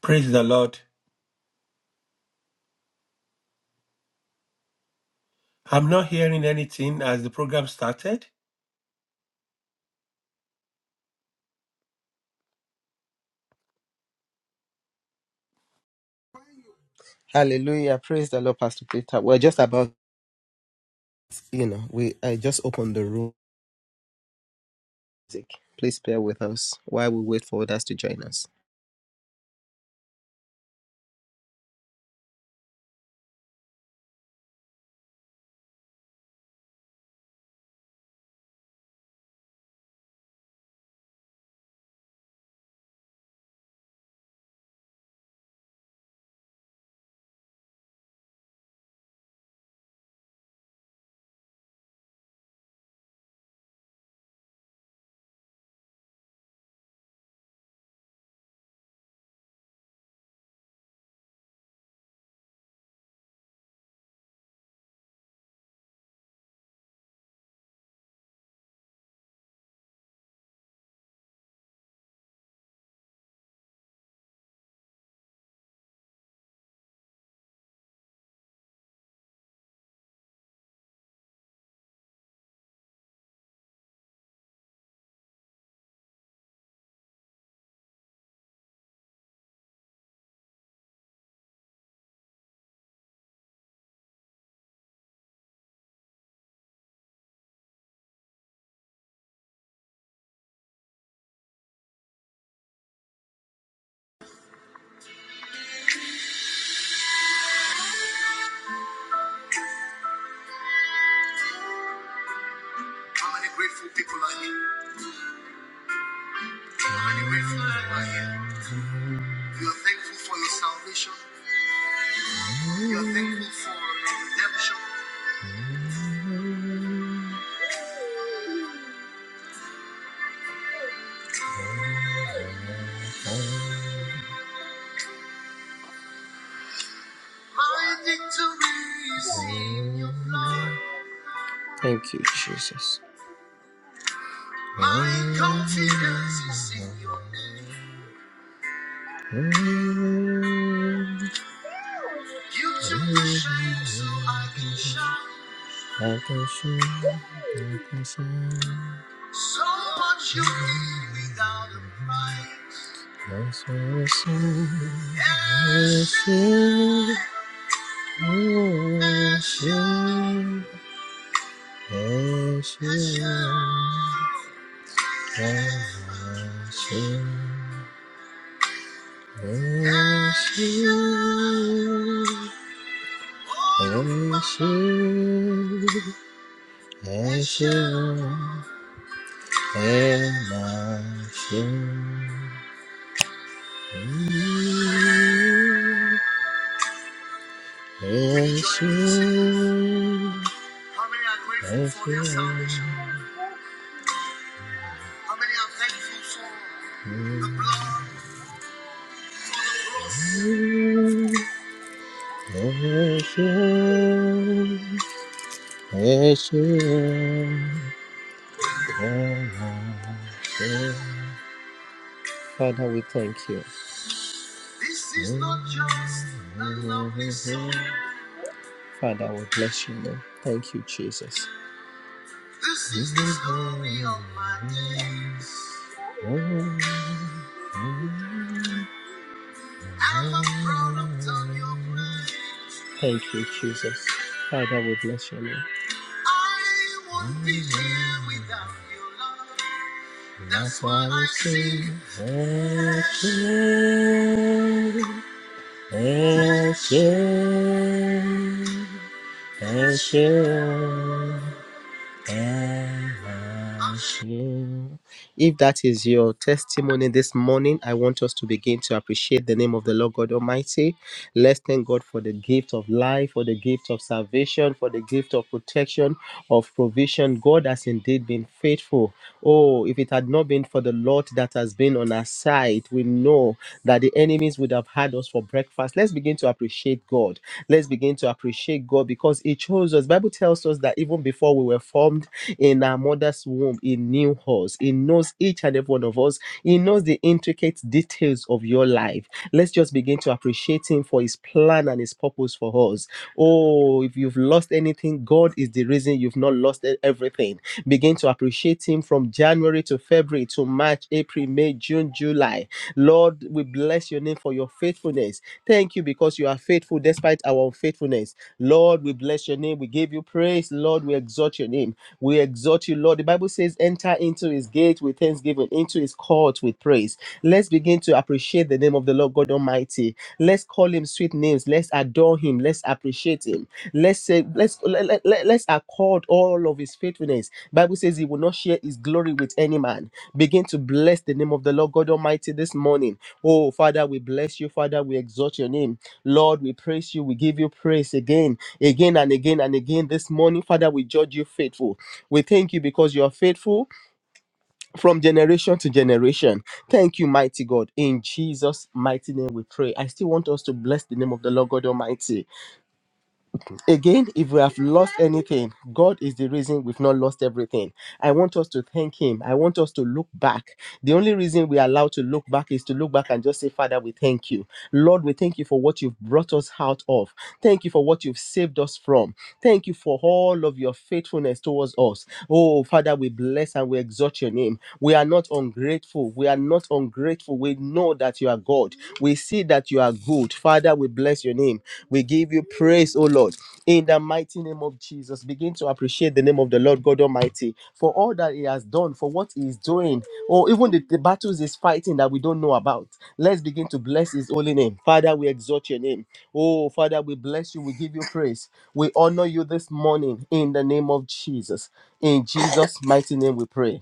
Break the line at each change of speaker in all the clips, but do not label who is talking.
Praise the Lord. I'm not hearing anything as the program started.
Hallelujah. Praise the Lord, Pastor Peter. We're just about, you know, we I just opened the room. music. Please bear with us while we wait for others to join us. How many grateful people are here? How many grateful people are here? You are thankful for your salvation. You are thankful for your redemption. My victory is in- Thank you, Jesus. My confidence is in your name. You took the shame so I can shine. I can shine, I can shine. So much you gave without a price. That's what I say. I say, oh, I say, I say, I say, I say, I say. and I shall bless you. How many are grateful for their salvation? How many are thankful for the blood? Bless you, bless you, and I shall. Father, we thank you. This is not just a lovely song. Father, we bless you, Lord. Thank you, Jesus. This is the story of my days. I'm a product of your grace. Thank you, Jesus. Father, we bless you, Lord. I won't be here without you, Lord. That's why I sing. Hashem, Hashem, Hashem. Yeah. If that is your testimony this morning, I want us to begin to appreciate the name of the Lord God Almighty. Let's thank God for the gift of life, for the gift of salvation, for the gift of protection, of provision. God has indeed been faithful. Oh, if it had not been for the Lord that has been on our side, we know that the enemies would have had us for breakfast. Let's begin to appreciate God. Let's begin to appreciate God because He chose us. Bible tells us that even before we were formed in our mother's womb, He knew us. He knows each and every one of us. He knows the intricate details of your life. Let's just begin to appreciate Him for His plan and His purpose purpose for us. Oh, if you've lost anything, God is the reason you've not lost e- everything. Begin to appreciate Him from January to February to March, April, May, June, July. Lord, we bless your name for your faithfulness. Thank you because you are faithful despite our unfaithfulness. Lord, we bless your name. We give you praise. Lord, we exalt your name. We exalt you, Lord. The Bible says, enter into his gate with thanksgiving, into his court with praise. Let's begin to to appreciate the name of the Lord God Almighty. Let's call him sweet names. Let's adore him. Let's appreciate him. Let's say, let's let, let, let- let's accord all of his faithfulness. Bible says he will not share his glory with any man. Begin to bless the name of the Lord God Almighty this morning. Oh Father, we bless you, Father. We exalt your name. Lord, we praise you. We give you praise again, again and again and again this morning. Father, we judge you faithful. We thank you because you are faithful from generation to generation. Thank you, mighty God. In Jesus' mighty name we pray. I still want us to bless the name of the Lord God Almighty. Again, if we have lost anything, God is the reason we've not lost everything. I want us to thank Him. I want us to look back. The only reason we are allowed to look back is to look back and just say, Father, we thank you. Lord, we thank you for what you've brought us out of. Thank you for what you've saved us from. Thank you for all of your faithfulness towards us. Oh, Father, we bless and we exalt your name. We are not ungrateful. We are not ungrateful. We know that you are God. Lord. We see that you are good. Father, we bless your name. We give you praise, oh Lord. In the mighty name of Jesus, begin to appreciate the name of the Lord God Almighty for all that He has done, for what He is doing, or even the, the battles He's fighting that we don't know about. Let's begin to bless His holy name. Father, we exalt your name. Oh, Father, we bless you. We give you praise. We honor you this morning in the name of Jesus. In Jesus' mighty name, we pray.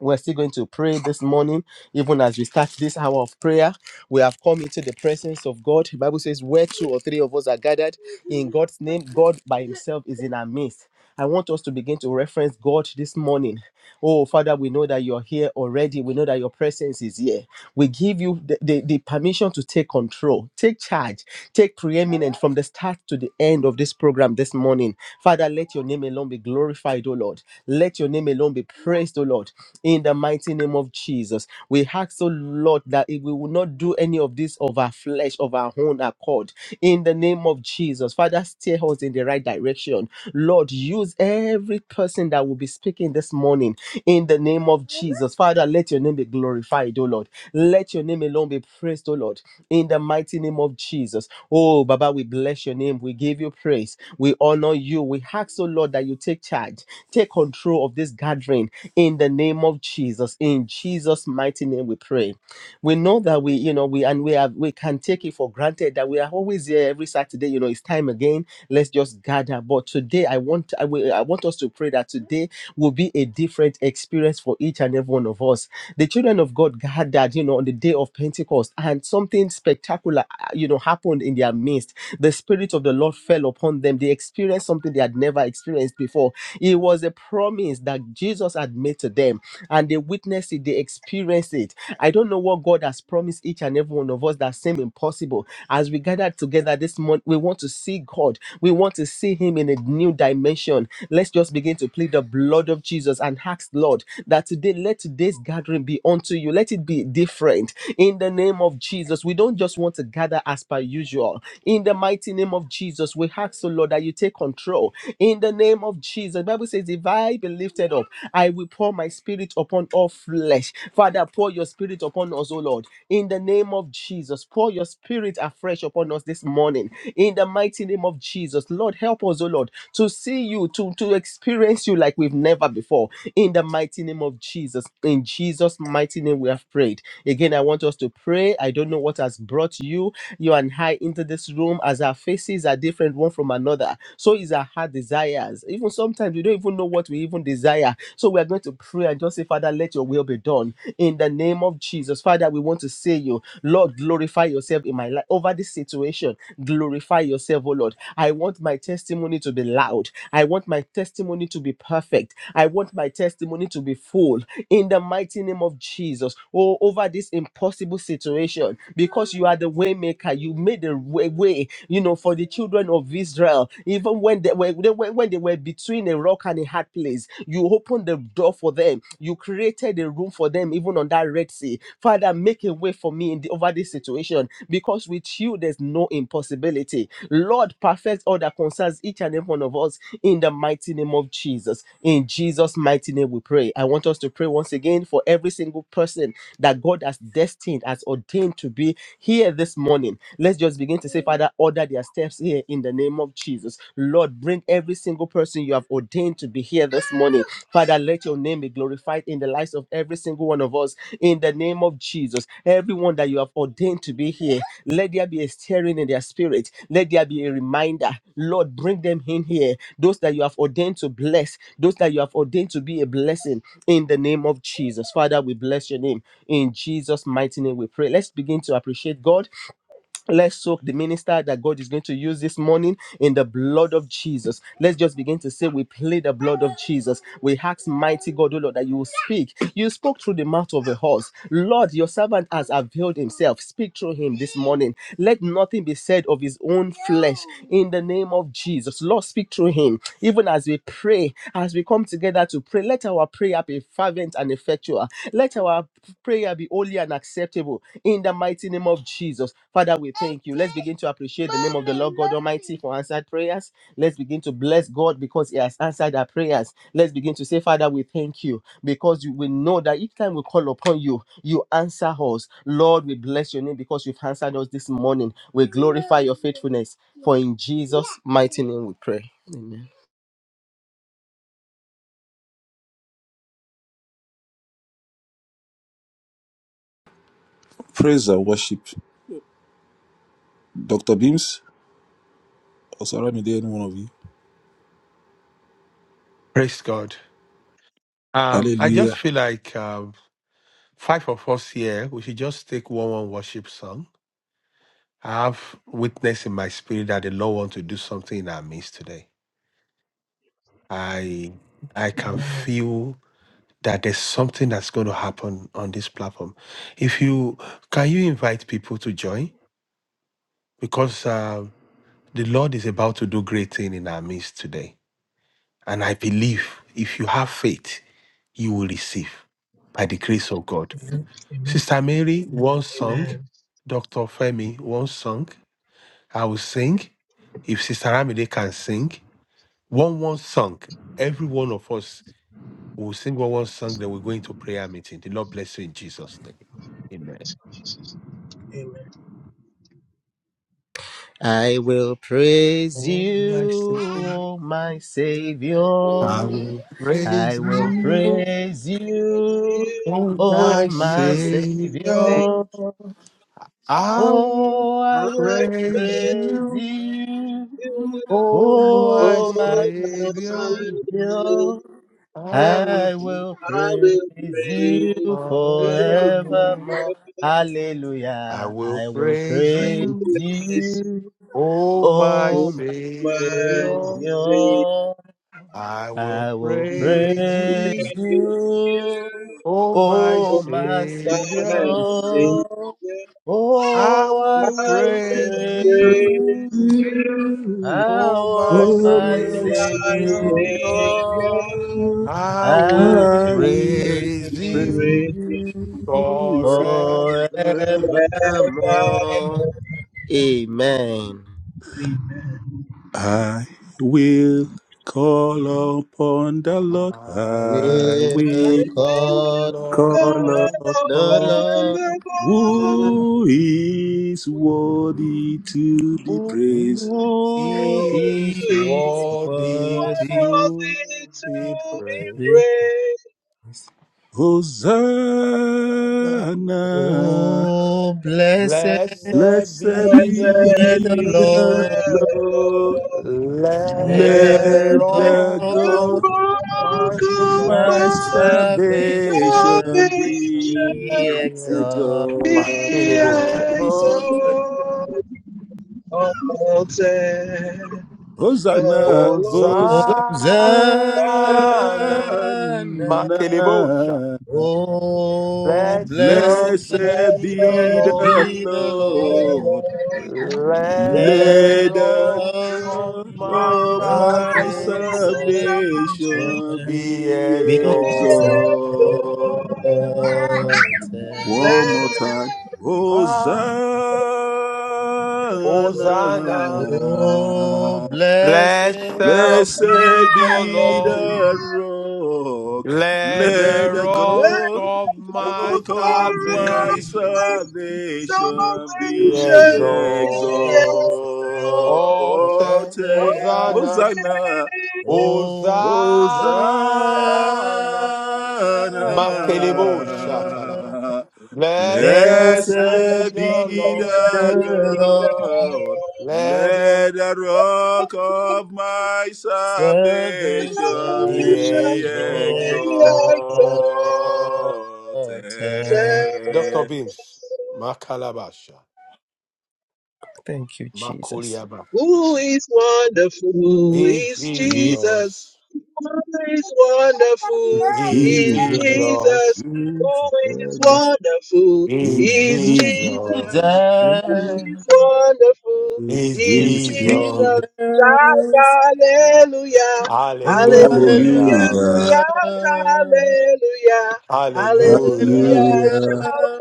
We're still going to pray this morning, even as we start this hour of prayer. We have come into the presence of God. The Bible says, Where two or three of us are gathered in God's name, God by Himself is in our midst. I want us to begin to reference God this morning. Oh, Father, we know that you're here already. We know that your presence is here. We give you the, the, the permission to take control, take charge, take preeminent from the start to the end of this program this morning. Father, let your name alone be glorified, O Lord. Let your name alone be praised, O Lord, in the mighty name of Jesus. We ask, O Lord, that if we will not do any of this of our flesh, of our own accord, in the name of Jesus us. Father, steer us in the right direction. Lord, use every person that will be speaking this morning in the name of Jesus. Father, let your name be glorified, oh Lord. Let your name alone be praised, oh Lord, in the mighty name of Jesus. Oh, Baba, we bless your name. We give you praise. We honor you. We ask, oh Lord, that you take charge, take control of this gathering in the name of Jesus. In Jesus' mighty name, we pray we know that we you know we and we have we can take it for granted that we are always here every saturday you know it's time again let's just gather but today i want i will i want us to pray that today will be a different experience for each and every one of us the children of god gathered you know on the day of pentecost and something spectacular uh, you know happened in their midst the spirit of the lord fell upon them they experienced something they had never experienced before it was a promise that jesus had made to them and they witnessed it it, they experience it. I don't know what God has promised each and every one of us that seem impossible. As we gather together this month, we want to see God. We want to see Him in a new dimension. Let's just begin to plead the blood of Jesus and ask Lord that today let today's gathering be unto you. Let it be different in the name of Jesus. We don't just want to gather as per usual. In the mighty name of Jesus, we ask, O Lord, that you take control. In the name of Jesus, the Bible says, "If I be lifted up." I will pour my spirit upon all flesh. Father, pour your spirit upon us, O Lord. In the name of Jesus, pour your spirit afresh upon us this morning. In the mighty name of Jesus, Lord, help us, O Lord, to see you, to, to experience you like we've never before. In the mighty name of Jesus, in Jesus' mighty name, we have prayed. Again, I want us to pray. I don't know what has brought you, you and I, into this room as our faces are different one from another. So is our heart desires. Even sometimes sometimes we don't even know what we even desire. So we are going to pray and just say, Father, let your will be done in the name of Jesus. Father, we want to say you, Lord, glorify yourself in my life over this situation. Glorify yourself, oh Lord. I want my testimony to be loud. I want my testimony to be perfect. I want my testimony to be full in the mighty name of Jesus. Oh, over this impossible situation, because you are the way maker, you made a way, way, you know, for the children of Israel. Even when they were they when they were between a rock and a hard place, you opened the door for them. You created a room for them, even on that Red Sea. Father, make a way for me in the, over this situation because with you there's no impossibility. Lord, perfect all that concerns each and every one of us in the mighty name of Jesus. In Jesus' mighty name, we pray. I want us to pray once again for every single person that God has destined, has ordained to be here this morning. Let's just begin to say, Father, order order their steps here in the name of Jesus. Lord, bring every single person you have ordained to be here this morning. Father, let your name be glorified in the lives of every single one of us in the name of Jesus. Everyone that you have ordained to be here, let there be a stirring in their spirit. Let there be a reminder. Lord, bring them in here. Those that you have ordained to bless, those that you have ordained to be a blessing in the name of Jesus. Father, we bless your name. In Jesus' mighty name, we pray. Let's begin to appreciate God. Let's soak the minister that God is going to use this morning in the blood of Jesus. Let's just begin to say, We plead the blood of Jesus. We ask, Mighty God, O Lord, that you will speak. You spoke through the mouth of a horse. Lord, your servant has availed himself. Speak through him this morning. Let nothing be said of his own flesh in the name of Jesus. Lord, speak through him, even as we we pray, as we come together to pray, let our prayer be fervent and effectual. Let our prayer be holy and acceptable in the mighty name of Jesus. Father, we thank you. Let's begin to appreciate the name of the Lord God Almighty for answered prayers. Let's begin to bless God because He has answered our prayers. Let's begin to say, Father, we thank you because you- we know that each time we call upon you, you answer us. Lord, we bless your name because you've answered us this morning. We glorify your faithfulness. For in Jesus' mighty name we pray. Amen.
Praise and worship. Dr. Beams, or Osaramide, any one of you.
Praise God. Um, I just
Hallelujah.
feel like um, five of us here, we should just take one one worship song. I have witness in my spirit that the Lord wants to do something in our midst today. I I can
Amen.
feel that there's something that's going to happen on this platform. If you can, you invite people to join because um, the Lord is about to do great thing in our midst today. And I believe if you have faith, you will receive by the grace of God. Mhm.
Amen.
Sister Mary once sung,
Amen.
Dr. Femi once sung, I will sing. If Sister Ramide can sing, one one song, every one of us will sing one one song, then we're going to prayer meeting. The Lord bless you in Jesus' name. Amen.
Amen.
I will praise
All my
you,
Savior,
O my
I
Savior.
will
I
praise
will
I
you,
praise
bless
you,
you,
oh
O
my
oh my
my
Savior.
Savior.
Savior.
I will
Oh, I
I
will
praise
praise
praise
you,
you,
you,
oh my
O my
oh
Savior.
my
Savior.
Savior.
I will
I will
I will
praise you
praise you.
forevermore.
forevermore.
forevermore.
I
Hallelujah.
will
I will
praise
I
praise
will
you,
praise you,
you.
oh my
Oh,
oh
my
my
Savior.
Savior.
Savior,
I will
I will
I
praise you,
praise
will praise you,
you.
oh my
Oh,
oh
my
my
Savior.
Savior,
Savior.
I
oh,
My
I
will
will
praise
praise
you,
praise
you.
you,
oh my
Oh,
Oh,
my
oh
my
my
Savior.
Savior,
Savior,
Savior.
I
I
will
will
I will
and
praise
praise
praise
you.
Praise
you
you
Forever
forever.
forevermore.
forevermore.
Amen.
Amen.
I will call upon the Lord.
I
I
we
will
will
will
And when
call
call
God
call
upon
of
the
upon
upon
Lord
the world,
who is worthy to be praised.
who
who
is
who
is
is
worthy
worthy.
to
worthy
be
to be
of
praised.
it.
praised?
Hosanna,
Oh, blessed
Blessed
blessed
be the
be
Lord.
Blessed
the
be
be
the
Lord.
the
Lord.
Lord.
Let
Let
the
Let
Let
the
the
rock
rock
the
of
God
of
smoke
my
of
of
my
my
my
salvation
salvation
salvation
salvation
be
be
be my
be
exalted.
exalted.
Makelebocha.
exalted. The Lord blessed be the
Hosanna,
Lord.
Hosanna,
Hosanna.
Hosanna.
Makelebocha.
Oh, blessed
Blessed
blessed
be the
be
Lord.
the
be the
Lord.
Lord.
Let
Let
the
Let
Let the
the
rock
rock
of
God
the
my
of
rock
of
of
my
my
my
salvation
salvation
salvation
salvation
be
be
be exalted.
exalted.
exalted.
be
One more
exalted.
time.
Hosanna.
Oh,
Hosanna.
blessed
Blessed be
Blessed
the
be
Lord.
the rock,
Let
let
the
the
rock
God,
of my
rock of my
salvation
Salvation,
salvation
be
be
be
exalted.
exalted.
Hosanna.
exalted.
Hosanna,
Oh,
Hosanna.
Hosanna.
Hosanna.
Makelebo Shatalaba. Blessed be
Blessed
Blessed
be
the
be
Lord.
the
we
the Lord
God.
Let them
Let the rock of my salvation
be
Salvation
be
be
exalted.
exalt.
exalted.
Dr.
exalted.
Beams. Makalabasha.
Thank you, Jesus.
Makuriaba.
Who is wonderful
In
is
Jesus
Jesus.
Jesus. Who is wonderful
Is
is
Jesus
Jesus.
Jesus. Who is wonderful
is
Is
is
the
Jesus.
Jesus.
Who is wonderful
Is
is
is
He's
Jesus.
Jesus.
Jesus. Shout
Jesus.
hallelujah,
Oh,
hallelujah.
Hallelujah.
Hallelujah.
hallelujah.
Shout hallelujah, hallelujah.
Hallelujah.
Hallelujah.
Hallelujah.
Shout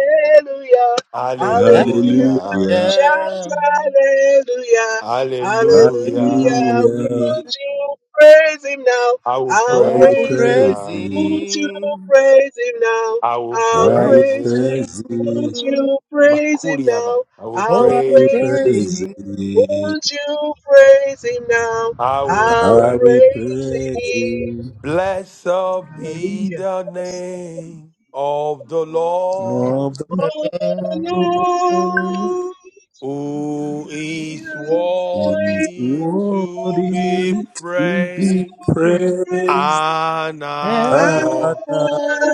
hallelujah. Hallelujah.
Hallelujah.
Hallelujah.
Shout
Hallelujah.
hallelujah,
Hallelujah.
hallelujah.
Hallelujah.
Won't you praise him now?
I will
I'll
I
Oh, I
will
praise
will
praise
him
praise
him.
praise
now.
you.
Won't you
him.
praise him now?
I will
I'll
I
I
will
praise
will
praise him.
him.
praise
praise you.
Won't
him.
you praise him
Makuriaba.
now?
I will
I
Oh,
I'll
I will
will
praise
praise
praise
him.
him.
praise
him.
you.
Won't you praise him now?
I will
I'll
I
pray.
will
praise
praise
him.
you.
Blessed be
Hallelujah.
the name of the
Of
Lord
the
And
Oh, the
Lord
who
Lord,
is
you
is
worthy to be
are
worthy to be
praised
praised
and
and
adored.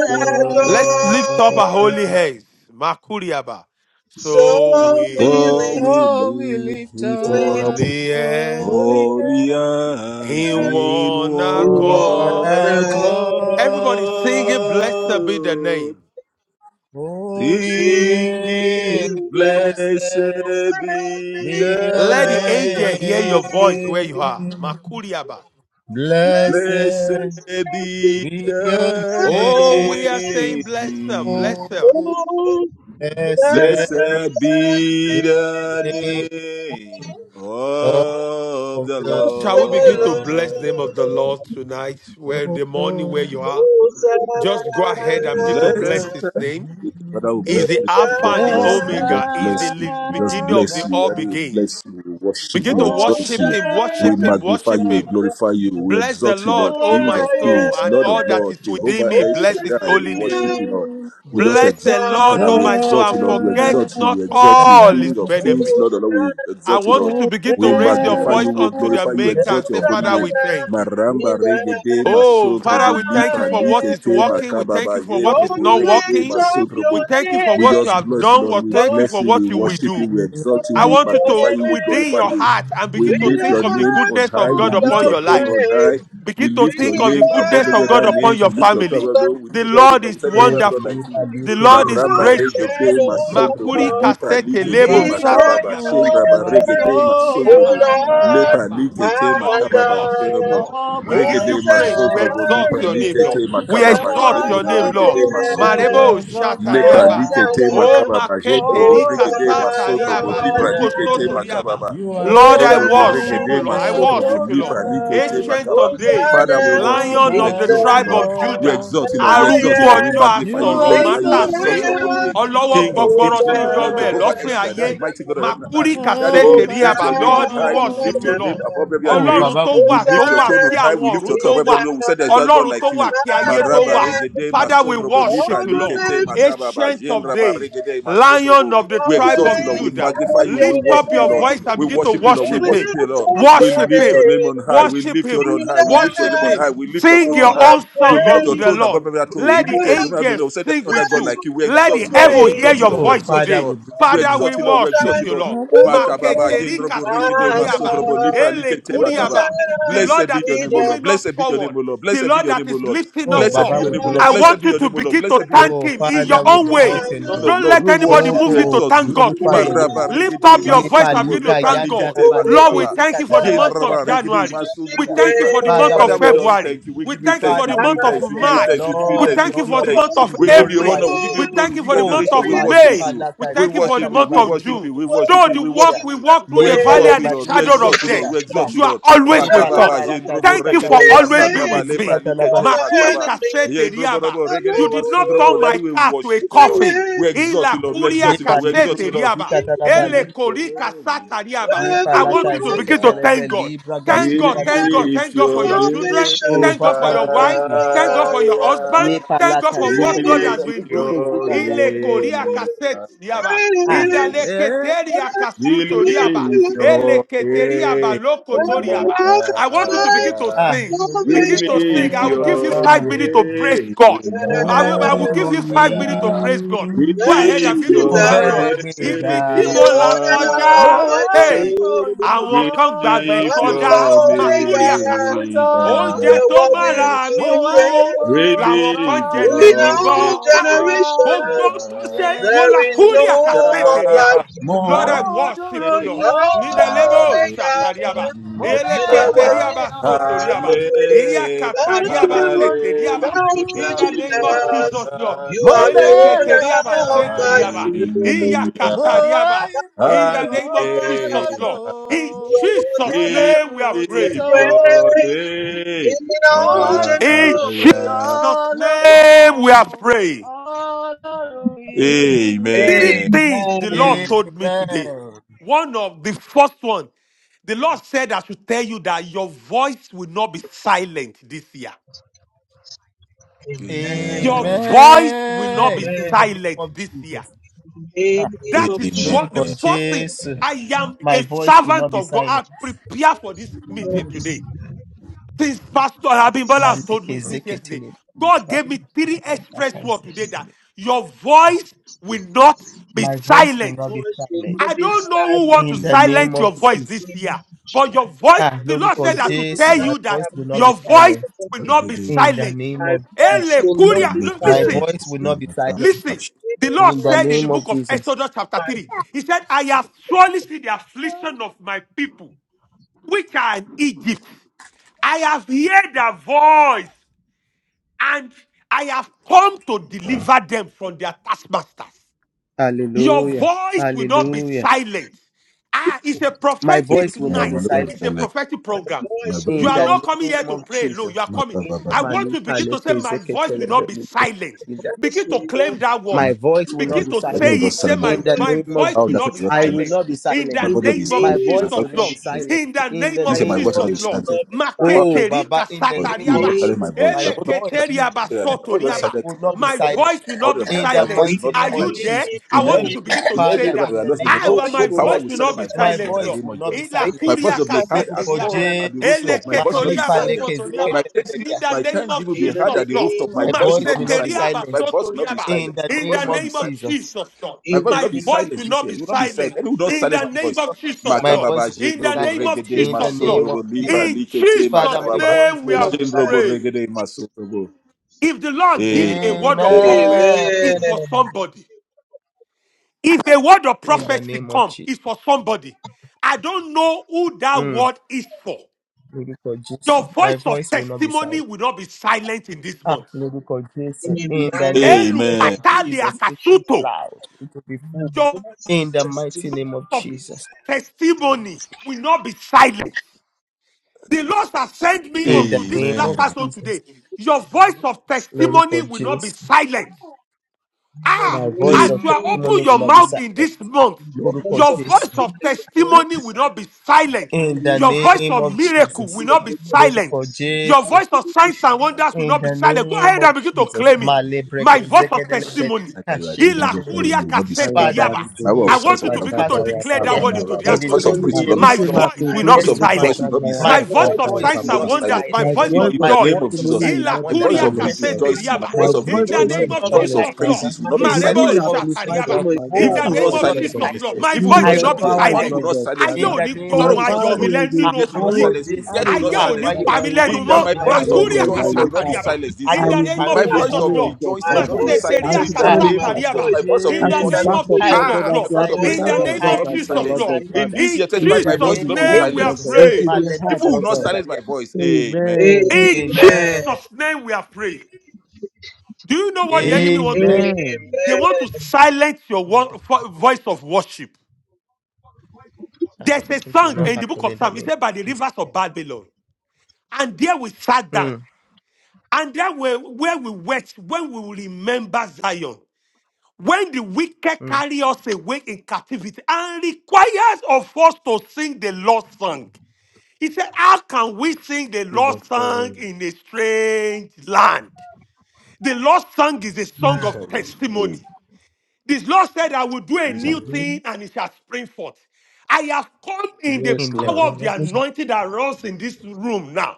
adored.
Adonai.
Let's lift up our holy hands. Makuriaba. So
So
we
we
Oh,
lift,
live
we
oh, we lift
lift up
up
lift
holy hands.
holy
our
Holy
hands
hands
In
hands
in
one
in
in
one
one
one
accord.
accord.
accord,
accord.
Everybody singing, blessed be the name.
Oh,
Sing
singing,
the
singing,
blessed
Blessed be
be your
Let the
thy
angel
name,
hear your voice
name.
where you are. Makuriaba.
blessed
Blessed
praise
be
be your
thy
of the
Oh, we are
name.
saying
name,
Lord.
blessed, blessed.
Oh,
Oh,
blessed
blessed
blessed
be
be
be
the
the
the name
name
of
of the
name
the
of
Shall
the
we begin to
Lord.
bless
Lord.
the name of the Lord tonight, where in the morning where you
Hosanna,
are?
Hosanna,
Just go ahead and
Hosanna,
begin to
Bless.
bless his name.
Father will
He's
bless
the
you. We
Alpha
Hosanna in the
just
and the
bless you.
Hosanna.
We
Omega.
just
He's the
bless you.
li-
We just
beginning of the
bless you.
all
Daddy
Hosanna,
will
begins.
bless you. We worship
Begin
you. We
to
Hosanna,
exalt
worship
you.
him,
We
worship him,
magnify
worship
you. We
him.
glorify you. We
Bless the
exalt you,
Lord,
Lord.
O
King
my
of
soul,
kings,
and
Lord
all
of
that is
lords,
within
Jehovah
me.
El
Bless his
Shaddai. We
holy name.
worship you, Lord. We just
Bless
exalt
the
you,
Lord,
Father.
O
We
my soul,
exalt you,
and
Lord. We
forget
exalt you.
not
We exalt you.
all his
King of kings,
benefits.
Lord of lords.
Hosanna,
We
I
exalt you,
want you
Lord.
Hosanna,
to begin
We
to raise your
magnify
Hosanna.
voice
you, we
unto the
glorify you,
Maker
Hosanna.
and
exalt your
say,
holy
Father,
name.
we thank you.
Maramba regede
Oh, Father,
masotrobo
we
Ya
thank you
lipra
for what is
likete
working. We thank
makababa
you for what is
Lord,
yendrobo
we
not
regede
lift
working.
up
We
your
masotrobo.
thank you for
We
what you
just
name.
have
bless you,
done.
Lord.
We
We
thank you
Lord,
bless
for
you, we
what you will
we
worship you,
do.
we
lift
exalt you,
I
we
King
up
want you
your
magnify
to,
you, we
within
glorify
name
your
you.
heart, and
We
begin to
with
lift
a
think
your
of the
name
heart
on
goodness
high.
of
and
We
God
ya
full
lift
upon
kasete.
of
your
your
throne
life.
on high.
praise.
We
Begin to
lift your
think
With
of the
name
a
above
goodness
every
of God
other
heart
upon
names.
your
We lift your throne
full
family.
above every We
The
lift your
of
throne
Lord
above every We
is
say
Oh,
there is no God like
you
wonderful.
are
you.
the
The Lord is
proposing that
gracious.
praise,
Marabaregede
you
all
are
masondrobo
ya.
Makuri
of
lipa
kasete
You
be
likete
lebo
are so
exalted,
makababa
shatariaba.
good, you
shendraba
are
regede
so
O
Eneketuriaba
masondrobo
Lord,
kind,
lepa
sutoriaba.
likete
our
Lord, we
makababa
worship you,
shenrobo
God.
Lord. We give
Almighty
regede
you praise. We
masondrobo
God.
Hosanna
exalt
lipa
your
in
name,
the
Lord.
likete
We
makababa
You
exalt
are
your
shenrobo
so
name, Lord.
regede
good, you
masondrobo
Marebo
are
highest.
so
lepa
shatariaba.
kind,
Hosanna,
likete
Oh,
makababa shenrobo
maketeri
regede
Hosanna,
Almighty
masondrobo
kasatariaba.
lipa
God.
Luko
likete
sotoriaba.
makababa
You are
Lord,
so
I
Jendrobo
worship
good,
you,
regede
Lord.
you
I
are
Hosanna,
masotrobo
worship
so
you, Lord.
lipa likete
Ancient
kind,
makaba.
of days,
Father,
Hosanna
we worship you.
Lion
in
We
of the
the
Almighty
exalt you,
tribe
Lord.
of
We
Judah,
God.
exalt you, Lord. We exalt
arúgbó
you, Lord. We
ọjọ́
highest.
magnify
You
you. We
asọ̀rọ̀
are
glorify
Sing
you. We
so
mátàsé,
exalt your
Hosanna,
holy
good,
name.
you
ọlọ́wọ́
are
King of
so
kings,
gbọgbọrọ sí
Lord of lords,
yọmọ ẹ̀
Jehovah El
Hosanna.
lọ́fìn ayé,
Shaddai,
kind,
mighty God of heaven and earth.
màkúrì
Daddy,
kàṣẹ́tì
we
rí
lift
àbá.
your
Almighty
name
Hosanna,
on
Lord, we
high. We
God.
worship
lift your
you,
name
Lord
above every other
Oh,
names.
ọlọ́run
Baba,
tó
we
wà
bless
We
you.
tó
lift your
wà
Hosanna
throne
kí
on high.
àwọn
We lift
ọ̀run
your
tó
throne
in
above every
wà
the
other name. We said there's
highest.
no God
ọlọ́run tó
like
wà
you.
kí ayé tó
Maraba
wà
regede
father we
masondrobo
worship
All
lipa
you
the
lord
likete
nations
makaba. makababa.
ancient of
Jendraba
days
regede
lion of
masondrobo.
the
We
all the
tribe of
exalt you, Lord. We
names
judah
magnify
of
you.
your
We
lift up
worship you,
your
Lord.
voice
name,
and
We
begin to
worship you, Lord. We
all
worship
the
worship
him
you,
names
Lord.
of
We
your
worship
lift your
him
name
name,
on high. We
Worship
lift your
him.
on
be
high. We
the
lift your
Worship
name on high.
him.
hearts
We lift your
Sing
throne on
your
full
high.
own
of
We
song
lift your
unto the
praise,
throne
Lord.
above every other throne.
be
We
Let the
lift
the
your domain.
angels
We said there's
sing
no other
with
God
hearts
you.
like
full
you. We
Let
exalt
the
of
you, Lord. We
heaven hear
exalt
praise.
you,
your
Lord. We
Oh,
voice
exalt you,
Father,
today.
we
Lord.
bless
We
your
Father,
name.
we
exalt you, Lord. We exalt
worship
you,
you,
Lord.
Lord.
Makababa,
Maketerika
Jendrobo, Regede,
sutoriaba,
Masotrobo, Lipra, Likete, Makaba.
elekuriaba. The Lord
Blessed be
that
your
is
name, O Lord.
moving us
Blessed be your name,
forward.
O Lord.
The
Blessed be
Lord
your
that
name, O
is
Lord.
lifting us
Oh,
Blessed be
up.
Baba,
your
we
name, O Lord.
I
bless
Blessed
want
be
you
your
to
name, O Lord.
begin
Blessed
to
be
you.
your name,
thank
O
Oh,
him
Lord.
in your
Father, we
King
own
of
exalt
way.
kings,
your
Lord
name.
of
Don't
lords,
let
we
anybody
worship
move
you,
you to
Oh, we
exalt
thank
you.
God
glorify your
today.
name.
Maraba
Lift
regede
up your voice and
masundrubu
begin
Nepalika
to
lepra
thank God.
likete
yandaraba
Lord,
leke
we
makababa.
thank
zika
you for the
Jen
month
talabaria
raba
of
regede
kazeke
January. We
masundrubu
telekia.
thank you
lepra.
for the month
Father,
of
we
Father, we
worship
just
you.
February.
thank you. We
We
give you
thank you
thanks.
for
We
the
Father,
give
we
you
month of
thanks.
bless
We
your
give you
name.
March.
thanks. We give you
We
Lord,
thanks.
we
We
thank you
give you
for
honor
the
thanks.
you.
month
We
of
We give you
glorify
April.
honor.
your
We give
name.
you
We
glory.
thank
We
you
give
for
you
the
Oh,
month
adoration.
of
We worship
May.
Malipa
you.
We
lata
We
thank you
zika
for the
worship you.
month
We
talaba
of
libro
worship you.
June.
We
kuzike
worship
Though
you.
the
We
walk
telekia.
worship
we
you.
walk through
We
the
Ye
valley
exalt
and
you,
the
baragba
Lord. We
zeke
Praise.
shadow
exalt
of
you,
death,
Lord.
telekia.
We
Ba.
exalt you,
you are
Lord.
always
Ye
with us.
Makababa
palaba lata
jendrobo
Thank
zika
you for
regede
talaba
always
libro
being
masantraba
Save
with
lepra
me.
kuzika
from
talaba.
likete
the
Makuri
makaba. Yeah,
kasete
enemies.
in robo
riaba.
robo,
I
regede,
You did
love
maso
not
robo.
turn
you.
my
Daddy, we
car to a
worship you, Lord.
coffin.
We
Yes.
exalt you,
Ila
Lord. We
kuria
Ye
exalt you, Lord. We
palibro
exalt
kasete
you, Lord.
riaba.
kuzika talaba
We,
Ele
Where
kori kasata riaba.
Ye
I
the
want
Lord
palata
you to
of
zeke
begin to
yeah.
telebe
thank God.
libra
Thank God,
gashinda
we
thank
liki
God, thank
lift
God for
your
telekia.
your children.
salvation
name
Oh,
Thank God for
Father, we
your
thank
be
wife.
you.
my
Thank God for your
salvation.
husband.
higher.
Ye
Thank God
palaka
for
We
what
zekete
God has
lebe
lift
been
librogo
doing.
your
zidaria.
Ile koria
name
kasete
higher.
riaba.
Ah,
Indale
Praise. Praise the
eh,
keteria
We
kasuto riaba.
lift
Lord.
Ele
your
keteria baloko
name
Where the
toriaba.
Lord
I
of
want you to begin to
higher.
ah,
sing.
mo
We
life,
Begin
dúpẹ́
to sing.
lift
I
o
will give you
bàbá,
your
five minutes to praise
name
God.
mo
I will, I will
dúró
give you five minutes to
yín,
higher.
praise God.
We
salvation
Go
they
ahead and
can
lift
begin
be
to
mo
your
thank God.
bẹ̀rẹ̀
done.
gbéga,
Ibi tí mo
name
The
là
order of
mo
kọjá,
wá
my
higher.
hey,
soul.
àwọn
We
kan
ìfòyàn
gbàgbẹ́
lift
lógo
I'm
sọdá,
your
sorry,
ọlọ́run
Makuri
God.
Akasa,
name
òtítọ́,
You
oúnjẹ tó
are worthy
higher.
mára
to
mi
mo
be
wá
wú
We
praised.
làwọn kan
lift
ìfòyàn
jẹ
In
tẹ̀mí
lógo
your
all
gbọ́ Ah,
name
gbogbo
ọlọ́run
generations,
tó ṣe
higher.
there is
yẹn,
no
wọlákúrìà kàṣẹ́tì
one
ríaba
like
mo
lord i
you.
Shout
worship
dúró
you lord
I'm
nídẹ̀lẹ́bọ̀
yín
sorry,
Hallelujah.
ṣàtà
God.
ríaba
mo
You are
elekete
bẹ̀rẹ̀ gbé
ríaba
worthy
ọ̀gá
sọ̀tò
to be praised.
Halle-
Thank
mo dúró
you.
ní.
Thank you,
Hallelujah.
in the
We
name of
shout
jesus
Jesus.
lord
You
mo
are the
elekete
hallelujah.
bẹ̀rẹ̀ gbé
ríaba
owner of
ọ̀gá
ṣètè
my soul.
mo
Hallelujah.
wá
I'm
ipò
in the
ìwọ
name
sorry,
of jesus
God.
lógo
Hallelujah.
lord in
You are
jesus
worthy
We
name
ọlọ́run
we are
of
lift
praying
òtítọ́
your
praise
name
in
mo
all
wá ipò
in
generations.
higher.
jesus
ìyàn lógo
Thank
name we
you,
are
Jesus.
praying
ọlọ́run yìí.
Three
Amen.
things the Lord
Amen.
told me today.
Amen.
One of the first one, the Lord said I should tell you that your voice will not be silent this year.
Amen.
Your
Amen.
voice will not
Amen.
be
In
Amen.
the name
silent
of
this year.
Jesus.
In the name
That
of
is
Amen.
what
Lórúkọ
the
Jesus.
first thing.
Jésù.
I
in
am
My
a
voice will
servant
not be
of God.
silent.
I prepare for
Jesus'
this
name,
meeting
this voice
today. Since Pastor Abimbola have told
Maliki
me since yesterday,
zikitili,
God gave me three express words today that
bakazikitili.
your voice will not be
My voice
My
will
silent.
not be
voice will
silent
not
I
be
don't know who want to
in the
silenced.
name
silence
Amen.
of
In
your
the
voice
name
Jesus.
this year,
of
but
Jesus.
your voice,
Ah,
the Lord
I
Lórúkọ
said I
will not
should
be
Jésù,
tell
Baba,
my
you that
voice will not be
your voice
silent
will
we
not
give
be
silenced.
in the
silent.
name
My
of Jesus.
voice
Ele
will not
kuria-
you
be
Look,
My
Listen,
voice
silenced.
will not be
the
silent
In
praise.
listen.
the
The Lord
in
name
the
of
said in the
name
Jesus,
of
book of
Jesus.
Exodus chapter
my,
3, He said, I have surely seen the affliction of my people, which are in Egypt. I have heard their voice, and I have come to deliver them from their taskmasters. Your
Hallelujah.
voice will not be
Hallelujah.
silent. Ah, it's a
My
prophetic
voice will
Eh, my
not be
night.
brother was
silent
yes,
It's a
silent.
prophetic
my
program.
My
voice
You
brother,
in
will
are
the
not
not
be
coming here
name
to
of
pray
silenced.
alone.
Jesus.
You are
must
coming.
have
In
a
the
I
voice.
name
want
of
to
Malika
begin to say,
leke
My
Jesus,
zeke
voice will not be silent.
my
tele
voice
Begin to
will
claim
not be
that word.
My
My brother.
voice will not
Begin
be
to say
Everyone was
it.
silenced
my
Say,
silent. My
in
My,
voice.
the
my
voice
name
will
of
voice
not
How
will
be
not
darkness
be
Jesus.
was
I
silent.
will
My
silent.
silenced.
not be
voice.
In the
My
silenced.
In
brother
the
be
name of
My
silent. My
name
voice
Jesus,
of
will
brother.
not be
Lord.
will not be
silenced
Jesus,
In the
in the
name
my
of
my
name
voice
Jesus,
not
of
be
voice
Lord.
will
silent.
Jesus.
not be
How that
Oh,
silenced.
Maketeri
Baba, in the
In
voice.
the
name
Everyone will
kasatariaba.
of
not silent.
name
My
Jesus,
of
voice.
my
My voice will not be
Jesus,
voice
Eleketeriaba
my
silent. My voice
may-
How
voice
sotoriaba.
will
will
not be
My voice
silenced
will
not
not be
be
in
like?
the
My
silent.
voice
In
will
mighty
not be
Are
the
name
silent.
of
you there?
Jesus.
I
name
in
of
want you
Oh,
any
to begin to
in
Jesus,
every
say
Father,
area
that.
in
where I
the
lost my
my
name
voice,
I
of
well,
no no
my
voice will
power
Jesus,
not
voice
will
will
be
silence
not
my
be
my
voice in
silent,
the
silenced.
voice
Lord.
name
will
of
not
Jesus.
be
In la
They
My
silenced.
voice
will
curia
will be
stand to
heard
the
casete
Lórúkọ
riaba.
across
side.
at the
Jésù,
Ele
rooftop. My voice
My
will not be
Màlípa
ketoriaba
silent.
voice
soto
will not
riaba.
My
be
praises,
In
Lẹ́kẹ̀ẹ́sẹ̀kẹ̀tẹ̀lẹ́bẹ̀ríà.
the
my
silenced.
name
thanksgiving
of
will be
In the
heard
Jesus,
at the
Lord.
rooftop.
name
My
of
My
voice
Jesus,
will
voice
not be
will not
Masete
be
silent.
riaba
My
silenced
my
voice
soto
will not be
riaba.
voice
in
silenced.
the
will not
My
be
In
voice
the
will
name
not
of
be
name of
silent.
Jesus.
silenced.
Jesus, Lord.
My
In
voice
the
will
My
not be
name
voice
of
will
silenced this
not
year.
be
You will not be
Jesus,
silent.
silent.
Anyone will not
my
In
silence
the
my
voice
name
voice.
will
of
not be
Jesus,
My
Lord.
Makababa,
voice will
silenced.
not
In
be
the
Jendrobo,
name of
silenced
Regede,
In
in the
Jesus,
the
Lord.
name
name
of
Masondrobo,
of
Lipa,
Jesus,
Jesus.
In
Likete,
Father,
my
Jesus'
my
Makababa,
voice
voice
name we
will
will
are
not
not
be
Jendrobo,
silenced.
be
prayed.
Regede, Masondrobo.
If the Lord gives a word of
silenced.
prophecy,
Amen.
Amen.
it's for
Amen.
somebody. If a word of
In the
prophecy
name of
comes,
Jesus.
it's for somebody. I don't know who that
Mm,
word is for.
Lady God Jesus.
Your
My
voice of
voice will not be
testimony
silent.
will not be silent in this
Ah,
month.
Lady God
In
Jesus. In the
the
name of
Amen.
name
Elukatali
Jesus.
of
It is
Jesus.
akasuto.
loud. It will be
The
full.
Your voice
voice of
In the mighty
testimony
name of
will not
of
be
Jesus.
silenced in the name
testimony
of Jesus.
will not be silent. The Lord has sent me
In the
unto this
name of
Amen.
laughter zone
Jesus.
today. Your
It
voice
will not
of
be
Lord
testimony
God
silenced.
will not be
Jesus.
silent.
In the
Ah,
My voice
Amen.
as
name
of
you are
of
open
testimony will
your
not be
mouth
Jesus.
in this
silenced.
month,
The
Lord God
voice
your
of
Jesus.
voice of
testimony will not be
testimony will not be
silenced.
silent.
In the
In the
name of
Your voice
name
of
Jesus.
of
miracle
Jesus.
will
In the
Amen.
not be
name of
Lord
silent.
God
Jesus.
Your
Jesus.
voice
In
of signs and
the
wonders will
In
not be
the
silent. Go
name
ahead
of
and begin to
Jesus,
name
claim it.
of
Male
My
Breken
voice of
Zekedele
testimony.
That
Bedika
you are
Shake
doing,
it
my
Jesus.
in
voice
the body.
Hilakuria
will not be
My
silent.
kasete
Father,
riaba.
this
My
voice
voice of
of
I
year,
sighs
want you
will
to
not
any
begin
part
to
of
My
this
declare
be
that
year,
word
voice
into
of
silent.
the
My
in the
voice
atmosphere.
of
new
testimony
praise
will
will
year,
not be
oh
My
not
silent.
be
Lord, in
voice
the
will
My
not
voice
be
years
of
to
silenced.
silent.
rejoice will
come,
not be
My
silent.
my
My voice
My
vo-
voice of
of
voice
voice
blessing
signs
will
will not
and
be
not
is
be
wonders,
silent.
my
the
silenced.
voice
In,
Lord
in
of
is
My
the
joy.
name of
voice of
testimony
silenced.
Jesus,
signs
will
and
not
my
be
wonders,
voice of
Hilakuria
of
There
silent,
rejo-
Lord.
is
kasete
My
testimonies,
rejoicing,
of
my
riaba.
My
voice
voice,
of
breakthrough
voice
In the
will
voice
not
will
name
rejoicing,
be
of
of
my
not be
voice
joy,
silent,
of
Jesus,
silenced.
Father.
Lord.
praises will
my
not be
In
You
the
silent.
Marebo
will
name
voice
of
of
amplify
Jesus,
that,
shakariaba.
testimony,
my,
my
In
my,
Evil
oh,
the
my
will
I
name
not
will
voice,
of
not
voice
Lord
be
silence me
Jesus,
God.
this
Lord.
year.
silenced.
My
You
Evil
of
will
voice
not
I
will
will
will
not
silence
joy.
be
me.
not
eh,
be
empower it,
Money
silent.
will
Lord
not
silenced.
God,
silence
In
Father.
Ayo
me.
the
ní
name
You
gbóhùn
Sorrow
of
will not
empower
ayọ̀ mi
Vote
Jesus,
silence
the,
me.
lẹ́nu
the,
ah,
nínú
the
Sickness will
oṣù
not
Lord
yìí
arrow,
God,
silence
the
me.
Jesus,
Death will
arrow,
not
ayé
Lord
ò
God,
ní
àpá
silence
yóò
me.
pa
Yes.
ní
Father,
mí
with
gbóhùn
lẹ́nu
the
In
ayọ̀
that
mọ́
quick
my
mi
My
fire,
lẹ́nu
voice
mi
of
Lord
voice
o
makuri
will
God, by
not
rejoicing
lórúkọ
your
will
be
not be
power.
jésù
àkàsátàríàbà
silenced
silent.
this
ayé
in
ò
year.
the
And
ní
it
name
parí
of
My
became
mi
the
Ah,
lẹ́nu
voice
jesus
mọ́
of
o
arrow
lord
of God,
lórúkọ
My
rejoicing will not
Father.
be
voice
jésù
of
maseteri
As
silenced in the
ah
super
testimony,
name
my
of
lórúkọ
Jesus.
àkàsátàríàbà
My
voice of
voice of
in
as
the
you
jésù
name
back
rejoicing.
of
up,
i
Lord
celebration,
will
jesus
God,
not
Ah,
as
be
my
lord
you
voice of
my
silent
praise
in
amplify
and
the
my
name
rejoicing
i
voice
voice
will
of
of
not be
as
will not
jesus
well,
be
silenced.
Lord
lord
God,
will not
In
silent
Father.
be
this year
in
We
in
silent.
25,
the
my
should
jesus
not
voice will
name
be
not
of
be
Make
name
silent,
we are
it
silenced.
Lord
jesus
God. We
safe
should
praying
my
for
be
lebrek
heard,
Santa
Evil will
Lord
not
Claus.
God.
silence my voice. Amen.
Amen.
in
amen
Amen.
jesus name we are praying do you know what the
Amen.
enemy want to
Amen.
amen
do
Amen.
they want
Amen.
to silence your
in the,
wo- vo- voice of worship there's a
it will
song
not
in the book
happen
of
in the
psalm it
name
said
of
by the
jesus
rivers of babylon and there we sat down
mm,
And that way, where we wait, when we will remember Zion, when the wicked
mm,
carry us away in captivity and requires of us to sing the Lord's song. He said, How can we sing the
In the
Lord's song
name
in a strange land? The Lord's song is a song of
Sorrow. Amen.
testimony. This Lord said, I will do a
Songs
of
new
Jesus.
thing and it shall spring forth. I have come in the
Yes,
in the
Lord.
power of
name of
the anointing that runs in this room now.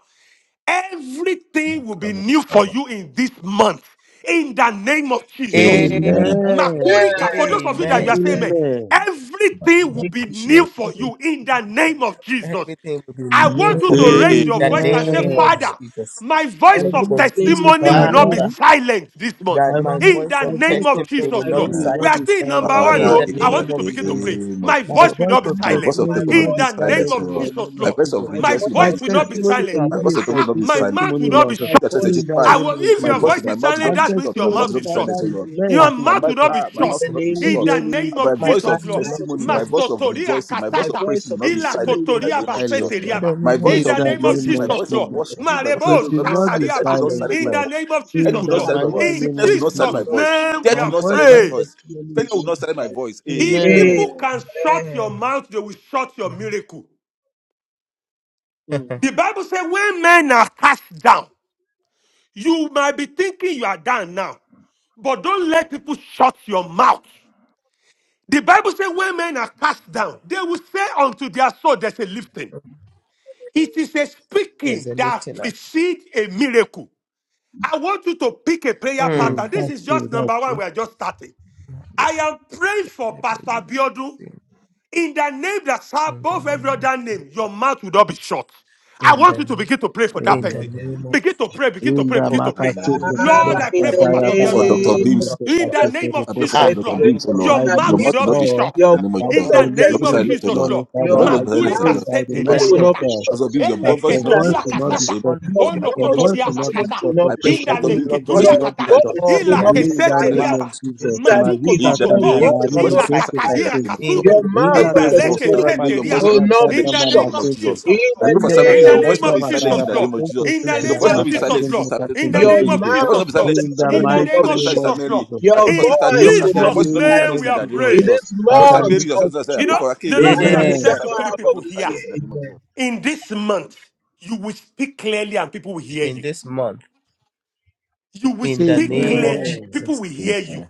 Everything will be
of-
new for you in this month. In the name of Jesus.
Amen.
Amen.
amen
Amen.
Makurika, for those of you that
Amen.
you
amen
are saying,
Amen.
"Man,
Amen.
everything will
Make
be
it
new
Sure,
safe
for
for
sure.
you in the
Santa
name of
Claus.
Jesus.
Everything will be
I
new
want you
for me.
to raise
Hallelujah,
Hey,
your
In
voice
the
and say,
name of
Amen.
Father,
Jesus.
Jesus.
my voice
Maybe
of
Everything
Jesus,
is
testimony
in
will
Father,
not be
you.
Father,
Father,
silent this month.
that
our
My,
my
In
voice
the
my
our
of
name
voice
of
of
testimony
Jesus,
will not
Lord.
testimony
be
amen.
will
We
not
are
be
silenced.
still in
silent
number
testimony
one,
in
In
Father,
will
the
not
the
no. I
in
name
the
want
of
name
you
be
to
of
begin to
Jesus.
pray.
Jesus.
name of
silenced.
My
My
voice
Jesus.
will
voice
not be
Ah,
of
My voice
silent.
of
my
testimony
testimony
will
will not
not
In
be
be
the
voice of
name
silenced,
silenced
O
of
in the
Lord.
testimony,
Jesus,
name
My
of
Lord.
voice of
Jesus.
my
My
rejoicing will
voice
not
My
voice
be
of
will not be
silenced.
testimony
testimony
silent.
will
shall
My
not
be
voice
a
be
of
Ah,
testimony
ah,
will not be
complete
my
silenced.
silenced,
mouth
O
will
testimony,
Lord.
not be
Lord,
My
shut.
Chapter
voice
in
of
the
35.
I
name
will,
of
testimony
if
My
your
will
Jesus.
voice
not
voice
with my
be
is
mouth will
silent,
not
And
be
that means
shut. My
your
mouth will
testimony,
mouth
not be
is shut.
silenced,
Father,
O
will
is
not
Lord.
be
made
Your
And
to
My
silenced.
mouth will
mouth,
to-
because
not
to
be
ah, my
In
mouth
shut.
the
Jesus,
will not be
name of
be
In
the
shut.
the
Jesus.
enemy
name
to
My
of
my
voice
My
Jesus,
of
mouth
Lord.
will not
mouth
be
will
testimony, my
not
shut.
be
voice
shut.
of
Masotoria
rejoicing, my voice
My
of
kasata.
praise
voice
will
of
not be
Ila
silenced
testimony will
in
not
the
kotoria
be
name of
shut.
Jesus.
silence,
In
Lord,
the
baseteriaba.
My
name
In
of
the
In
voice
in
the
of
name
the
name
Jesus,
of
my
rejoicing,
name
of
my
of
Jesus,
voice of
Lord.
Jesus.
Jesus.
worship, my
God.
voice of
my
It
Marebo
everything will
will
not be
mouth
not
to
be
silenced. I
shatariaba.
will not
testimony,
silenced,
silence
In
my
the
Lord,
voice.
name of
Enemy
in
Jesus,
will
the
not
Lord.
my
silence my
mighty
voice.
voice
In
of
name
Sickness
of
will not silence
Jesus'
testimony
my
Jesus.
of
voice.
name, we
Death
My
will
are
not
voice
silence
of
my
in
free.
the
voice.
name
testimony
Failure
of
will
will
not
not be
silence my
silenced.
voice.
If
Amen.
Jesus.
people
Amen.
can shut your
Amen.
mouth, they will shut your miracle.
Mm.
The Bible says, when men are cast down, You might be thinking you are done now, but don't let people shut your mouth. The Bible says, when men are cast down, they will say unto their soul, there's a lifting. It is a
there's
speaking
a
that
lifting up.
precedes a miracle. I want you to pick a prayer
Mm.
Mm,
pattern. This
that's
is
true,
just
that's
number one.
true.
We are just starting. I am praying for
In
Pastor Biodu in the name that's
the
above
name
every
of
other name. Your mouth will not be shut. I
in the
want you to
name
begin to pray for that
in
In
the
person.
Amen.
name of
Begin to pray, begin to pray,
Unda
begin to pray.
the name
makatsuke
God.
of Jesus.
Lord,
Glory
Father,
to
I
in
kakata
pray
God.
for
the
I
daya
Pastor
pray for
Biodu.
babari
Dr.
Mouth will
name of
Beams.
not
mesete
be
In
shut.
the
Jesus,
kashete
name
I
of
pray
Jesus,
for
I
Ah,
reposonto.
Dr.
Lord,
pray
Lord
Beams, oh
for
Lord.
I
your
Sister
Your
mouth
lift
will
mouth
Jesus.
will
not
not
Gift,
be
be silent
up
shut.
your
in the name of
Your
and
voice
In
Jesus.
of
for
mouth
the
will not
Your
be
name
voice
of
listening
shut.
silent,
this
testimony,
oh
Jesus,
Lord.
morning,
Lord,
You
Your
will
your
Father.
voice will
not
not
I
be
be silent
makuri
silent.
in the
decree
name
mouth
of Jesus.
of
by the
kasete
In the
testimony
Pastor,
mercy
will
name
of
not
leakata,
of
be
God
Pastor
shut.
Jesus.
Beams, your
that
ele
voice will
your
not be
Sister
voice
silent
Oh,
ketoria
will
in
not
the
you
be
Gift,
kasata,
name
will
of
short.
not
Jesus.
your
Your
lose your
ono
voice
Your
will
mouth
not be
ability
of
silent.
voice
to
kototia
will not be
speak.
testimony
basata,
will
short. Your
not
I
be
pray
shut.
In
for
the
inda
Dr.
le
testimony,
name
Beams. Your
of
Lord God,
voice
will
Your
will
keturia
Jesus.
not
not
be
be
kata,
The
silent
short.
in
voice
the
Lord
will
name
will
ila
of
not
In
be
anoint
the
your
kesete
Jesus.
name
mouth
riaba,
silenced.
of
to be
Jesus.
able
Sister
to
Yeah.
maluko
Gift,
speak.
In
Malita
the
your
Saka
tototo,
You
name of
will
voice
Jesus,
Mari
not
will
be
voice will
not
not
ila
be
be
silent.
Mizonte
silenced in the
kataria
silenced.
name of
Kasente.
In
Jesus.
Your
kasuto,
the name
I
mouth
of
Inda
of
pray
inda le
Jesus.
for
Kazonto
Sister
testimony
Ramide,
kesete
your voice
Rapasindi
riaba.
will
will not be
not be
silenced
In
Kasanta
in
the
the
name
Mama
name
of
of
shut.
Soto.
Jesus,
Jesus.
In
I
Lord.
the
pray for
Yende
Sister Mary,
In the
your voice
name
name
will not
Makasanta
of
of
be silenced
Jesus,
in the
Makaraba
Jesus,
Lord.
name of
Sente
Jesus.
In the
Your
Maria
name
Sente
voice
Sister
will
of
not be
Christ.
Jesus,
Gift,
silenced,
Lord.
Makasente
Sister,
In
Sister
the
Kasente
your
name
Mary.
of
Brigade.
Your voice will
Jesus,
not
mouth
be
of
Lord.
silenced,
In
Sister
the
In
Ramide.
testimony
the
Your
will
mighty
not
name
voice will
be
not be
of
name
silenced,
shut.
Sister
of
Jesus, Lord.
Mary.
Jesus.
Your
I pray for
In
Sister
voice
In
Dorcas,
will
your
the
not be
voice
Jesus'
will not be
name
silent.
name
of
silenced
we
in
are
the name of
In
praying.
Jesus.
Jesus.
this
I pray
As
for
month
Sister
I
Mary,
lift,
your voice
of
will not be silenced. I
You
pray
July
know,
for Ake,
the
your voice
Lord
will not be
and
said
in
I
the
should
silenced.
Amen.
say
Amen.
Sister
to
second
Vera,
three
your
half
voice will
of
people
not be
this
here,
year,
silenced in the name of
amen.
Jesus.
in this month, you will speak clearly and people will hear
In
you.
this month,
You will
in the
speak
Amen.
name of
clearly,
Amen.
Amen.
people
Jesus.
will
Amen.
hear you.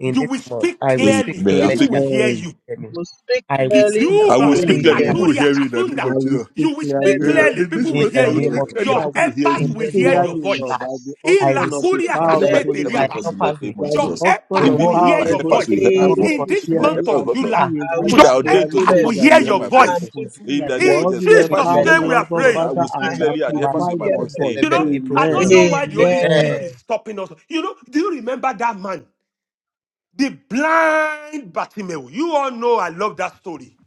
In
You
this
will
month,
speak
I will speak
clearly,
Amen. I,
people
clearly
think
will
and
hear
Amen.
you.
hear
We
me.
will speak
I will
clearly
speak
and
I
Piguba,
will
people
clearly
will
speak clearly.
hear.
and-
People
I
will
Amen.
Likaturia,
hear me in the
I
name
Kasunda.
of
will
will
Jesus.
speak
speak
You will speak
clearly
clearly
In
and
and
clearly.
people
in
people
this
People
will
in
will
will
point,
the
hear
I
hear
will
you.
hear.
me.
name
speak
of
well.
clearly
I
Your
and people
Jesus.
will
will hear me.
speak
epas
In
in the
will
this
hear
name
month
your
of
of
clearly,
voice.
July.
Lord, by the
Jesus.
In
I
I
will
action
will
of
speak
the
speak
Lakuria
My
power of
clearly.
the
helpers
clearly
Kasete
Holy
will hear
and
my
My
Ghost.
Riaba.
voice in
people
the
helpers
name
will
By
of
the
hear
Your
me.
Jesus.
action
The
In
epas
of
will
this
world
in
month,
will
power
hear
of
my
the
the
hear
your
me.
Holy
helpers will
voice.
hear
Ghost, I
my
will
name
voice.
of
Lórúkọ
In
speak
this
This
Jesus.
month,
Jésù.
my
month
clearly
helpers
of
and
will hear my voice.
people
July,
Ah,
will
I
hear
will
People
your
me
that
máa
are
lọ
speak
ordained to
clearly
epas will
clearly
in
support me
the
ṣẹ̀kẹ̀tẹ̀
hear
will hear
name
your
of
my
voice.
and
voice.
Jesus.
people
In
will
the name
Procosindaria.
hear
of
In
me.
God
Jesus,
will
In
helpers will
Jesus'
the
empower
hear
me,
name
name
my
In
we are
Lord
voice, O
the
God,
of
Lord.
name
praying.
I
of
Father,
will
Jesus.
speak
my
and
clearly and
helper
Máa
will
helpers
amplify
will hear my
hear
my
voice.
ṣẹ̀kẹ̀tẹ̀
voice.
You
bẹ̀bẹ̀
know,
ní
Amen.
I don't know
Amen.
Procosinda.
me.
why the Holy Spirit
Amen.
is
Amen.
stopping us. You know, do you remember that man? The blind Bartimaeus. You all know I love that story.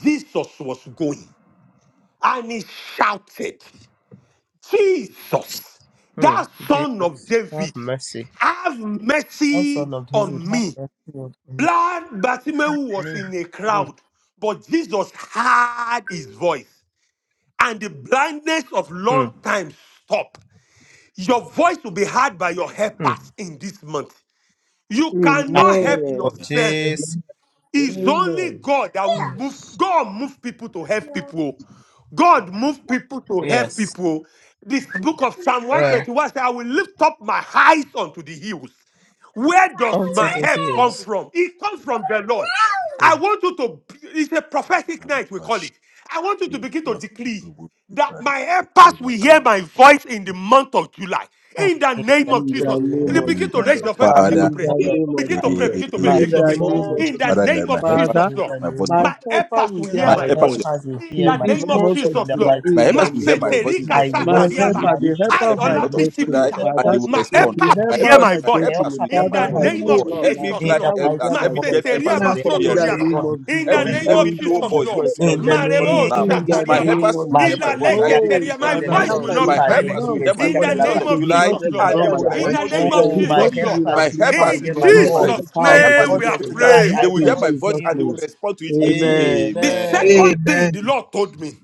Jesus was going. And he shouted, Jesus,
Hmm.
that son of
Jesus, have
David,
mercy.
have
O
mercy
son of David,
on
have
me.
mercy on me.
Blind Bartimaeus was in a
Hmm.
crowd, but Jesus heard his voice, and the blindness of
Hmm.
long time stopped. Your voice will be heard by your
Hmm.
helpers in this month. You
Ah,
cannot help
for
Amen.
yourself.
Jesus.
Amen.
It's only
Amen.
God that will move.
Yes.
God move people to help people. God move people to help
Yes.
people. This book of Psalm
Uh,
121 says, I will lift up my eyes unto the hills. Where does
onto
my
the
help come
hills.
from? It comes from the Lord. I
Hmm.
want you to, it's a prophetic
Amen.
night, we call it.
Father,
I want you to
in
begin to decree that my helpers will hear my voice in the month of July.
Ah,
In the
in
name
the
of
In the
Jesus.
name of
And
name
you
of
begin to
My
raise
Jesus.
your
helper
voice and
Father,
begin to
will
In
the
pray.
month
the
hear
of
my
name of
Begin to
July.
pray,
voice.
Jesus.
begin
the
to pray,
My
In
In
begin
name
the
to
of
help
the
pray.
has
name
Jesus.
will
of
month
In
of
the
hear
Father,
Jesus.
let
name
my
my
of
helpers,
voice
Jesus,
Father,
in
Lord.
July,
the
I
my voice,
name of
my
not
My
helper
helpers will
will
hear
hear
hear
my
my
my
my
my
help
helpers, will
voice
voice.
voice.
has will
In
hear
In
the
in
my
this
the
name of
month
month
voice
of
of
in
Jesus,
the
Lord.
July.
mighty
In
July,
My
name
the
helpers
of
will hear
name
my
Jesus.
of
voice,
in
Maseterika
Jesus.
I
the
my
will
My
voice
not
for
do
satariaba.
name
me,
of
helper,
life
the
need
Jesus.
for
helper
alone.
I,
help
of
I
in
my
the
will
Ola
month of
not do
destiny,
July,
Bishopita.
it
and
alone.
Help
they
Father,
will
us will
My
hear
Lord,
respond.
the
the
empath
My
will
continue.
helper
hear
of
voice,
my
my
my
voice.
voice.
My help
helpers
destiny,
will
has
In
hear
will
In
my
Father,
the
hear
the
I
voice,
my
oh
name
Lord.
month
pray,
of
of
voice.
Lord,
July.
Every
my
Jesus,
In
blind
the
helper
Lord.
will
mighty
helpers,
hear my
name
every
We
of
voice.
deaf
settle
helpers
Jesus,
now
Maseteriaba
the
for
receive
In
hand
hearing
this
of
the
the
year.
sotoriaba.
name
Lord
now.
of
rests
In
My
the
Jesus.
upon
Every
me.
They
name
will
help
of
every low
us
hear
Jesus,
to
my
voice
hear
Lord.
voice,
receive
my
Lord
In the
receive
voice
God.
volume
Marebo
now.
name
In
of
in
the
the
My
shatariaba.
Jesus.
name
name
helpers
of
of
will hear
In the
my
Jesus.
Malika
voice. I
Jesus.
yaga
Oh,
decree
leketeria.
that
My
My
name of
Father,
zegedele
voice
Jesus.
help
will
Lord,
us
not
they
be
to
My
belipa
hear
will
my
silent.
helpers will
not,
hear
voice.
my
they
lebegezika
In
voice
de
the
will
this
la
not,
month
name
of
they
of
will
Yes,
balipo
July,
not
Jesus,
the
Lord.
and
ignore
they will
my
helpers of
kuzindaria.
In
voice
my
the
respond to
name
it.
children
of
will
Oh,
hear
my
Jesus,
because
immediately.
their
Lord.
you will
helpers
My
begin
voices.
amplify
to
helpers
it,
In
in
hear
the
Lord
my
In
God,
spirit
the
by
name
voice.
realm,
the
of
Jesus'
my
power
In
of the
the
helpers
name
Jesus.
in
Holy
we
month
the
are
of
Spirit.
physical,
The
July,
praying.
they
I
will
will
hear
In
helpers
not
my
of my
voice
Jesus'
be
and they
children
mute.
will
will
name.
respond to it
hear their voices.
immediately.
Amen.
The
Amen.
Amen.
second thing
Amen.
the Lord told me,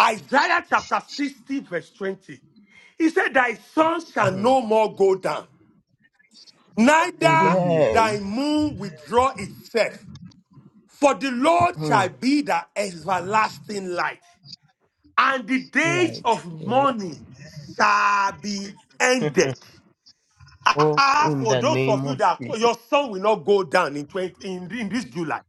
Isaiah chapter 60, verse 20. He said, Thy son shall
Mm.
no more go down. neither
Amen.
thy
Amen.
moon withdraw itself. For the Lord shall
Mm.
be thy everlasting light, and the days
Light.
of
Amen.
mourning shall be ended. Ah,
oh,
ah,
in
for
the
those
name
of you
of
that call,
Jesus.
your son will not go down in 20, in, in this July.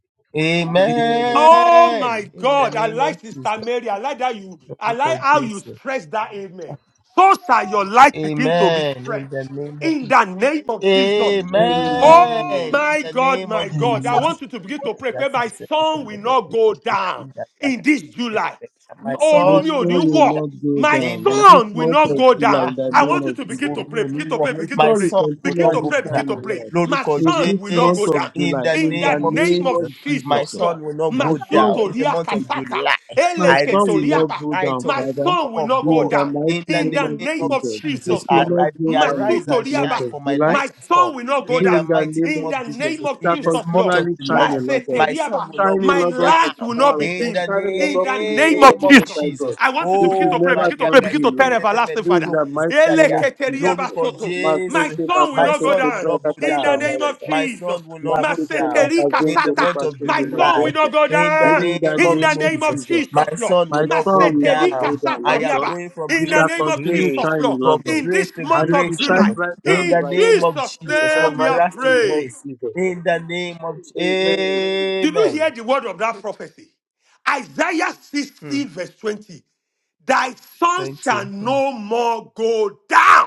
Amen.
Amen.
Oh
Amen.
my
In the
God, I
name of
like Sister
Jesus.
Mary. I like that you, I
Lórúkọ
like how you
Jesus.
stress that amen. So shall your light begin to be
Amen. In the
stretched
name of
in the name of Jesus.
Amen.
Amen.
Oh
Amen.
In
my
the
God,
name
my
of
God. I
Amen.
Jesus.
want you to begin to pray. Pray, my son will not go down in this July.
My
My
Orun mi
son will
ò
soul
My
not
ní
go
wọ̀.
will
spirit
not go
My
in
down
the
in this
name
son will
of
month
not
of
go
Jesus.
July
down.
in
Ah,
the
I
Lórúkọ
name
want you
of
to
Jésù,
begin
Jesus.
to
oorun mi
pray,
ò ní
begin to
wọ̀.
pray,
My
begin to
My
soul will
pray,
son will
begin
not
to
go
continually
pray, begin
shine,
to
O
down.
pray.
Lord,
My
Lórúkọ
in
son
this
will not
month
go
Jésù.
of
down.
In
July
the
In
in
the
name
the
of
name
name
of
of
Jesus. My
Jesus,
Jesus.
son
Lord.
will not
My
go
soul.
down. In the
Masutoria
month of
kasaka.
July,
My
I receive
son
the
Eleketoria
will not
ba.
go
light
down,
of
My
the
Father,
son will
of
not go
in
God.
the
down.
mighty
In the
In
name
the
of
name
name
of
of
Jesus. It
Jesus,
Jesus,
I,
will
Lord.
not
I,
go
I
down in
rise
this
Masuto
and
month
liaba.
shine,
of
for my
July,
My
light has
son
come.
will not go
In the
down.
in the
mighty
name
name
In
of
the
of Jesus.
name
Jesus,
It
of
shall
in this
Jesus,
month
Lord.
of
continually shine,
July,
in Lord God.
Masete
my son
liaba.
will
Shine,
not
in
My
go
Lord God, for
light
the
will
down.
not
power
be
of God.
In the
dimmed.
Shine, in Lord
In
God,
the
for the
name
glory
of
of
name
the
of
Most
Jesus.
High
Jesus.
God.
I want you to
It
begin
will
to
Oh,
pray,
never
begin to
Maria
pray,
turn
begin
dim,
to tell
Lord.
everlasting
Gazeketebeli
In
Father.
the mighty
Ele
name
Proposidaya.
of
keteria
Jesus.
Lórúkọ
basoto. My
Jésù.
Masente,
son will
My
not go
son
makasente,
will
down
not go
prakata,
in the
down.
name of
shandaya,
My
Jesus.
son will not go
Makekela
down
Maseteri
in the
Bazento
kasata.
month of
Rupashende
My son
July.
will
Mazento.
not go
In the
down
In the
name
in
of
the
name of
name of
Jesus.
Jesus.
Jesus,
My
Christ.
Lord.
son will
My
not go
son will
Maseteri
not go
down.
down,
I
kasata
Lord
am
God.
riaba.
going from
You
In the
grace
shall
to
name of
continue
grace.
Jesus,
shining,
Lord.
Lord
From
God.
In
grace
this
to
And
month
it
of
will
grace, oh
shine
July,
Lord.
brighter
In
and
in
the
brighter.
name of
Jesus'
In
Jesus.
the
From
name we
mighty
are
grace to
name of
praying.
grace.
Jesus. Christ.
In the name of
Amen.
Did you
Amen.
hear the word of that prophecy? Isaiah
Mm,
60, verse 20. Thy son
20.
shall
Mm,
no more go down.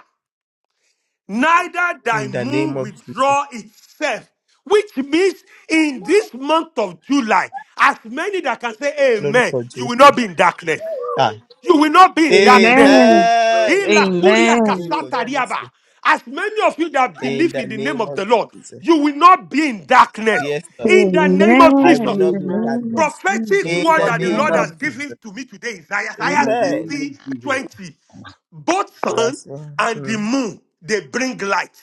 neither thy
In the name
moon
of Jesus.
withdraw itself. Which means in this month of July, as many that can say amen,
Lórúkọ
you will
Jesus.
not be in darkness.
Ah,
You will not be in darkness.
Amen.
amen.
Amen.
Ila kuria
Amen.
Lórúkọ
kasata
Amen.
riaba.
Jésù.
As many of you that
In
believe
the
in the name
name
of
of
the Lord,
Jesus.
you will not be in darkness.
Yes, Lord.
In the
Amen.
name of
I will
Jesus,
In
not
the
be in
Amen.
name of
darkness.
I
prophetic
Jesus.
In
will
word
the
not
that
be
the
in
name
Lord
that
of
has
Amen.
in
Jesus.
given to me today is Isaiah
the name
Amen.
60
of Jesus.
20. Both sun
Verse 1.
and the
Mm,
moon, they bring light.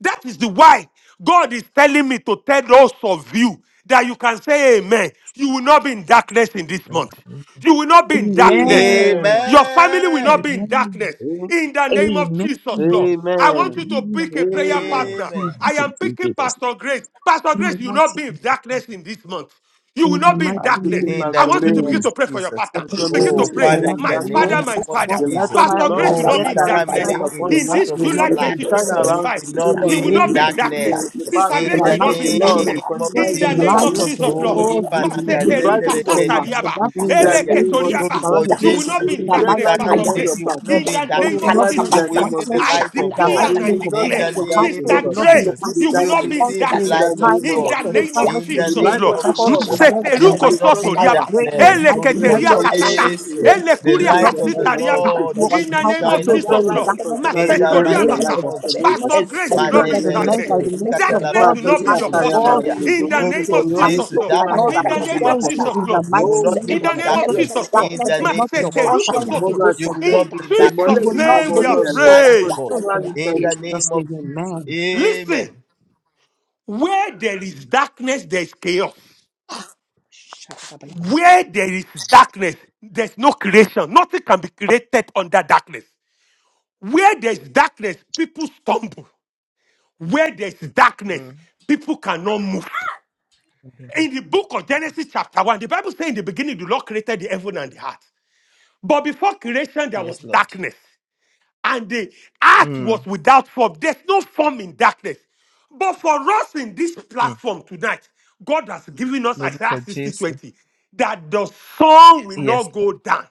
That is the why God is telling me to tell those of you that you can say amen. You will not be in darkness in this
mm.
month. You will not be in darkness.
Amen.
Amen.
Your family will not
Amen.
be in
Amen.
darkness. In the name of
Amen. In
Jesus, Lord. I want
the
Amen.
you to
name of
pick a
Jesus.
prayer
Amen.
partner.
I
Amen.
I
thank
am
you,
picking
Jesus.
Pastor Grace. Pastor
In
Grace,
the
you will not
mighty
be in darkness in this month. You will
in the
not be in
mighty
I'm
darkness.
taking
name of
in the
I
Pastor
want you
name
to
Mary.
of
begin to
Jesus.
pray for your
Jesus.
I
partner.
In
thank
Pastor
you for
the
Begin
month
Mary
of
Oh,
to
this
July,
will not
pray.
be
Father,
one
in
in
My
the
darkness.
father,
in
my
name
this
of
father.
month
The
of
light
Jesus.
of the
July
Pastor
unto
Lord
Grace
will
the
will
Oh,
year
not be in
Sister
the
continually
darkness.
shine
Ramide,
Father to
in
upon
your
this
the
In
you.
life
month
this
of
will
July
not
It
be
July,
will shine
impacted
you
around
2025,
will
you.
in
not
the
Pastor
she will
be in
not
name
be
Mary,
in
of
darkness.
the,
darkness.
Jesus.
the power-
Sister
the
In
In
Grace
the
the
will
light of
not
mighty
be
the
in
name
Lord
of
darkness.
will
name
Jesus,
of
continually
In
be
the
the
your
name
matter
Jesus.
light
of
shield.
of
must
the
be a
Jesus,
Oh,
Lord.
It
ye
Lord
will,
nature.
be,
will
it
illuminate
You
will
will
Maseteri
be
brighten
palakazendere
done.
your
your
path
life
pelibro
and
kasatariaba.
that which
in
Darkness
the
will
pujidaria.
not
concerns
name of
you
prevail.
Eleketoriaba.
Jesus.
surround
Lórúkọ
You
again
will
Darkness will
not
not
It
Jésù,
be
in
in
will
the
prevail.
shine
darkness,
mighty
Sister
light
Pastor
name
upon
of
Ramide,
Grace.
Ayaku,
your
you will
path
yaku,
Jesus.
not
In
be in
yaku,
the
You
name
will
of
darkness.
not be
yakalaka,
continually in
You
Jesus,
the
in
will
name
Lord.
bazaka,
see
of
darkness
the
Jesus.
I
light
bushaka,
in
of
the
declare
mighty
You
God.
and I
name
will
of
not
In
be
Jesus.
declare,
the
in
Your
name
darkness,
household
of
Sister
will
Lord,
not be
Ebrazo,
Grace,
in
Jesus,
in the
you
darkness.
kuste,
will
you
not
will
darkness,
yaku,
be
All
in
see the
in
children
sekatu.
darkness.
the
light of
tonight,
name of
and
In
God.
the
Yaku,
Jesus.
25,
name of
all
In
yaku,
children,
the
The
yes,
Jesus,
and
name
shebi,
light
Lord.
of
of
the
25, all
Lord
children,
Jesus,
yes,
you
your
is
Maseteruko
will
a
life.
not
strong
soto
be in
I
tower.
riaba.
pray in the
darkness.
Ele
mighty
The
Lórúkọ
name
keteria
Sister
righteous
of
Lady
runs
Jesus
katata.
Jésù,
into it
that
Ele
the
you
I
kuria
will
pray
not
light
be
of the
in
kasita
darkness.
riaba.
Lord
You
begin
that
and
In
your
the
to
name
household
of
will
shine
not dwell
Jesus,
upon
in
light
Lord.
you.
will
darkness.
In
continually
In
the
the
shine in
Masetoria
your
mighty
name
basa.
life,
of
name of
Pastor Mary,
Jesus,
Jesus.
Pastor
I
Grace will
in
pray
the
not be
that the
his
name of
men,
agnes.
by
Malepeleke
the
Jesus.
mercy of
Darkness
Ma
God,
will
the
zikatalabali
te
not be
sa
light
your
sa
of
ya ma
portion.
Jean
God
re
of
prokozindaria.
will
the
me
In
zo
the
se.
illuminate
Darkness
name
Lórúkọ
your
of
has
life
Yen
Jesus,
se
Jésù,
Lord.
te
and
ma
all
ka
Zopapaya
darkness
that
In
will
se
the
not
se
be
name
your
of
concerns
Katakatata,
you
portion.
Jesus,
in the
Lord.
You will
mighty
not
Oh,
In
name
live
of
the
that
in
is
name of
Jesus.
darkness.
blessed.
Jesus, Lord.
In
Darkness
the
Zekatekatekatekate,
is not your
name of
portion
Maseteruko
Zwapaya
Jesus.
in the
soto.
Mother,
name
You
she
of
will
said,
not
In
Kosakota,
be
Jesus.
in
You
Ìmọ́lẹ̀
Jesus'
darkness.
will
ni
Okaleba
You
fún
not
will
ọmọ
name we
see
are
Skoko
live
the
in
Ọlọ́run.
Stega
light
darkness
of
and
free.
God.
so
Continually
Dakayada.
sorry
In
in
the
shining.
Jesus'
name of
name.
Jesus.
Amen.
Listen,
Amen.
where there is darkness, there is chaos. Where there is darkness, there's no creation. Nothing can be created under darkness. Where there's darkness, people stumble. Where there's darkness,
Mm.
people cannot move. In the book of Genesis, chapter 1, the Bible says in the beginning, the Lord created the heaven and the earth. But before creation, there was
Yes, Lord.
darkness. And the earth was
Mm.
without form. There's no form in darkness. But for us in this platform tonight, God has given us
Lord, for
Isaiah 60:20
Jesus.
that the sun will
Yes,
not
Lord.
go down.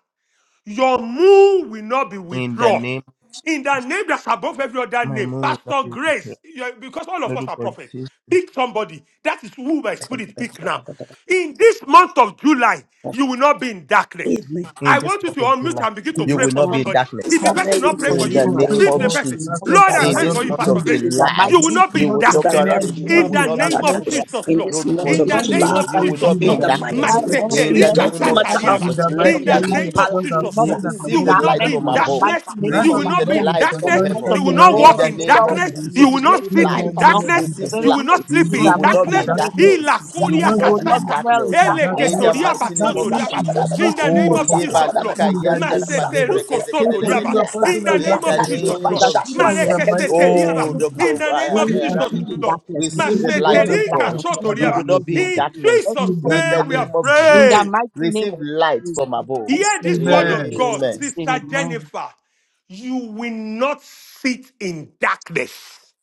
Your moon will not be
In the
withdrawn.
name of
In the
Jesus,
name that's above every other
my
name,
moon will not
Pastor
be with you.
Grace, you- because all of us
Lord,
are
for
prophets,
Jesus.
pick somebody. That is who my spirit pick now. In this month of July, you will not be in darkness.
Amen. Amen.
In
I
this
want you to
month of
unmute
July,
and begin to
you
pray
It's
will
Amen.
for
not
not
be
a
in
somebody. If
darkness.
the
Sister
not a
person
Mary
not
thing
will
pray
for
for
in
not
you
be
the
I
you,
in
and
name
pray
leave
of
for
the
you
darkness.
person.
will
Jesus.
not
Pastor
Sister
be
Lord, I
In
pray
Pastor
Mary
this
for
happy
you,
will
month
Pastor
of
not be
Bibi.
Grace.
in
in the
In
July,
You
darkness.
will
mighty
this
not be
you
name
in
will,
of
month of
Dr.
Sister
darkness.
Jesus
Mary
July,
and
you
Aramide,
will
will
you
not
In
be
not
will
be
Christ.
the
in
in
not be
name
in
of
darkness.
darkness
darkness.
Jesus,
in
Lord.
this
Lórúkọ
month
Your
In the
of
son will
name
Jésù,
not
of
you
That
July.
go
will
this
Jesus,
not
dim
be
in
In
month
in
Lord.
the
the
of
name of
darkness.
mighty
July,
name
Jesus
of
all the
Jesus,
In the
it
years
Christ.
Maseterika
of
name
doesn't
of
matter how
sakariaba.
In
Jesus,
much
the
the
let
mighty
In
enemy
there
the
the
name
tries.
be
of
light.
name
Pala,
of
Jesus, I
will
Jesus,
not
Eh,
Lord.
believe
Saka,
be
that
in
You
Receive
above
the
will
every
Baka,
not
light
darkness
be
from
in
in the
generation,
Basha,
above.
darkness.
mighty
the
Baka,
name
light
You
of
will
of
Receive
the
the
not be
Jesus.
Baka,
Lord
in
will
light
The
from
darkness.
Baka.
continually
light
heaven.
of
You
shine
will
the
Eh,
right
not
In
Lord
walk
the
about
that's
in
so
the
name
Himself
of
land
bad,
darkness.
of
will
that's
You
Israel.
so
Jesus,
will
bad,
illuminate
not
receive
your
sit
In
that's
the
so bad,
life
in
light.
and
name
all
of
that's so
that
darkness.
bad,
Jesus,
Receive
so
concerns
You will
you
not
light.
we will
sleep
in
You
the
not
in
will
walk
not
mighty
be
in
darkness.
in
Zabalabadabada,
name.
darkness.
darkness.
Ila
We
You
will
kuria
will
You
not
not
will
be
zabalabadabada,
not
in
kasata.
dwell
sit
in
darkness.
in
Ele
darkness
In
darkness.
in
the
the
zabalabadabada,
ketoriaba
mighty
mighty
name
name
of
of
Darkness
sotoriaba.
Jesus.
will
Jesus.
zabalabadabada,
In
not
the
be
name
Oh,
your
Oh,
of
shall
ye
you
portion.
Jesus,
give
Lord.
you
balika
zabalabadabada.
the
In the
name
yanda
of
da
name of
ba
Azako
Jesus,
lebre
I
Maseteruko
pray
seke
soto
for
not
tu
be
riaba.
you
your
kesa
that
portion
In the
of
kuya
in
name
in
the
of
darkness,
the
your
name
kane
of
Jesus,
Jesus,
name
Lord.
family.
that
basha
of
you
ke
are
In
your
the
Jesus.
seke
husband
mighty
and
doko
Marekesete
name
your
of
riaba.
Oh,
yeke
Jesus,
children.
Dr.
In
Ra-
the name
You
of
will
we
not
can
Jesus,
be
take
in
it.
Lord.
darkness.
We
You
receive
will
take
the
not
it
dwell
in
light
our
in
of
Maseterika
past
God.
darkness.
and
You
soto
will
You
about
not
the
will
riaba.
not be
nation.
in
inhabit
In
darkness.
every
In
Jesus'
In
form
the
of
the
name
name
we
darkness.
of
name
are
of
Jesus.
In the
Jesus,
praying.
mighty name
receive
of
light
Jesus.
from above.
And
Hear
so
this
shall
word
Amen.
it
of
be in
God,
Amen.
Jesus' name.
Sister
Amen.
Jennifer. You will not sit in darkness.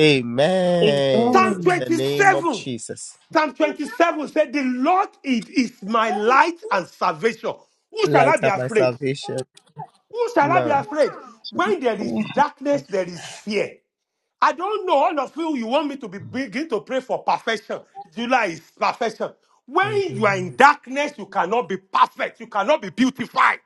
Amen.
Psalm
In
Amen.
the name of
27.
Jesus.
Psalm 27 said, The Lord it is my light and salvation. Who shall I
Light
be
of my
afraid?
salvation.
Who shall I be
None.
afraid? When there is darkness, there is fear. I don't know. All of you, you want me to be begin to pray for perfection. July is perfection.
Amen.
When you are in darkness, you cannot be perfect. You cannot be beautified.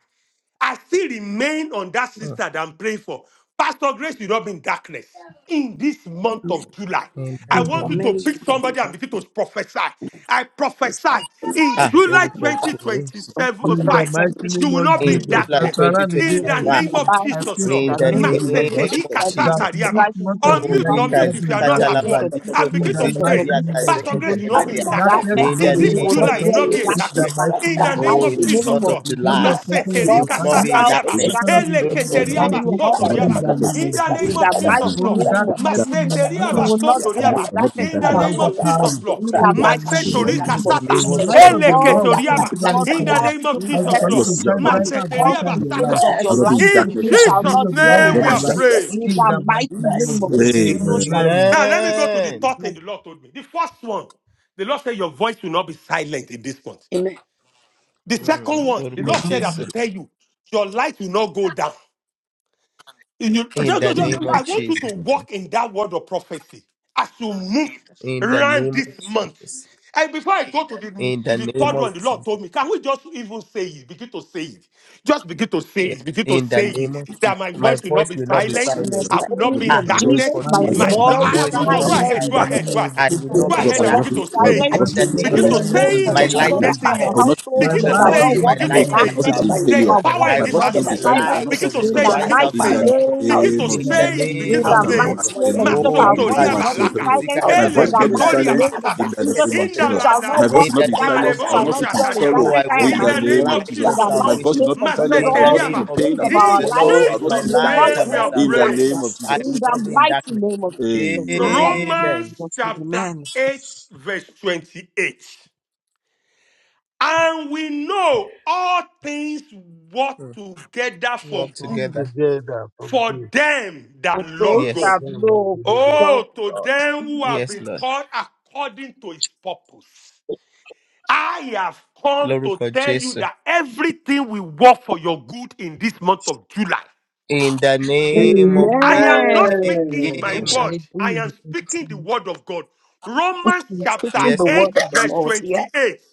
I still remain on that sister that I'm praying for. Pastor Grace, you not be in darkness in this month
de.
of July.
In the
I
name
Mm.
want
For
you
of
to
Mary, you
pick
know,
Jesus.
be
somebody
thy
and begin to prophesy. I
sister,
prophesy
in the
in
Ah,
July
very good.
2025.
Por
In
mighty name
the
of
mighty
parte
Jesus,
que
you
name
will
of
not be
In
in
Jesus,
conseguir
July
darkness.
Saramide,
you
In
know,
the
I
be
2025.
thy-
name
see,
of
live,
I
Jesus,
pray
Lord.
In
está
the
concerning
mesmo,
you, Lord God,
name of
Maseterika
da minha
that
Jesus.
in
sakariaba.
this
live,
month
então,
of
Oh,
Unmute,
July
faz
you will
unmute
not
onde
be
if you
in
are
yekazika
not at
vivemos
darkness.
work
entre
talabali
todos
and
In
os
begin to
dias,
the
eu
prokozida
mighty
vou
pray.
não,
name of
Pastor
yakazeke
you
Grace,
don't
Jesus,
you will not be
take the
in
pieces to the Lord. You will not
teleberia.
be in
darkness.
darkness
Arakata,
darkness,
will
In the
In
not be
this
you
your
will
imoja
not
July,
name
you will
portion.
dwell
not
in
be
itiwe
in
of
In
darkness,
the
Jesus.
darkness.
mighty
In
the
name
the
ukifarata,
of
name
mighty
Oh,
of
in
Jesus,
this
Jesus,
name
uzakata,
month
of
of
Lord.
it will not be
Jesus.
July,
your portion of
you
God
will
your
Maseterika
not
sikata,
family,
be in
Himself to
the
sakariaba.
religious,
darkness.
portion
shine
of
His
your,
light
Lórúkọ
with your
ushebebebebebe.
upon
religious.
you
Eleketeriaba
and
household.
all
I will
that
Jésù.
not be
In
in
sotoriaba.
the
concerns
darkness,
name
you.
of
In the
Dabadabadabasika,
Jesus,
In
name
in
the
of Jesus,
religious.
mighty
oh
Lord.
name
I
of
darkness,
Jesus,
will
you
not.
Maseteriaba
will not dwell
will
sotoriaba.
in
not be in darkness, in religious. I will
sikadabashakadabadabashakadabadabashakadabadabada.
not be in
darkness.
In
If
the
Sister
darkness,
I
name of
Mary.
overpower
Jesus,
you
Lord.
In
so
the
in
God
Arabadabasokrata,
the
will
mighty
name
share my
of
life
kashika,
Masetorika
name
Jesus.
of
sata.
The
master.
Jesus,
light of your
will
all
Lord will
through
be
the
Eleketoriaba.
taken care
continually
Lord,
of my
In
God.
the
sukusekedidedakadakada.
shine on.
name
until
of
the
As you
Jesus,
If
letter
continue
you
Lord.
to
do will
shine
not be
25,
Mercy.
brighter
silent
and
in
all
Maseteria
brighter
the
through
in
the
name of
your
Jesus.
days
life,
basata.
of
I
your
will not
Mercy,
it
be
life,
in
will
In
darkness,
you
speaker.
showcase the
shall
in
glory
Jesus'
not
religious.
of the
dwell
Lord
I will
in
name
in
we
not be
your
in
are
darkness.
life
Mercy,
darkness.
praying.
In
in
rescue
the
the
me.
mighty
mighty name of
name
Mercy,
of
Jesus.
rescue
Jesus, so
us
Amen.
in
Amen.
shall
the
it
name
Amen.
of
Now let me
Jesus.
go to the
be.
third thing the Lord told me. The first one, the Lord said, Your voice will not be silent in this month.
Amen.
The second
Mm,
one, the
Lórúkọ
Lord said,
Amen.
I
Jésù.
should tell you, your light will not go down. You- you-
In
just-
the
just- just-
Amen.
Amen.
name of
I
Thank
want you to
Jesus.
walk in that word of prophecy as you move
In the
around
name
this
of
month.
Jesus.
And before I go to the,
In
to
the
the
name
third
of
one, the Lord
Jesus.
told me, can we just even say it? Begin to say it. Just begin to say
Yeah.
it. Begin to
In the
say it.
name of Jesus.
That my
My
voice will not
voice
be
will
I
not be
just
silent.
want
In the
silent.
I will not
will
be
name
be
in
of
Ah,
to
darkness.
silenced
Jesus,
Lórúkọ
My
my
by the
Jésù,
My
voice
Son
my
will
voice,
not
I
say,
be
voice
will
will
Amen.
go,
I
I
not
go
will
be
not
silent
be in
in
ahead, go
the
Mary,
darkness.
silent.
ahead,
name
go
of
ahead.
I will
my
gbogbo
Uh,
not
Go
Jesus.
be
voice
Lord,
in
ahead
my
will
and
ìjọba
not
voice
begin
be
is
to
darkness.
my
My
say
my
it.
silent.
voice
voice
In
will
the
not
will
be
not be
name
In
Begin
àjẹmọ́lẹ̀
of
to
the
silenced. I will
silent
not
name
Jesus,
in the
saying
of
see
my
it
ìjọba
name
is
of
light
Jesus,
yẹn
has
darkness.
I
Jesus.
am
getting
a
parẹ́
I
it.
will
come.
not see
household.
My
Oh,
Begin
We
sorrow.
the
to
ìjọba
I
shall
life
will
say
Lord
not
will
not
is
it.
my
not
walk
see
go
Begin to
in
àjẹmọ́lẹ̀
pain.
light
I
down
and
say
will
my
in
not
the
it.
darkness.
see
ìjọba
name
yẹn
of
There's
failure.
salvation.
Our
parẹ́
Jesus.
power
voice
in
I
My
will
this
voice
walk
not
will
be
in
not
ìjọba
the
be
yẹn
atmosphere.
silent. I
silent.
will
Mare,
not
light
see
Begin
of
to
the
In
say
sorrow.
it,
the
ìjọba
divine
begin
yẹn
to
mighty
In
say it.
salvation
parẹ́
the
of God.
name
a ò
of
Begin
ní
name
to
jẹ́
of
In
In
the
the
Jesus.
say
Jesus,
mọ́lẹ̀
it,
name of
in
begin
a
name
to
ò
the
of
ní
say
bò
Jesus,
it.
Makalaba,
mighty
Jesus.
name
mọ́lẹ̀
of
Enrobo,
Jesus,
a
Oh,
ò
our
ye
ní
voice
Regide,
bò
Masotoria
will not be
palito
bòmí
balaka.
Masorobo.
a
silent.
kuzika
ò
da
ní
My
la
bò
In
voice
the
will not be
balika
bòmí
mighty
Eleketoria
silent
zende
name of
basaka.
in the
Jesus,
kezekete
name
àgbàkóṣe
of
we
Jesus.
lebedia.
shall
My
not
Indalanala.
voice
walk
in
will
the
not
in
be
name
darkness.
of
silenced.
We
I will
Marebo
shall
not
not
Jesus.
sit in
dwell in
shatariaba.
Oh,
sorrow
darkness.
I
I
walk
am
in
kàdàyàkàlàkàdàkàdàkàdàkàdà
In
my
in
the
the
the name
name
household.
mo
of
of
light
In
gbà
the
Jesus.
of
Jesus,
My
kúlọ̀
Lord.
mighty
voice
lọ
salvation.
will
name
not be
of
mo
Jesus,
wọ
silent.
In
I
ní
will
the
all
not
to
sit
wọlé
name
Maseteriaba.
in
the
of
lọ
pain.
days
I will
of
Jesus,
not
mo
sit
our
In
the
in
wọ ní
lives.
sorrow.
Lord
I will
is
ògo
not
We
my
sit
Jesus'
in
will
mo
not
light
wọ
darkness
name
and
ní
we
my
dwell
are
in
in
ògo
the
salvation.
praying.
darkness.
name of
màsà
I
tó
In
Jesus.
will
tó
not
the
be in
yàrá.
mighty
darkness.
name of Jesus, so shall it
Amen.
be in
Amen.
Romans
Jesus' name.
chapter
Amen.
8, verse 28. And we know all things work together for
Walk
come
good
together.
together from
for
this
them
For
that
those
love
unto
God.
that
Yes.
them that
know
believe.
of
Oh, to them
God.
who have
Yes,
been
Lord.
called according to his purpose. I have come to
Lórúkọ
tell you
Jésù.
that everything will work for your good in this month of July.
In the name
Amen.
of
I am not
Jesus.
Amen.
speaking my
So
Amen.
shall
word,
it be
I am
in Jesus'
speaking the
name.
word of God. Romans
We are
chapter
speaking the
Yes,
word
Lord.
8,
of the
verse
Lord here.
28.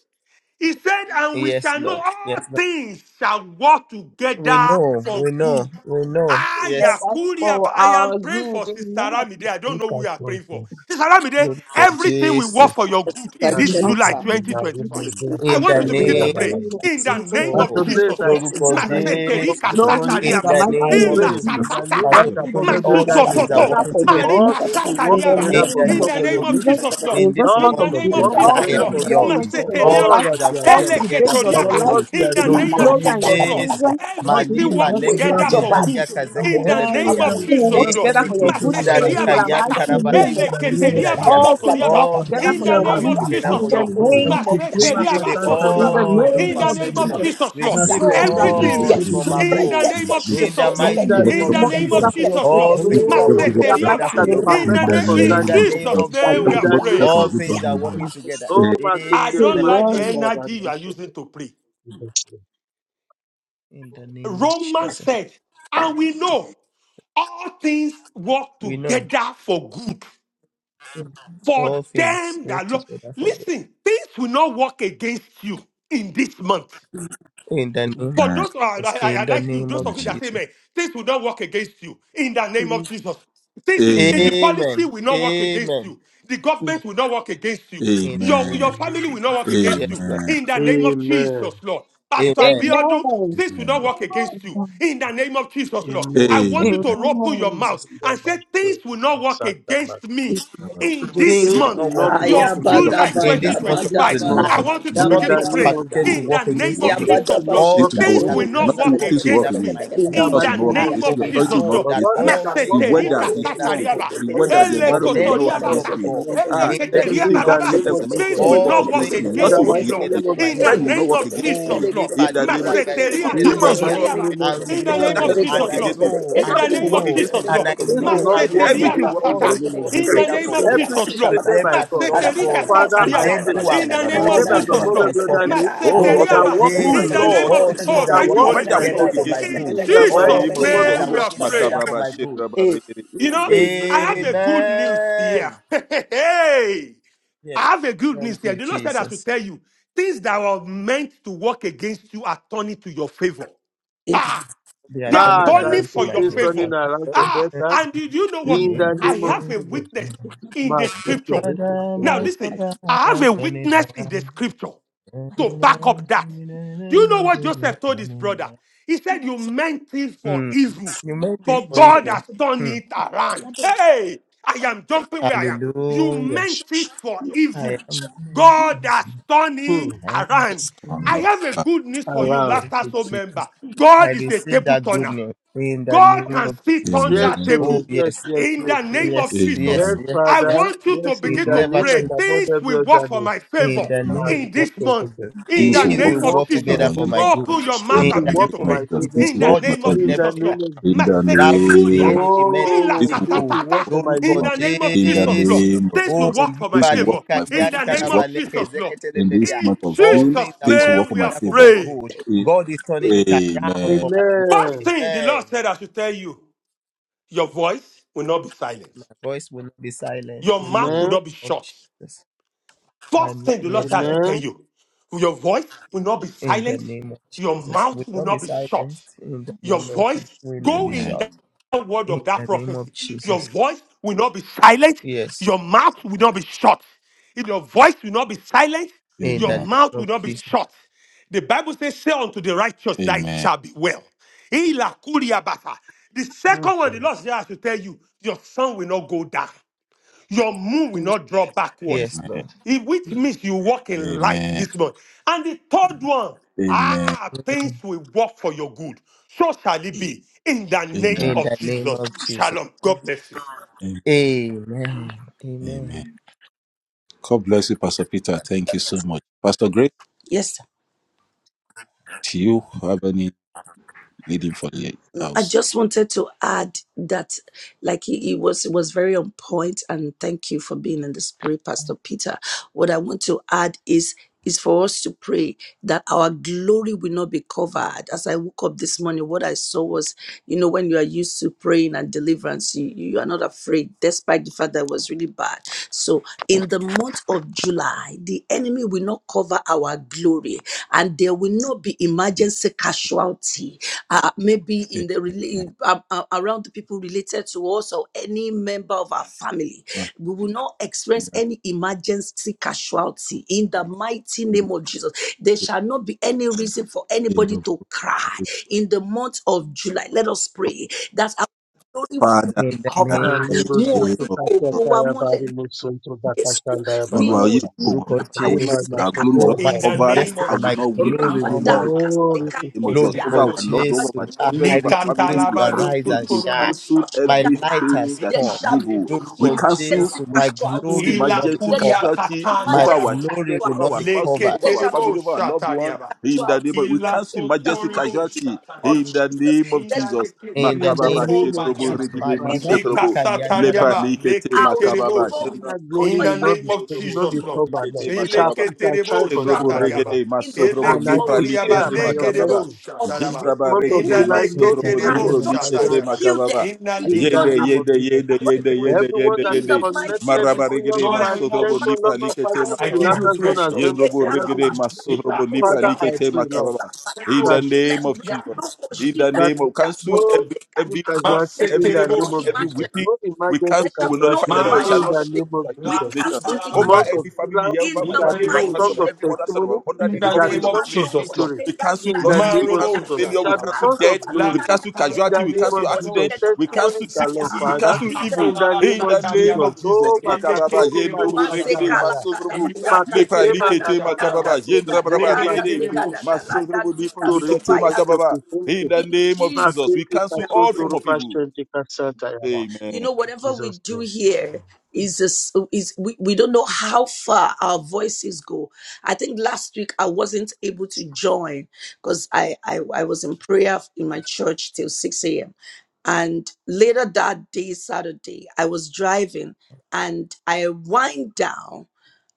He said, and we
Yes,
shall know
Lord.
all
Yes.
things shall work
We
together
know.
for
We know.
good.
We know.
Ah,
Yes.
Ever
Yakuria, but
for
I am
our
praying
good.
for Sister
Amen.
Ramide. I don't
Look
know who
at
you are praying for.
something.
Sister Ramide,
Lórúkọ
everything will
Jésù.
work
Thank you,
for your good in
Sister
In
this
the
That's a
mighty
July
Jennifer,
name
question
of
now.
Jesus,
In
2025.
the name
for
I
In
of
want
the
Jesus,
you
I
to
working
in
pray
begin
the
to
name
about
pray
of
all
name
of
of
in
Jesus.
the
Jesus,
that.
name
As
and
of
Oh,
the grace
Jesus,
I
Lord.
see that
Lord
faithful
I lift you up
Jesus.
Maseterika
this
Glory
morning,
In
in
Amen. Amen.
the
satariaba.
the
mighty
I
name of
name of
Ila
pray in
Jesus.
the
Jesus.
name
katatata.
that's
Pastor
Amen.
above
Lukunle,
Everything
every
will
all
work
other name
things are
Amen.
that
Masutototo.
together
working
for your
together
all
good
Marika
things will
in
work
the
satariaba.
in
together for
name
In
the
good
of
the
name
for your
name
of
of
Jesus.
lifting.
Jesus.
Jesus, Lord.
In
In
this
this
All
In
month
the
things
month
of
of
name of
July,
will work
all
Jesus,
July
through
together
and
the
Lord.
for
year
beyond,
good for
all
all
Maseteriaba,
2025,
that
things are
you
Rock,
have
all
working
through
done.
the days
together for
of
Or
your
your
for
eleketoriaba.
life,
what
good.
you
In
are
the
doing
you,
in
name
Lórúkọ
the
of
glory,
name
and
of
Jesus,
your
Lord.
Jesus.
Jésù,
children,
All things
Everything
you,
will
Màlípa
work
you
work
Pé
lẹ́kẹ̀
together
together
something
for
ìjọba
for
good
Zíndaríà
good.
nítorí
in
Kàzẹ́kẹ́
lọ́wọ́
In the
all
name
amú
Tẹ́lẹ̀bẹ̀ríà,
of
the
Amen.
yín
will
kúrò
Jesus,
work
must
lọ́nà
Lord.
together
ọ̀tá
for
Éleke
your
of
good
títà
your life.
tókò
in
Zíndaríkà
Maseteriaba
the mighty
sata,
tẹ́kẹ̀ lù
Yantaraba
Every in
name of
bẹ́tà
the
Líbùbù
name
Jesus.
pèsè
of
Amen.
eleketeriaba
Zíndaríà.
Jesus.
Amen.
All things
sotoriaba.
work
All
gàdàgàdàgàdà
together
In
things
for
Bacteria
the
are
your
name
working
good
of
àràpà
together
Jesus,
in
for
barilizante,
the
your
Lord.
tókò ṣe
good.
name of
gàdàgà
bactema
Receive
Jesus.
ṣe
the
Maseteriaba
gẹ̀dẹ̀
In
catantana
the
sotoriaba.
my
oil of
In
name
rilizante
the
of
ministry
name
will
of
not
brilhante,
Jesus.
perfection.
be
Jesus,
tied
Lord.
Receive
down
So
the
bacteria
shall
Everything
it
oil
be.
from
in the
above.
name
ìgẹ̀zúpẹ̀dẹ̀kẹ̀
of
you.
In
ṣoko
the
Jesus, Lord.
in
mighty
the
name
In
name
of
the
of
Work
name
Jesus.
together
of
Jesus,
for your
Jesus,
good
Lord.
all
glory.
things are
Oh,
working
In the
ṣẹ̀gẹ̀dúkẹ̀dúkẹ̀dúkẹ̀dúkẹ̀dà
mighty
everything
together
Maseteriaba.
can
for
be
your
name
good.
In the
ràpà
perfected
name,
ṣe
In
in
the
concerning you.
name
kàtókò
Jesus'
of
of
name,
Jesus.
we
In
Jesus,
are
the
dàgàdà
name
praying.
all
of
things are
Jesus.
zíàpàlà
working
kò sí
together.
Oh,
I
ìrẹ̀lẹ̀
bacteria
Amen.
don't like
ìrẹ̀lẹ̀
the
machanda
energy you are
barimusoto.
using to pray.
Jesus' name.
In the name of
Romans
Jesus,
said, and we know all things work
we know
together for good
all
for
things
them that love.
together for good.
Listen, things will not work against you in this month.
In the name of
For those, uh, I,
Jesus.
I, I
In the
like you,
name
those
of
of you that say,
Jesus.
man, things will not work against you in the name of Jesus. Things will, eh, the policy
Amen.
will not work against
Amen.
you. The government will not work against you.
In the
Your,
name
your
of
Amen.
family will not
Jesus.
work against
Yes,
you
Lord.
in the name of Jesus,
Amen.
Lord. Pastor
Amen.
Biodu,
Amen.
things will not work against you
Amen.
in the name of Jesus, Lord. I
Amen.
want you to open your
Amen.
mouth
In the
and say, things will not work
master,
against me
ìrẹ̀lẹ̀
in this
Things will
Things will
not
month
work
not work
of
against me.
against
July
me
This
In
month
this
of
in
month of
this
2025,
this month
month
I
of
July,
want you to
July,
in
begin
the
nothing
to
this is
is
not
name
pray
of
work
permitted
days.
to
in
Jesus.
the
work
Things you
name
against
work
of
me.
Things
Jesus,
will not
Lord.
All
Things
work
will not
Things
things
work
against
are
will
against
me
you.
not
beginning to
Nothing,
work
work
things will work
together
against
for
me
against
my
in
you.
the
good.
in
Laws
mighty
will
the
not work
name
Ah,
of
name
against
for
of
me.
we
Jesus.
Authority
Jesus,
will not
know
work
Lord.
But
that
against
all
me.
things
all
can
The
work
things work
together
weather,
Maseterika
the
for
together
good.
storm,
for
satariaba,
the
the
good
weather,
Even
the
when
of
environment will
them
this
not work
that
month
love
against
elekotoriabaka,
has
me.
God.
belong to
Ah,
me
In the name
in
everything
of
God
the
eleketeriabababa.
name
created
of
will
Jesus,
not it
Things
Jesus.
will
will work
all
not work
against me.
things
In
are
the
Nothing
against
will
working
work
mighty
me,
against
Lord.
together
me.
name
for
of
my
In the
Jesus.
Friend will not
good.
name
work
of
against
Oh,
Jesus,
me.
Lord.
In
yepa
the name
libra
of even
Maseteriaka
In the
demons will
gazegedeleberia.
not work
mighty
satariaba.
against
name of
me.
And we
In the
Jesus.
Angels of
name of
darkness
know,
will not
and
work
Jesus,
I
Lord.
against me.
know,
In
and
the
I
Nothing will
name
work
of
know,
against me
Jesus,
in this
and
Lord.
I
month of
Things
July.
will
know,
not
and
work
we know
Yabada
Everything
against
will
that
Maseteriaba
work
me
in
in
my
all
the
sata.
things
name
favor.
work
of
In
Jesus.
the
together
name
for
of
good
Jesus,
Everything
Lord.
to
created
them
by
that
God
love
Maseterika
God,
Father,
to
I
sakariaba.
them
pray,
who are
In the
in the
name
name
of
called
that is
Jesus,
according
above
to
Lord.
every
his
other name,
purpose.
it
Oh,
Lórúkọ
shall
Maseteriaba.
work in
whose
my
In
Jésù,
the
law
favor.
name of,
all
authority will not
It
oh,
things
work
are
shall
thank
against
you,
me?
work
working
Holy
in
Whether
my
will not
Spirit.
together
work
for
favor.
my
against me?
In
good.
In the
In the
mighty
Jesus'
All
name of
name of
things
name
are
Jesus.
Jesus.
we are
working
praying.
together for
Makababa,
my good.
shedraba, regede.
You know,
A-
I have a
Amen.
good news here.
Amen.
hey,
Yes,
I have a good news
thank you,
here. The Lord said I should
Jesus.
tell you things that were meant to work against you are turning to your favor. Ah,
They are
they are
turning
Ah, I
Amen.
can
turning
around for
for
see
my
your
things
good.
favor.
turning
They are
around for
turning
Ah,
around.
better.
and did you know what?
In
Amen.
the
I
name of
have a
Jesus.
witness in
Ma,
the
take care,
scripture.
repose
Father,
Now,
my
them.
listen,
lover, I
I have
am
a
turning
witness in the
around.
scripture to
Turning
back up that. Do you know what Joseph told his brother?
around.
He said, You meant it for
Hmm.
evil,
You meant it
but
for
God
evil.
has turned
Hmm.
it around. Hey, I am jumping where I am. You
Hallelujah.
meant it for
I
evil.
am blessed.
God has turned it
Hmm.
I am
around.
blessed.
I
Amen.
have a
Ah,
good news for
oh,
you,
Around.
Thank
Laughter
you,
Soul member.
Jesus. I
God is a
receive
table
that good
turner.
news in the
God
name
can
of
still turn
Jesus.
Yes,
that
Amen.
Oh
oh,
table
yes,
yes,
yes,
in
yes,
the
yes.
name of
yes,
Jesus.
yes,
Yes,
Amen.
yes,
I
yes.
Father.
want you to
Yes, in
It
begin
the
to
never
name that
pray.
took
Amen.
is above
Things
every
will work
other
for
name.
my favor
in the
Ma-
Ma,
name
in
of
this
repose in
month
them.
Jesus.
in
Things
the
Since
will
Things
you
name
work
will
for
of
work
work
for
my
Jesus.
my
together
favor in
for
this.
my
favor,
Open
good.
your
since
mouth
In
In
the
you
and
the
begin
work
to
for
name
name
of
pray
my
of
Jesus.
Jesus.
favor,
Things
in
will
the
work
God
for my
is
name
turning
of
favor in
In
this.
the
Jesus,
everything
Lord.
name
around.
of
In the
Jesus.
that which the
name
Masetekuliaba,
enemy meant for
This
Oh,
will
thank
work
you,
evil.
work
ilakatatata,
for
for my
In
Lórúkọ
my favor
the
lifting.
name of
in the
Jesus, Lord.
Jésù.
name of
Things
Oh,
will
Jesus.
work for my
Things will work
favor
for
Yibalika
my
in
favor.
the
Things
name
will work
of
for my
Yantanabaleke
Jesus,
favor.
Lord.
In this
Zeketelebedia.
In
month of
All
June,
Jesus'
things are
things will
working
work
name,
for
we
my
are
together for
favor.
my
praying.
good.
In-
God is turning it around
Amen.
for my
First
good.
Amen.
thing the Lord
Amen.
said, I should tell you. Your voice will not be silent.
My voice will not be silent
Your mouth
in
will
the
Amen.
not be
name of
shut.
Jesus. My
First
no-
thing the Lord
yes,
said I
Lord.
tell
Amen.
you, your voice will not be
In the
silent,
name of
your
Jesus. Will
mouth will
not be
not be shut.
silenced in the
Your
name of
voice,
Jesus. Will not
go
be
Amen.
in
shut.
that word
In
of that
the name of
prophecy. Your
Jesus.
voice will not be silent,
Yes.
your mouth will not be shut. If your voice will not be silent,
In
your
the
Amen.
name
mouth
of
will not be
Jesus.
shut. The Bible says, Say unto the righteous that it
Amen. Amen.
shall be well. Ila kuriabata. The
Yes,
second
sir.
one, the Lord said I tell you, your son will not go down your moon will not draw backward,
Yes,
Amen.
Lord.
It- which means you walk in light
Amen.
this month. And the third one,
Amen.
ah, things will work for your good. So shall it be in the name
Amen.
In
of
the name of
Jesus.
Jesus.
Shalom. God bless you.
Amen.
Amen.
Amen.
God bless you, Pastor Peter. Thank you so much. Pastor Greg,
Yes,
do you have any leading for the
No, I
house?
just wanted to add that, like he, he was he was very on point, and thank you for being in the spirit, Pastor Peter. What I want to add is is for us to pray that our glory will not be covered. As I woke up this morning, what I saw was, you know, when you are used to praying and deliverance, you, you are not afraid, despite the fact that it was really bad. So in the month of July, the enemy will not cover our glory, and there will not be emergency casualty uh, maybe in the rela- uh, uh, around the people related to us or any member of our family. We will not experience any emergency casualty in the mighty name of Jesus. There shall not be any reason for anybody
Amen.
to cry in the month of July. Let us pray that our glory will not
Father,
be
In the
in
name
And
covered.
of
the
labor so
Wọn ò
name
Jesus.
to
ní
of
kó
Katia
Jesus.
ògo wa mọ́lẹ̀
Tayabari Mutsun to
Yesu
Bakashan
nínú
Diababa.
Oluwaye
oṣù
Odubogun,
Lórúkọ
July
Father, we
Rima
pray
Jésù.
that our glory
Mashoko
will
Oh,
to
not be
my
Zekatoka
In the
covered.
Mashoko.
name
Sekaya
I
destiny,
of
will
my
Jesus.
not weep, will
glory
not
will not
mourn
be.
Rabadaka
Oh, this is
name of
so
Jesus,
good.
Sekatoya
over
Lórúkọ
our
Masatalabaliketerebo.
loved,
our
over
Jésù.
our
I,
glory
children,
I
will
over
not be
our
receive
family.
grace
We
to
covered
arise
forbid,
and
we
shine.
Likatalabalokotorobo
cancel
shaka.
My
Oshegaya
light
everything
has
that
there
is
come.
shall be
evil.
no
Likaterebo
We
Lórúkọ
cancel,
shakayama.
emergency
Jésù.
we
My
casualty
cancel
glory will not be
emergency
there shall
Ilakuria
covered.
be
casualty
no
My
over
emergency
our
katandaraba.
glory
children,
will
over
not
our
be
casualty
spouses,
covered.
over
there
our
shall be
family,
no
Leketerebo
over our loved one.
shatariaba.
In the
casualty
name of, we
Ila
cancel emergency
kotorebo
casualty in
shatariaba.
the name of
Inda
Jesus.
In the
In
leketere
the
Makababa
name of
name of
Shendrobo
Jesus.
Jesus,
kotomariaba.
Regide
Father,
Malipo
Lika
Masotrobo
lika yanda da
Lepa
ba-
satariaba.
Likete
Leketerebo
Makababa
sha.
Shendrabo
that
In
glory will
the
not be
name of
will not be
Jesus,
Lepa
Lord.
covered. Lord.
Likete
We shall
Makababa
we shall try
Eleketerebo
Jendrobo
continually. Lord.
shatariaba.
regede masotrobo
And I
lipra
In
Eleketoriaba
declare
likete
by your
makababa.
legerebo
mercy, in
shataraba.
this
Jendraba
month of
regede
Inda
July, no
the
masotrobo
leketerebo
lipro
name of
emergency
Jesus.
likete
shatariaba.
casualty
makababa.
Inda
in the
Yende
Malika
likata.
name of
yende
Jesus.
yende
Thank you,
yende
ebe-
Holy
For
yende
Spirit.
everyone
yende
that
Thank
is
yende.
you, Jesus.
connected with
Maraba
me, Lord,
regede
Lord,
by
I
masotrobo
extension,
worship you.
lipra
Lord.
Lord,
likete
Father,
I
even the
give
makababa.
you
latter zone,
praise,
as
Lord.
Yendrobo
well,
regede masotrobo lipra
Father, I
likete
pray, Lord,
makababa. In
that.
the name of
Ya.
Jesus. In the
that
name of cancel
no
every
rich
every mourning,
casualty in
every
the
crying,
name
Maseterebosha.
of
every
Jesus.
weeping.
No
We
emergency
cancel, we
casualty,
nullify the name.
Lord,
It shall
in
not
the
Marabasha.
stand
name of
against you,
Jesus. In
machinations
this
over
month
Lakatalabasha.
of
any
July,
family here, over
it
my
In
shall
the
family,
name
be
over the family
songs
of
of
everyone that's sort of
testimony.
under
In
the
the
It
the
shall
name
be
coverage
name
of this
of
songs
ministry.
of
Jesus, Lord.
victory
We cancel
in the
losses, we
name of
cancel
Jesus.
Marobosha
It
failure, we
shall be
talaba.
cancel
songs of
death, we
glory
cancel
in
Lakatalaba
the
casualty, we
name
cancel
of Jesus.
accident,
legerebosha
we
Testimony
talaba.
cancel
galore,
sicknesses, we
Father,
of
cancel evil.
in the
Ilakatalaba
name
In
of
the name
shatariaba.
Jesus.
of Jesus.
Oh,
Makababa,
Makatoru
Yendrubu,
Eleketerebosha
Regede,
talaba.
Badikashandaya.
Masodrubu,
Ekalagadabaya
Lepra,
Makete
Likete,
Ilaketerebosha
Makasanta
Segadadayaka
Makababa,
talaba.
Makote
Yendrabraba,
Segadayaka
Regede,
Basende.
Legerebosha.
Segadagalaga
Masodrubu,
Zika
Lepra,
To
Likete,
represent
Sobayaka
your
Makababa.
people.
In the
In
name of
Jesus
Jesus, we
Masete
name we
cancel
are
all
kasonto
praying
form of
rupa
evil.
shente kasanta yaba.
you
Amen.
know
In
whatever we
Jesus'
do
name.
here is this is we, we don't know how far our voices go i think last week i wasn't able to join because I, I i was in prayer in my church till 6 a.m and later that day saturday i was driving and i wind down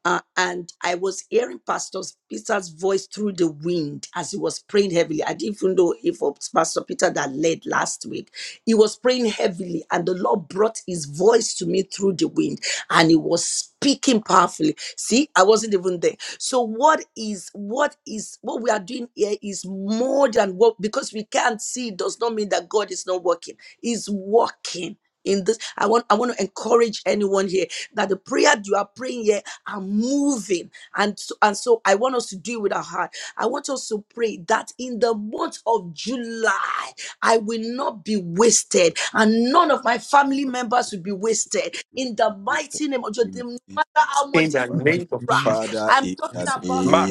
uh, and I was hearing Pastor Peter's voice through the wind as he was praying heavily. I didn't even know if it was Pastor Peter that led last week. He was praying heavily, and the Lord brought his voice to me through the wind, and he was speaking powerfully. See, I wasn't even there. So, what is what is what we are doing here is more than what because we can't see does not mean that God is not working.
In the name of Jesus.
Father, in the
Jesus.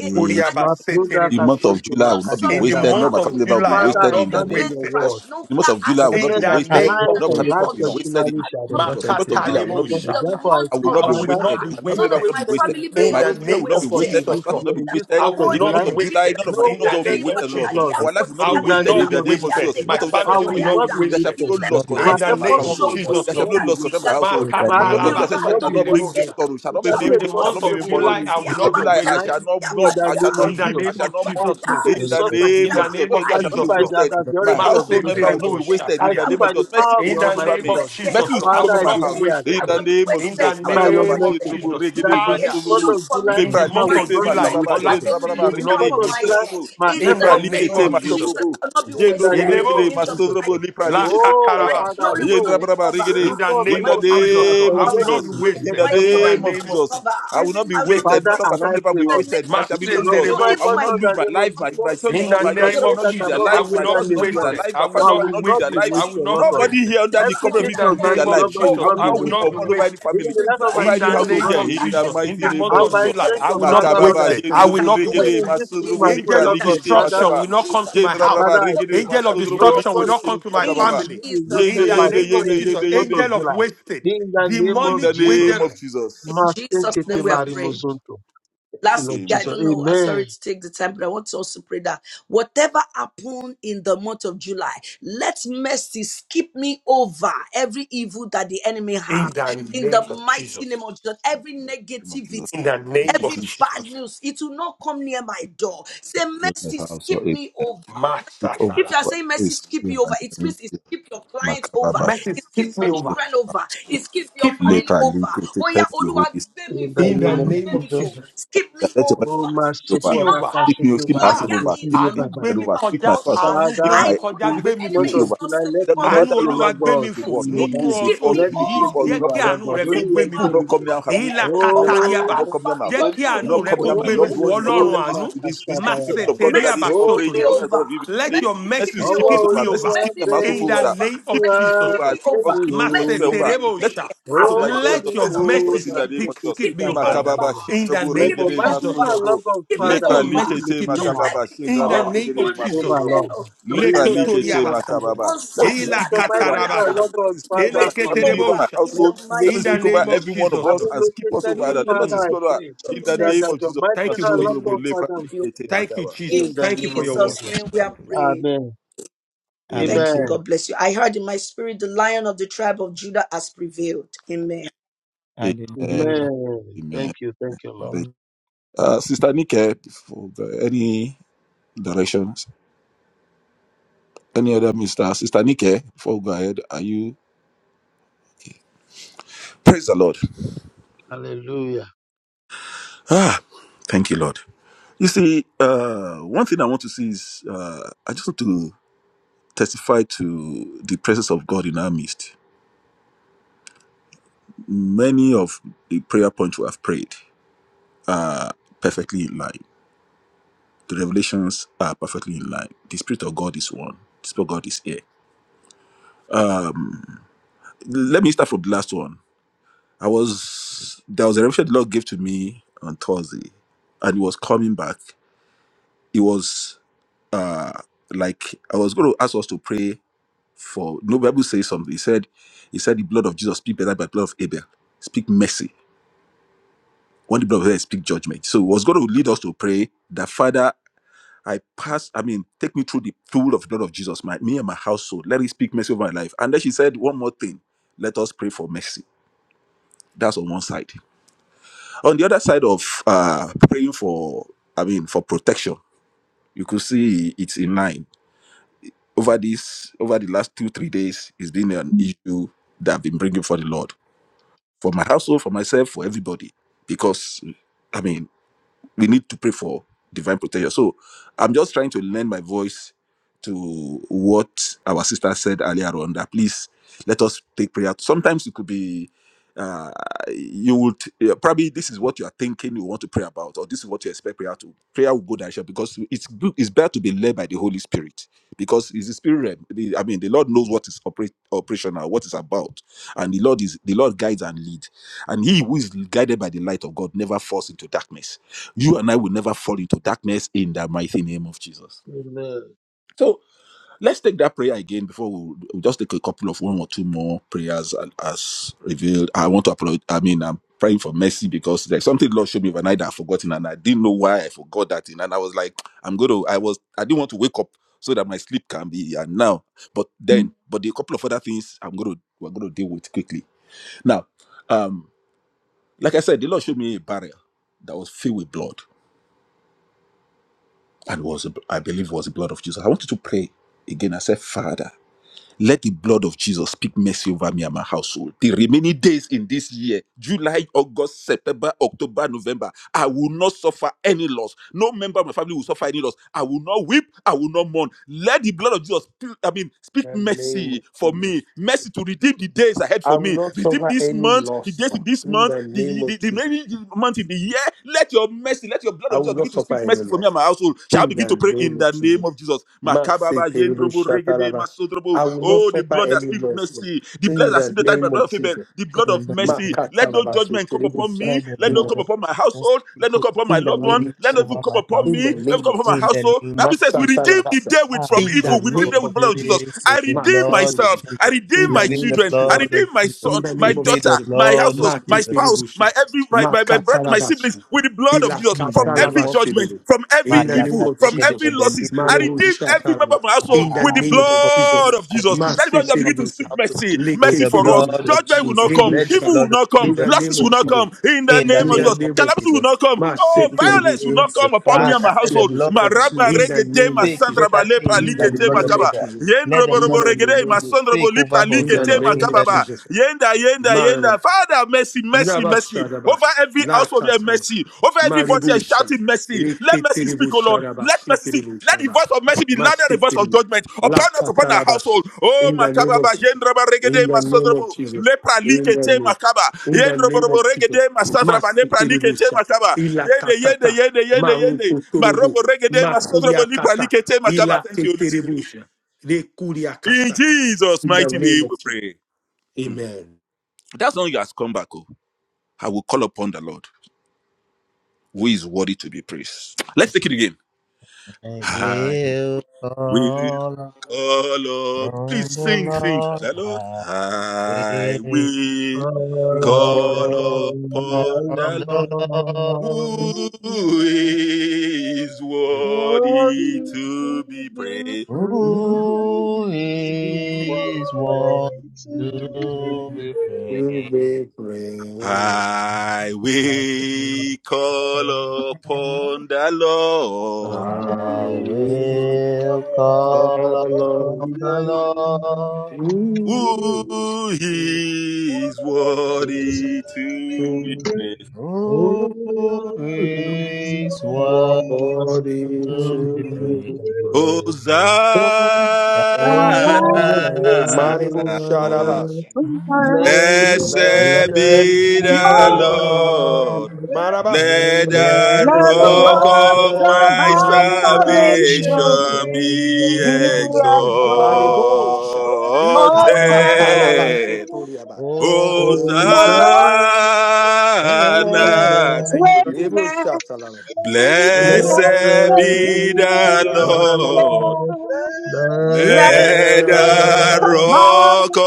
name,
Matunda
the month of
kasonto
July will not be
In the
wasted.
makashandama.
No, my
month of
family member will be
July, I
Father,
will
I
wasted in
not be
the
stand on
name of
your
wasted.
Jesus.
word
The month of July will
that
not
In
be
said
the
that
Ah,
wasted.
name
Lord
life
of
No, my
and
God,
family member
life
Jesus,
will be
Lord.
wasted in the
continually shall
name
the
of
be.
month
Jesus. The
of
month of
July,
My
July will not be
portion.
wasted.
And
Makataleboshata.
therefore I
I
say,
will not
I
be
will
Father,
not
wasted.
be
My family
no
member
wasted.
will not be
wasted
wasted.
no
In
My
the
children
wasted
will
name
not be
of
effort
wasted.
in
My
this
Jesus,
spouse
Lord.
will
year,
not be
in this
wasted.
I
month
will
of
In the
not
July
be
month of July,
wasted.
none of my
No
In
loved ones
the
will be
wasted
name of
wasted,
effort,
Lord.
Jesus.
Lord,
the
Our life will not
I
be
in
the-
will
the
wasted
not
in
name
be
the
of
name of
Jesus.
wasted.
Jesus. In the
My
month of July, there
I
family
shall
will
be
will
not
no
be
not be
there shall be
wasted.
no
wasted.
the
loss
Lord be
My
In
concerning
with
me
the
and my
name
effort
you.
will
of
household.
not
Not
go,
Jesus,
There
will
shall
Lord.
be
not
no
be
loss concerning my
wasted.
household.
through the
My
In the
name
month of
activity
of
July, I said, "Father,
will not
shall
be
not bring me
Makatalabasheterebosha.
wasted.
sorrow, shall
It
not bring
shall
the
me
be
In
a
the
pain, shall not
month
bring
of
me
profitable
mourning.
one
July,
In
in
I
this
will
the month
month
not
of
be
of
July, I
July,
wasted.
shall not
in
mourn,
the
I shall
name
not
In
of
the
weep,
Jesus.
I
name
shall
of
not
I
mourn.
Jesus,
speak
Lord.
In
to the
Lord
the
source
God,
of the
In
name of
the
day.
Jesus, In the
name
month of
of
July, I
I
shall not
see
be
Jesus,
by
Lord.
the,
wasted.
the
as the
Lord
My
oracle of the
household
Most
have done
member will
High
not be
Maseterebo
God.
wasted.
I
In the
see
shakariama.
name of
by
Jesus,
the
mercy
power of
will
the
In
speak
the
over
name
Almighty
me.
of
God.
Mercy
Jesus,
will
Lord, I
speak over
will
Father, I
my
not be
house. In
wasted.
declare
the name of
In the
Jesus,
by your
Makababa,
name of
mercy
Jendrubu,
Jesus,
that
Regede,
in this
Father,
month
Masundrubu,
of July,
in
in
the
Lepra,
I
month
will
of
Likete,
not be
July,
Makababa,
wasted.
Olabisi, you
Jendrabraba,
In
will
this
not be
Regede,
month of
wasted.
July,
Masundrubu,
my
In
Lepra,
the
efforts will
name
not
Likete,
be
of Jesus,
wasted.
Makabubu,
In the
Jendrubu,
name of
Regede,
Elebosha,
Jesus.
Masundrubu, Lepra, Likete,
Oh,
Makaba,
Father,
Lakatarabasha.
I
the
know
Jendrabraba,
even
Regede.
In the
some,
In
name
the
of
even
Jesus,
animals,
Lord,
name
I
of
will
engage
not be
in
Jesus,
in the
in
wasted
the
wasted.
name of
In
effort.
the
name of
name of
Jesus, I will not be
Leke,
wasted.
Father,
None of my
and
family
I
member will
say,
be
Lord,
wasted. There shall
it
be
should
no
not be
loss.
my
I will
Maseterebosha,
not
portion in the
lose my
name of
life. My,
Jesus.
my son will
In
not,
the
In
my,
the
my
name
children
name
of
will not
that's
lose their
Jesus,
above
I
lives.
every
will
My
other
not be
spouse will
name,
not lose their
Lord,
wasted.
life. My
I will
family
I
member
not
will
be
will
not lose
not
their
be
wasted.
life.
I will
wasted,
not
Lord
be
God.
Nobody
wasted.
here under the cover of
Everything
In
this
the
will lose
name
their
concerning me,
of
life.
Lord God,
No,
will
I
Jesus,
not
will
I
be
not
will
weep
not
or
be
wasted.
mourn over any
wasted.
Even
family,
the life of my
over
In
any
the
children
household
will
name
here.
not be
of
In the
Jesus,
wasted.
in
mighty
the
name
month
And
of
of
by
Jesus.
July, I
extension,
will not be
Father, Lord,
Makababa,
I
wasted.
pray.
I will
Jendrobo,
not be
Even
Regede,
in
wasted.
this room
Masodrobo,
as well,
Angel
Lipra,
of
Lord God,
Likete,
Father,
destruction
Makaba.
will not come to my house.
Jendrabraba,
Father, I
Regede,
pray.
Angel of
Masodrobo,
destruction
Lipro,
will not
Likete,
Nobody
come
will,
to my
will, will
Makababa.
will
family.
live a
Yende,
In
wasted
the
life,
yende,
name
even
of
in
yende,
this
Jesus,
yende,
month of
yende.
angel of
July.
wasted,
In the name
In
of
demonic
the
Jesus.
name
angel.
of Jesus.
Master Kete
Thank you, Holy Spirit.
Marimuzunto you, Lord
Amen. In
Jesus.
the
Amen.
In the name of Jesus.
name of Jesus.
In the
If
name of Jesus.
it is your house or a
Master
pick over
Salaba.
over a spirit and Makababa.
Mercy, skip me over. Skip me
Lepra, Likete. Thank you, Holy
In the
Thank
In
you,
the
name of
Holy
name
Spirit.
of
Jesus.
Jesus. Skip
That let your message
Oh, my
be over.
me
support,
over.
I
Speak
should
me,
do
speak
my
my
Ah,
household
castle to
over. Speak
you,
my
àánú
Baba.
gbé
children
mi
over. Speak
kọjá,
my spouse over.
àánú gbé
Speak
Father,
mi
my
kọjá,
in
speak
gbé
this
mi
month
fò.
ministry
of
over.
July, let
That no
mercy,
matter
àánú
if
olúwa
Lord
gbé mi
God,
the
take
fò
world.
me
Not
over.
nínú
who
ọ-
before me,
Let
oṣù
it take
yìí
before
me
jẹ́
not
over,
kí
before
Lord
àánú
my
God.
rẹ kó
Only
family.
gbé
your
mi
Who
fò
will not come near
benefit.
me,
èyí
you
la
not come near my family, you
katariaba
Oh,
not come near my
jẹ́
home,
kí
you
àánú
not
rẹ
come
kó
near
oh,
my
gbé mi
loved
fò
one,
benefit,
you not come
ọlọ́run
oh,
near this
àánú
my
this this the people
Kashadayaba.
of God under
maseteriaba
this
Oh,
coverage,
sotoriaba
under God of you
benefit,
let
say,
your
mercy will
mercy
oh,
skip us
skip
wow,
me
over, mercy will
over
you
skip
are
them also
there.
in
for
the
over.
name
Skip
of
this
jesus
over,
lord
skip us, skip
You
your children
are
over.
there.
Let
maseterebosha
also
Oh,
by the way,
let
just
baby,
let
your
us speak for
oh,
mercy
us in
my
the name of
skip,
safety,
Jesus.
skip me
that
over
child,
lord
Makababa
in the
Shindrabu
Let
name
your
of
Regede
mighty
jesus
and
lord
love
Masundrabu.
of Father
let your
Lepra
let it
mercy
lift
Likete
skip
me
me over
high.
Makababa
in the
Shindraba
Let it
name
take
of
Regede
me over,
jesus lord
Masundrabu.
Lord.
Lepra
In the name
likete
of
lekotoriabasa
Jesus.
makababa. Let us
Let
Ila
speak
your
it over.
mighty and
Let
katarabasha.
love of
us speak over
Ele
Father
my
find
family,
me.
over my
keterebosha.
Let
household.
it
Let
In
us
the
locate
speak over
name
me.
of
every one of
Jesus,
us
Having
Lord.
and skip us
located
over.
me,
others. Let us
Father,
Mm.
I
speak over
pray
in the
that,
name
that
of
your
Jesus.
mighty
Thank
and
you, Holy
love
Masorobo
of
Spirit.
lepra
Father will take me
likete
Thank you,
makaba.
over. In
Jesus.
the
Thank you
name
for
of
your
In
word.
Jesus'
Jesus.
name we have prayed.
Amen.
Amen.
Thank you.
Amen.
Amen.
God bless you. I heard in my spirit the lion of the tribe of Judah has prevailed. Amen.
Amen.
Hallelujah.
Amen.
Amen.
Thank you. Thank you, Lord.
Thank you. Uh, Sister Nike, before we go, any directions, any other minister? Sister Nike, before we go ahead, are you? Praise the Lord.
Hallelujah.
Ah, thank you, Lord. You see, uh, one thing I want to see is uh, I just want to testify to the presence of God in our midst. Many of the prayer points we have prayed are perfectly in line. The revelations are perfectly in line. The Spirit of God is one. The Spirit of God is here. Um, let me start from the last one. I was there was a revelation the Lord gave to me on Thursday, and it was coming back. It was uh like I was going to ask us to pray for. No Bible says something. He said, he said the blood of Jesus speak better than the blood of Abel. Speak mercy when the blood of Christ speak judgment. So it was going to lead us to pray that Father, I pass, I mean, take me through the pool of the blood of Jesus, my me and my household. Let it speak mercy over my life. And then she said one more thing. Let us pray for mercy. That's on one side. On the other side of uh praying for, I mean, for protection, you could see it's in line. Over this, over the last two, three days, it's been an issue that I've been bringing for the Lord, for my household, for myself, for everybody. Because, I mean, we need to pray for divine protection. So I'm just trying to lend my voice to what our sister said earlier on that please let us take prayer. Sometimes it could be uh, you would yeah, probably this is what you are thinking you want to pray about, or this is what you expect prayer to. Prayer will go direction because it's good, it's better to be led by the Holy Spirit because it's the spirit. realm. The- I mean, the Lord knows what is operate, operational, what is about, and the Lord is the Lord guides and leads. And he who is guided by the light of God never falls into darkness. You and I will never fall into darkness in the mighty name of Jesus.
Amen.
So let's take that prayer again before we we'll just take a couple of one or two more prayers and as revealed. I want to applaud. I mean, I'm praying for mercy because there's something Lord showed me overnight that I've forgotten and I didn't know why I forgot that thing. And I was like, I'm going to, I was, I didn't want to wake up so that my sleep can be and now. But then, but the couple of other things I'm going to, we're going to deal with quickly. Now, um, like I said, the Lord showed me a barrier that was filled with blood. and was I believe was the blood of Jesus. I wanted to pray again. I said, Father, let the blood of Jesus speak mercy over me and my household. The remaining days in this year, July, August, September, October, November. I will not suffer any loss. No member of my family will suffer any loss. I will not weep. I will not mourn. Let the blood of Jesus, sp- I mean, speak
In the name
mercy
of
for me.
Jesus.
Mercy to redeem the days ahead
I
for
will
me.
not
Redeem
suffer
this
any
month, the
loss.
days
Lord.
in this
In
month,
the name
the,
of
the, the
Jesus.
remaining month in the year. Let your mercy, let your blood
I
of Jesus
will not
begin to
suffer
speak
any
mercy for me and my
loss.
household. Shall I
In
begin
the
to pray in
name of
the name
Jesus.
of Jesus?
Man, say
Makababa,
terrible
Yendrobo, Regede,
shataraba.
Masodrobo.
I will not
Oh, the
suffer
blood that
any
speaks
loss,
mercy
Lord.
mercy, the blood
In
that
the
simply touched by the
name
blood
of
of Abel,
Jesus.
the blood
In
of
the name
mercy.
of
Let no
Makataraba,
Jesus.
judgment come
terrible
upon me.
Let the
Let no
shat.
blood
come
of
upon my
Jesus
household.
speak
Let no
it
come upon my
In the
loved
over
one.
me,
name of
Let no evil
over
Jesus.
come
my
upon
In the
me.
household.
Let no
name
come
of
upon my
In
Jesus.
the
household.
name of
Bible says, we
Masata
Jesus.
redeem the
Labasa.
day with from
In
Ah,
the
Lord
evil. We redeem
name
God,
them with
of
the blood of Jesus.
Jesus.
Jesus,
I
the
redeem
blood of
myself.
Maseterebo.
I
Jesus.
redeem
In
We
the
my
plead
name
the
of
children. I
Jesus.
blood
redeem
of
my
Jesus.
son,
In the
my
We
name of
plead
daughter,
the
Jesus.
my
blood of
household, my
Jesus.
spouse, my
Maketerebusha.
every my my, my brother, my siblings
Makatalabasha.
with the blood of Jesus
In the
from every
name of
judgment,
Ilakatalabashterele.
from every
In the
evil
Mayaka
evil,
name of
from
Zegedele
every
Jesus.
losses.
Belito
I redeem
Kuzika.
Marebusha
every member
Talaba.
of my household
In the
with the
name
Lord,
of Jesus.
this
blood of
I
Jesus.
redeem
That is why
the
I
member of
begin to speak
Maseterebusha.
my household
mercy.
with
Mercy
the
for us.
blood
Leketerebusha.
of
Judgment will not
Jesus.
come.
Let the
Rebusha.
Evil will
blood of
not come.
In
Jesus
the name
speak
Losses will
of
for
not
her.
Jesus.
come. In the
In the
name
In
of
the
name
Jesus.
of
name of
Calamity will
Jesus.
Jesus.
not come.
Lord
Oh,
God,
violence will
Maseterebushe.
not
Jesus,
come upon me and
Father,
my
let the
household.
blood
Maseterebushe.
Ma
of
raba
In
Jesus
the
regede,
name
ma
of
speak
Jesus.
santra ba
better
lepra
things
In the
than the
likete
blood
ma
of
name of
kaba.
Abel.
Jesus.
Yen
Let the
robo
In
robo
blood of
the name
regede,
of
ma
Jesus
Jesus.
sandra bo
speak over
lipra
In
us, O
the
likete
Lord.
ma
In
name of
the name
ba.
Jesus.
Yenda, yenda,
Marama.
yenda. Father, mercy, mercy, mercy.
Nabashadaba.
Over every household here, mercy. Over every voice here
Maribusha,
shouting mercy. Let mercy speak, O Lord.
Reketeribusharaba,
Let mercy speak. Let the
Sheteribusharaba,
voice of mercy be louder than the voice of
Masekeribu,
judgment
La
upon us, upon our
Catalabash.
household. Oh,
In the name
Makaba,
of
Yendraba,
in
Regede,
the name of
Masodrabo,
Jesus.
Lepra,
In the
Likete,
name.
Makaba,
In the name
Yendrobo,
of Jesus.
Regede, Masadraba, Lepra, Likete,
Masekeribusha.
Makaba,
Ila
Yende, Yende,
Katata.
Yende, Yende, Yende,
Marukotorobo.
Marobo, Regede, Masodrabo, Lepra,
kata,
Likete, Makaba.
Ila
Thank you, Holy Spirit.
Keteribusha.
In
Rekuriakasata.
Jesus'
In the
mighty
name
name we
of Jesus.
pray. Hmm.
Amen.
That's all you has come back, oh. I will call upon the Lord. who is worthy to be praised. Let's take it again.
I
I
will
will
call
call up.
upon
Please
the
sing, sing.
Lord.
The Lord.
I
I
will
will
What is
We
call
call
call
upon
from
the
the Lord
who is worthy
to
to be
be
praised.
praised?
Worthy to
who
What is
be
to
praised.
is
Worthy
one
to be
To
be
to be
praised?
praised.
be
I
praised,
I
need
will call upon the Lord
I
I will
will
call
call on
upon the Lord
you.
who is worthy to be
praised.
praised.
who
Holy worthy to
is one
Worthy
Body
to be
be
to
praised.
be praised.
praised. O God,
And
Hosanna.
Maribu Shadabas.
Blessed
to
Blessed
be
Blessed
Blessed
be
be
be
be
the
the
the
praised.
your
Lord.
Lord.
Lord,
Lord.
Marabash.
Let the
let the
Let the
rock
rock
Blessed
Rock
of
words
of
of
of
of
my
Salvation
our
my
my
salvation
salvation
salvation
salvation.
be
be
be
reigns.
exalted.
exalted.
Maribosha,
exalted.
Likatatarabasotoliaba.
oh,
Oh,
The
Hosanna.
Hosanna.
Thank you, Holy Spirit.
Lord's
Ibosha Salama.
Let
Blessed
Blessed
the be
Blessed be
be the
be
the
Lord.
God,
Lord.
Lord.
Let
Let
let
Let
the
the
the
rock
wherever
my
rock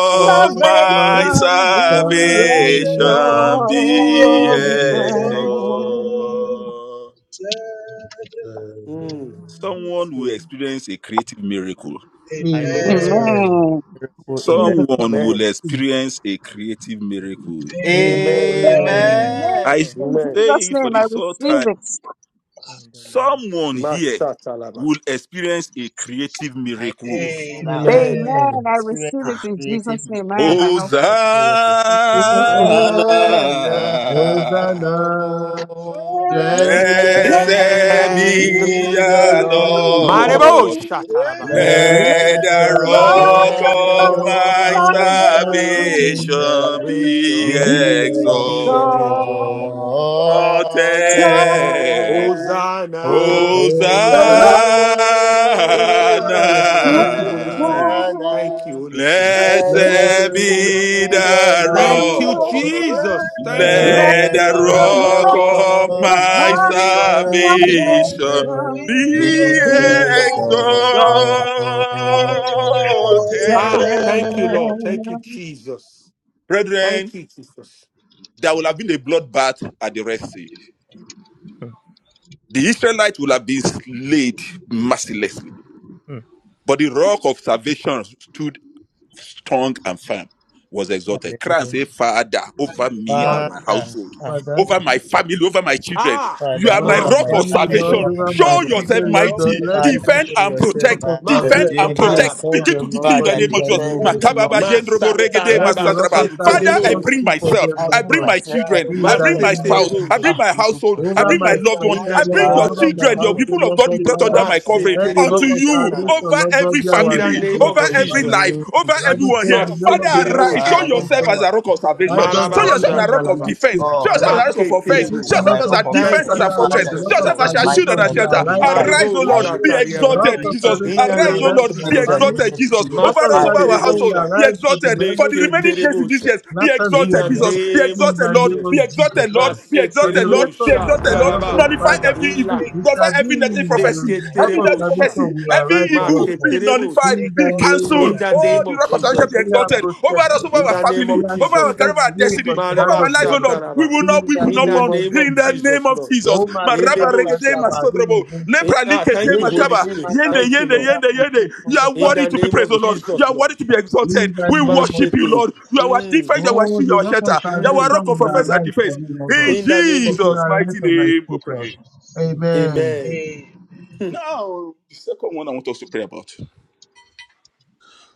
of
Lord, my
my
salvation be
salvation
Salvation,
salvation
be
He
exalted.
Amen.
is God.
exalted.
the exalted.
Mm,
Someone will
mm.
experience a creative miracle.
Amen.
I
Amen.
Amen.
Amen.
put in
Someone will
Amen.
experience a creative miracle.
Amen.
Amen.
Amen.
I say
Amen.
In
Amen.
Jesus'
it for
name,
the
I
third
receive
time.
it.
In the name of
Someone here
Masatalaba.
will experience a creative
I will
miracle.
Amen.
receive our
Amen.
I will
Amen.
Amen.
I
experience
receive
a
it
Ah.
in
creative
Jesus' name. I am my house.
testimony miracle.
Jesus' name.
Father.
Oh,
Amen.
thou
Hosanna.
Hosanna, blessed
blessed
Blessed
Blessed
be
be
Blessed
be
be
be
the
the
the
Lord.
the
Lord,
Marebo
Lord.
Shatalaba.
Lord.
blessed
Let
Let
Hey.
the
the
rock
the
of
rock
Let
rock
of
their
Lord
of
of
my
our
my
my
operation
salvation,
salvation
salvation
salvation,
be
be
we
be
exalt
exalted.
be
exalted.
exalted.
enjoyed.
Hosanna,
Hosanna.
the Lord
Thank you,
great
Holy
Hosanna,
Hosanna.
now,
Spirit.
Amen.
Hosanna.
Thank you, Holy Spirit.
We
Blessed be
and
Blessed
Blessed
be
the
be
save
the
the
Lamb.
Thank you,
Lord.
of
rock.
Jesus. Thank you,
Let
Lord.
Let
Let
the
the
the
Let it
rock
rock
rock
all.
of
of
of
my
our
my
salvation
salvation
salvation
be
be
be
exalted.
exalted.
exalted.
Ah, thank you,
are
Lord. Thank you, Jesus. Thank
Brethren,
you, Jesus.
there will have been a bloodbath at the Red Sea. The Israelites will have been slayed mercilessly.
Hmm.
But the rock of salvation stood strong and firm, was exalted. Cry and
Hallelujah.
say, Father, over me
God.
and my
Father.
Father.
household,
ah,
Father,
over my family, over my children.
Ah,
You
Father,
are
over
my
over
my
rock
my
of
family,
life,
masata,
salvation.
Lord,
over
over
my
my
Show
family.
yourself
children, Lord, Lord,
mighty.
let the
Father,
Defend
show
and
yourself
rock
protect.
of
my
ma
should
Lord
Defend
have
and
salvation be
said,
protect.
Jesus.
alaba,
upon
Begin to
them,
like,
Lord
decree in
God,
the
Father,
in
name of
the
the
Jesus.
name
defend,
of
plan
oh
Makababa
from
Lord.
Jesus.
Texas
jendrobo regede
Let the
masatalaba,
rock
masantraba.
of
Lórúkọ
Father,
in the
I
salvation
setelebos,
name
bring
Jésù,
speak
of
for
myself.
them,
I
I
Jesus.
Lord
give
bring
God,
my
myself,
You are
I
children.
the
give
in
I
my,
root
the
bring
of
my
name
our
of
spouse. I
Jesus.
bring
masetelebosha.
ah,
salvation.
my
lórúkọ
household. I
Over
And
bring my
my,
bring
Jésù.
loved
my
one.
In the
myself,
I
house to
Lord
bring
name
you
God,
your
of
for
Father,
over
I
you
my
give
children,
my
Jesus,
your
Lord.
people
household,
Lord,
to
of
Lord
God
be
you
God,
the
brought
I
under
Father.
root
my
of
give
our
covering
Let the rock
unto
salvation.
everyone
of
Masetelebosha,
you
salvation,
talaba.
over
Lord
Be the
God,
every
be
In
root
our
the
of
family,
shield,
our
name
Lord
over
of
God,
in the
every
Father.
salvation.
Jesus,
life,
Lord.
name of
over
The Bible
everyone
Jesus.
says
here.
the name of the
Father,
Lord is
arise.
a
Show
Masetelebosha,
Father,
strong
I
yourself as a
tower.
rock a
You
rock of
know,
salvation.
Lord,
that
as
show
Righteous
I
Show
you
have,
runs
yourself
stuff.
as
in
marabasha,
a rock
and
You
of
they are
talaba,
defense.
saved,
Show
Lord,
yourself as
Father.
know, look
a rock of
at the
In
offense.
camera.
this
you
Show
maketelebosha.
are my
yourself
month
as
of
rock
You
a
of
have
July,
defense,
Thank
as
defense.
a
you,
Father,
fortress.
Lord,
Father,
the rock
show
Jesus,
Show
of
yourself
Lord.
yourself
as a
salvation
shield
mighty
and a
and
will
shelter.
strong in
arise
my
for
life.
my
Arise, O
Maribu
sake.
I
Lord,
will
be
The
experience
yourself
the
Shatariaba.
rock
exalted,
of
might.
creative
Jesus.
In
salvation
the
will
miracle
Arise,
name
O
Show
arise
of
for
Lord,
my
be
yourself
in the
Jesus, Lord.
family.
name
exalted,
of
Jesus.
Jesus.
The rock
Over
of
us,
Masse
I
over
will
our
in
salvation
the
will
household,
Terebusha.
name
be
of
arise for the
exalted. For
Jesus.
members
the
of
Neke
the
remaining days
Example
in
of
this
Terebusha.
year,
a
be
let us
In
do,
exalted,
the
black
Lord,
Jesus. Be
name
in
of
exalted,
the
Lord.
name
Jesus.
Be
of
example
exalted,
Jesus.
Lord.
Lord.
of a
Be
Masse
For
black
exalted,
the
Lord.
rest
Be
of this
Terebusha.
exalted,
year,
Lord.
Lord God,
Nullify
Father,
Taraba.
every
Ila.
evil.
it
Nullify
shall be
example
every negative prophecy.
the
Neke
drop
Every
of
of
negative
salvation
Terebusha.
prophecy.
will
Every
arrive
Make
for
evil.
us, Lord.
Be nullified
Terebusha.
nullified,
In
be
the name of
cancelled.
In the
Oh,
Jesus.
name
the
of
huh?
rock of
a
salvation
Jesus.
be
We are
exalted over us,
protected.
over
In
our
the name
family,
We
of
are
over our
Jesus,
career,
Lord.
shielded
over our
away
destiny,
from the
over
hand
Mareba
our
of the
life, oh
enemy.
Lord. We
Shataraba.
will not,
In
we will
the
In
not
the
name
mourn
of
name
in
of
the
Jesus. huh?
name
Jesus,
of
Lord.
Jesus.
Oh,
Maraba
Magnifica
regede
Elebusha.
Santa Maria,
masodrobo,
Gente.
Eh,
lepra
Ah,
likete
thank you,
Gente,
Holy
makaba,
se
Spirit.
mata,
yende,
Thank you,
yende,
Lord.
sofrerá,
yende,
por
yende.
example
tudo,
You
toda
are
In
parte,
worthy
the
to be
name
se,
praised,
of
oh
se, se,
Lord.
se,
You
Jesus,
se,
are
se.
worthy
Lord.
to be
In
exalted.
the
We
name of
worship you,
Jesus.
Masete.
Lord. You are our
Mm,
defense, you are our
Oh,
shield, you
the
are our
rock
shelter,
of
you are our
mm,
rock
salvation
of
will
offense
mm.
and
arise for
defense.
me, Lord
In
God.
In the name
It
of
will
Jesus.
Jesus'
arise
mighty
for my
name, we
sake, Lord.
pray.
Amen.
Amen. Hmm.
Now, the second one I want us to pray about.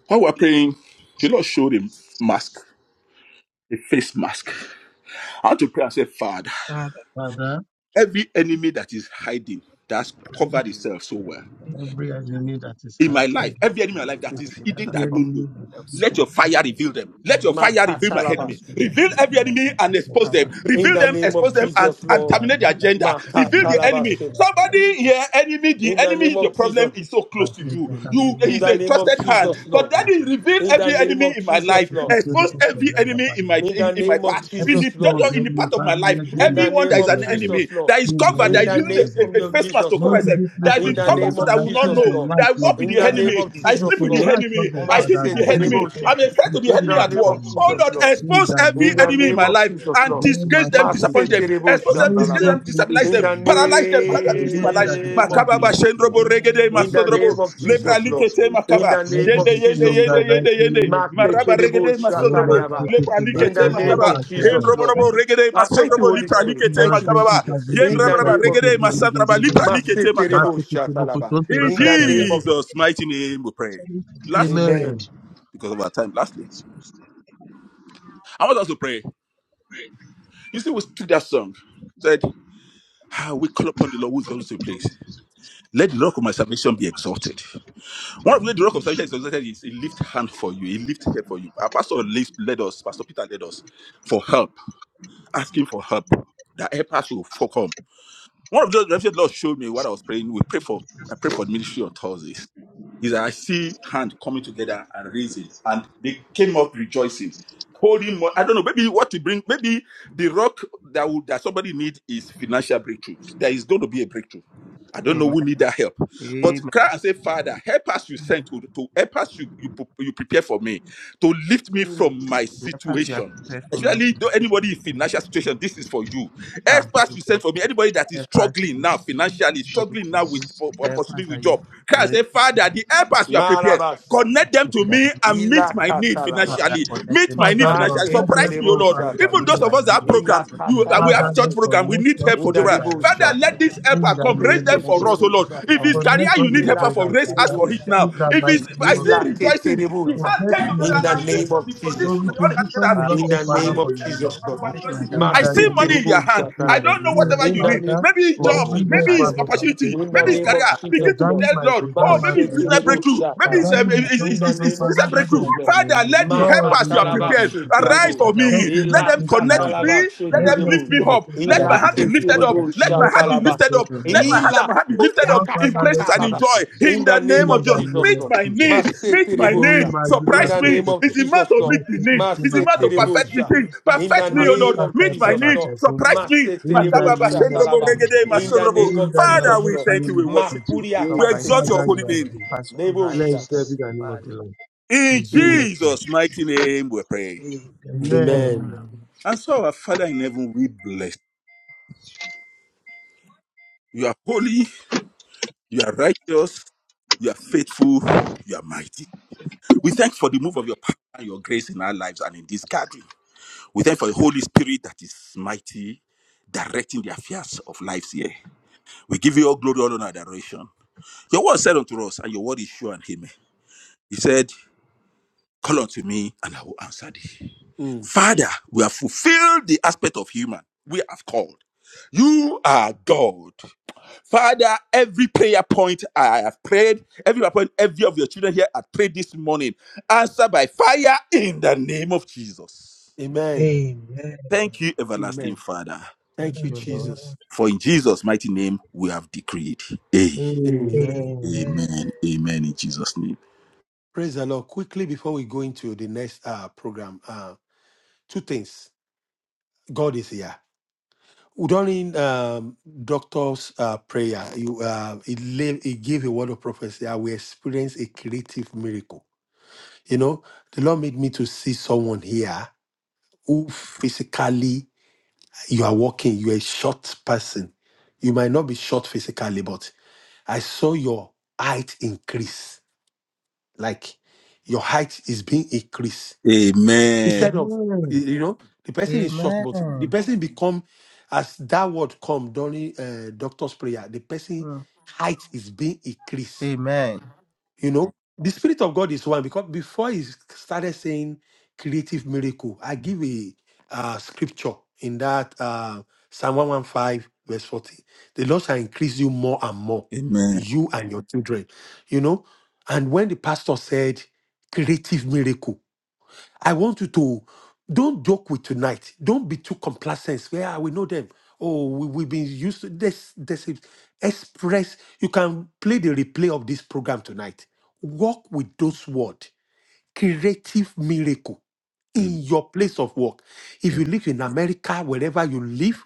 While we we're praying, the Lord showed a mask, a face mask. I had to pray and say, Father,
experience.
Father,
every enemy that is hiding, that's covered itself so well.
every enemy that is
In
hiding,
my
and
life, every enemy in my life that
I
is
did let
hidden
us
that
every
I
fall
don't know.
enemy that is
Let
so
hiding
your fire reveal them.
uh,
Let your
I
fire
want you
reveal
to
my enemy.
protect
Makatalabas.
me, my
Reveal every
children, my
enemy and
family, my
expose them.
Other
past, my future,
In
Reveal
the
villains
them,
in
name of
expose them, and,
Jesus,
and
Lord.
my
terminate the agenda.
future,
Reveal
the
my
the
future,
enemy.
name
Makatalabas.
of
my future,
Somebody here, enemy, the
In the
enemy,
name
the
of
problem
Jesus.
is so close
my future, my
to
future, my future, my future, my
you.
the
future, my future, my
You
Lord,
In
is
the
a
name of
trusted
future,
hand.
Jesus,
But
Lord.
my
that is
future, my
reveal
future.
In the
every
name
enemy
of
in my
as
life.
Jesus,
we
Lord.
in the
security
Expose
name of
and
every
ever
enemy
by
in my
In
in,
the
in my
name of
path. In
Jesus,
the
Jesus, Lord.
of the
in the part of
reveal
my
Father,
every
life.
let
In
be
enemy
the
Everyone that
name
is
exposed,
of
an
Lord God.
enemy,
Jesus, Lord.
that is
In
in
the
covered,
the
In
that
name
is
the
of
using
name
name
a, a-
Jesus,
a
of
Lord.
face mask to
Jesus,
cover
Lord,
Lord.
give
itself,
of
you
a
of
that
praise
has
for
In
been
the
the
covered
Holy
name
so
of
that
Father.
we will not
Shed
Jesus,
know.
your
Lord.
That
light,
I
Lord
walk with
In
God,
the
the
enemy
Father.
name
enemy.
to
of
be
I
Let
sleep
Jesus,
with
your
the
faithful.
Lord.
light, Lord
enemy.
God,
I
I'm
Jesus,
an
eat
Father,
in the name
with the
reveal
enemy.
Maseterebosha.
I'm
accident
a
of
friend to
the
the
In
scheme
enemy
the
of
at
the
with
name
work.
of
his
enemy,
Jesus,
Oh
Jesus,
Lord,
Lord.
In
expose
the
every
name
In
of
the
enemy in
name
my
Jesus,
of
life
Jesus,
and
Lord.
Oh,
in
disgrace them,
Master
disappoint
Christian,
them.
Maseterebo
Expose them,
Lord,
Excuse
disgrace
give
them,
shatalaba.
you
them,
the
praise
excuse
destabilize
for
In
them,
them,
them,
the
Lord.
paralyze them, paralyze
Because the
activity
excuse
in
Lord
my
them,
said,
name
life.
of
I
excuse
name
them.
Jesus.
of
discharge
Makaba ba
your
Jesus,
spirit,
Lord.
shendrobo
In the
regede
I
name
In the
of
defeat
name
masodrobo
your
of
Jesus,
spirit,
lepra
Lord
Jesus,
God.
Lord.
likete
excuse them,
In
makaba
the
Let
name
you
excuse
of
yende
be
them.
yende
seen in
Jesus,
yende
the
Lord.
mighty
yende
In the
yende
name of
name of
Jesus.
maraba
Jesus,
Maketerebo
regede
every
The
enemy
woman
masodrobo
in my
shatariaba.
speaking
lepra
life,
to my
In
likete
the
soul to
name
the
makaba
of
hiding
pastor.
like
Jesus,
the
hendrobo
Lord.
robo
friend,
regede
Ah, thank
I
you,
masodrobo
am
Holy
lepra
not
Spirit.
likete
Thank you,
makaba
Nothing
excuse.
ba
to
Jesus. In
Kazinteri
the
yendraba
name of
regede
Jesus.
masandraba
Expose
lepra
Kaseki
them,
likete
Lord.
makaba.
Maseterebo
Master
Thank
shatalaba.
you,
Mukutura
In
In
Jesus.
the name
Kachanda.
of
Jesus' mighty name, we pray.
Tell you to be
Lastly,
afraid.
Amen.
Amen.
because of our time, lastly,
Expose them.
I want us to pray. You see, we took that song, said, ah, We call upon the Lord who's always to place. Let the rock of my salvation be exalted. One of the way the rock of salvation is exalted is a lift hand for you, a lift hand for you. Our pastor lift, led us, Pastor Peter led us for help, asking for help. That help us will for come. One of the revelation the Lord showed me what I was praying. We pray for I pray for the ministry on Thursday. Is said, I see hand coming together and raising. And they came up rejoicing. Holding more, I don't know, maybe what to bring, maybe the rock that would, that somebody need is financial breakthroughs. There is going to be a breakthrough. I don't know
Amen.
who need that help. But cry
Amen.
and say, Father, help us you sent to, to help us you, you, pre- you prepare for me, to lift me
Mm.
from my
Dear Pastor, you have
situation.
prepared for me
Especially
to
though
do
anybody in
my
financial
sister.
situation, this is for you. Help
Ah, thank
us you
for
sent for me. Anybody that is
Jesus.
struggling now financially, struggling
Lórúkọ
now with
Jésù,
po- po-
help us
opportunity
that
with
you
job. Cry and
reign
say, Father, the help us you are prepared.
Maraba shata.
Connect them
in
to
the
me
name of
and meet
Jesus.
my need
Father,
Ila
financially.
connect
Meet
them
my
to
need
Father
me, O Lord,
financially.
Lord, that has
Surprise me, oh
Maketelebo
help
Lord.
that
all of
they
my
will
Even
shatalam.
meet
those of
my
us that
destiny.
need
have
with you,
Ila
program,
Lord,
you
in the
uh, we
name
Father
have
katalaba
church
Lord,
That
sebe.
you
program. We
connect
have
need
us
help for the
Inda
of
world.
together,
mercy
debo
Lord God.
Father,
God.
let
shatalam.
this
and
In
helper
the
come.
authority them
Raise
to
name
them
of
Let
lift
for
Jesus.
this
you.
us, oh
help
Leketelebo
Lord. If
come,
it's
O
shatalam.
Lord,
career
Connect
Lord,
you
us
need
in
thank
the
helper
Ila
name
for,
together,
of
raise us
Father,
ketelebo
for
And
Jesus.
it
I'm
now.
in
thankful
shatalam.
the
If
mighty
it's
Let
name
I
to the
this
of
still
help
Ila
Jesus.
Lord for
rejoicing,
come, O
ketelebo
the
So
Lord,
To
shatalam.
hand
get
came
in
me,
together
In
Lord
the
the
and
God,
name
lift
name
of
Father.
from the
of
front.
Jesus.
To
lift
Jesus,
and
Lord.
all they had together
reposition
as
me,
a
Father,
Lord
floor.
In
God,
the
in
And
the
Father,
name
they
name
of
for
of
your
lifted it
Jesus,
up
Jesus,
and they
Lord.
revelation.
were
let my
rejoicing.
In
help
I
us
the
see
come,
name
money
of
in
Maseterebo
their hand.
Jesus. Christ.
I
in the
chataraba.
don't know
name of
Oh,
Jesus.
whatever
In
you
the
need.
Father,
name
Maybe it's
of
job,
Oh,
every
Jesus,
maybe
help
Father,
it's
out
Lord.
of my
help
opportunity,
us
In
destiny,
the
maybe
come
it's
Lord.
name
from
career.
of
far.
Jesus,
Begin to
Lord.
Examine
tell
my,
Lord,
examine
oh,
Lórúkọ
my
maybe it's
Jésù,
business
finances.
Maseterebo
breakthrough, maybe
help
chataraba.
it's,
us
um,
Examine the
come,
it's,
job,
In
it's,
the
Lord
it's,
God,
it's
name of
business
Father, that
in
breakthrough.
I
Jesus,
the
Lord.
say,
Father,
name
that
of
let the
Lord,
compassion.
helpers you
raise
are
them up
Makatalaba
in
prepared
You
Jesus.
have
Father,
arise
sheterebo.
to
for
had
help
your
us.
Let
me.
him
Let
Ila
them
locate me,
That
connect
Lord
with
God.
katalaba
me. Let
you have
Let
them
me
lift
sheterebo.
also
me
for
locate
up.
me,
Let
Father,
my
they
Lord
Ila
hand
God,
be
begin
ke
to
lifted
Father.
lifted up.
connect
terrible
Let my
with you
Help
heart
out
be
my
chatalaba.
lifted up.
destiny,
in
Lord
the
Let
God.
name
my hand and
Ila
my hand
of
be lifted
kuria
up
Lord
in
Father, let
praises and
him
in
kasatalaba.
joy.
let it now.
In
In
the
the name
name
In
of
of
Jesus.
the
Jesus,
name of
Meet
Lord.
my
Jesus
need.
Christ.
Jesus.
Meet my
Maseterebo
Oh,
need.
shat.
my
Amen.
In
Lipa
Surprise
the
me.
name of
Kosoto,
It's the man
Jesus,
to
my
Lord.
meet the need.
Kikiki
It's the man to perfect
Makazuki,
me
Maseterebosha.
thing.
Praise the Lord. Praise
In the
Perfect
my
me, O Lord.
name
Lipa
of
Meet my
Santa
Jesus,
the
need.
Lord.
Makazuko.
Lord.
Surprise me.
In the
Makababa
Maseterebosha
name of
Bless my
talaba.
In
name.
Jesus.
the name
In
of
the
Bless
name
In
of
the
God,
my
Father,
Jesus,
name.
mighty
we
Lord.
thank you.
surprise
name
We
me,
of
Lord.
Thank
worship
Jesus
you.
you,
Makuria
We
glory.
Surprise me,
exalt
Christ.
Lord.
your
Father,
kaseterebo.
holy
you
Let
are
me
name.
good.
pass right
Nebosha
in
Blessed
God's
talaba.
be
Jesus.
the name of the
Father.
Lord.
In
In
Mm.
Jesus' name.
Jesus' mighty name we pray.
Amen.
Amen.
Amen.
Amen.
And so our Father in heaven, we bless. You You are holy, you are righteous, you are faithful, you are mighty. We thank for the move of your power and your grace in our lives and in this gathering. We thank for the Holy Spirit that is mighty, directing the affairs of lives here. We give you all glory, all honor, and adoration. Your word said unto us, and your word is sure and amen. He said, Call unto me, and I will answer thee.
Mm.
Father, we have fulfilled the aspect of human. We have called. You are God. Father, every prayer point I have prayed, every prayer point every of your children here have prayed this morning, answer by fire in the name of Jesus.
Amen.
Amen.
Thank you, everlasting
Amen.
Father.
Thank
Thank you,
Thank
you, Lord.
you,
Jesus.
Lord.
For in Jesus' mighty name we have decreed. Eh,
Amen.
Amen.
Amen.
Amen. Amen. In Jesus' name.
Praise the Lord. Quickly before we go into the next uh, program, uh, two things. God is here. during um, doctor's uh, prayer, you uh, he, lay, he gave a word of prophecy. I will experience a creative miracle. You know, the Lord made me to see someone here who physically you are walking. You are a short person. You might not be short physically, but I saw your height increase. Like your height is being increased
Amen.
instead of you
Amen.
you know the person is shocked but the
Amen.
person become as that word come during uh, doctor's prayer the person
Mm.
height is being increased
Amen.
you know the spirit of god is one because before he started saying creative miracle i give a uh, scripture in that uh, psalm 115 verse 40 the lord shall increase you more and more
Amen.
you and your children you know and when the pastor said creative miracle I want you to don't joke with tonight. Don't be too complacent. Yeah, we know them. Oh, we, we've been used to this. This is express. You can play the replay of this program tonight. Work with those words. Creative miracle
Amen.
in your place of work. If you live in America, wherever you live,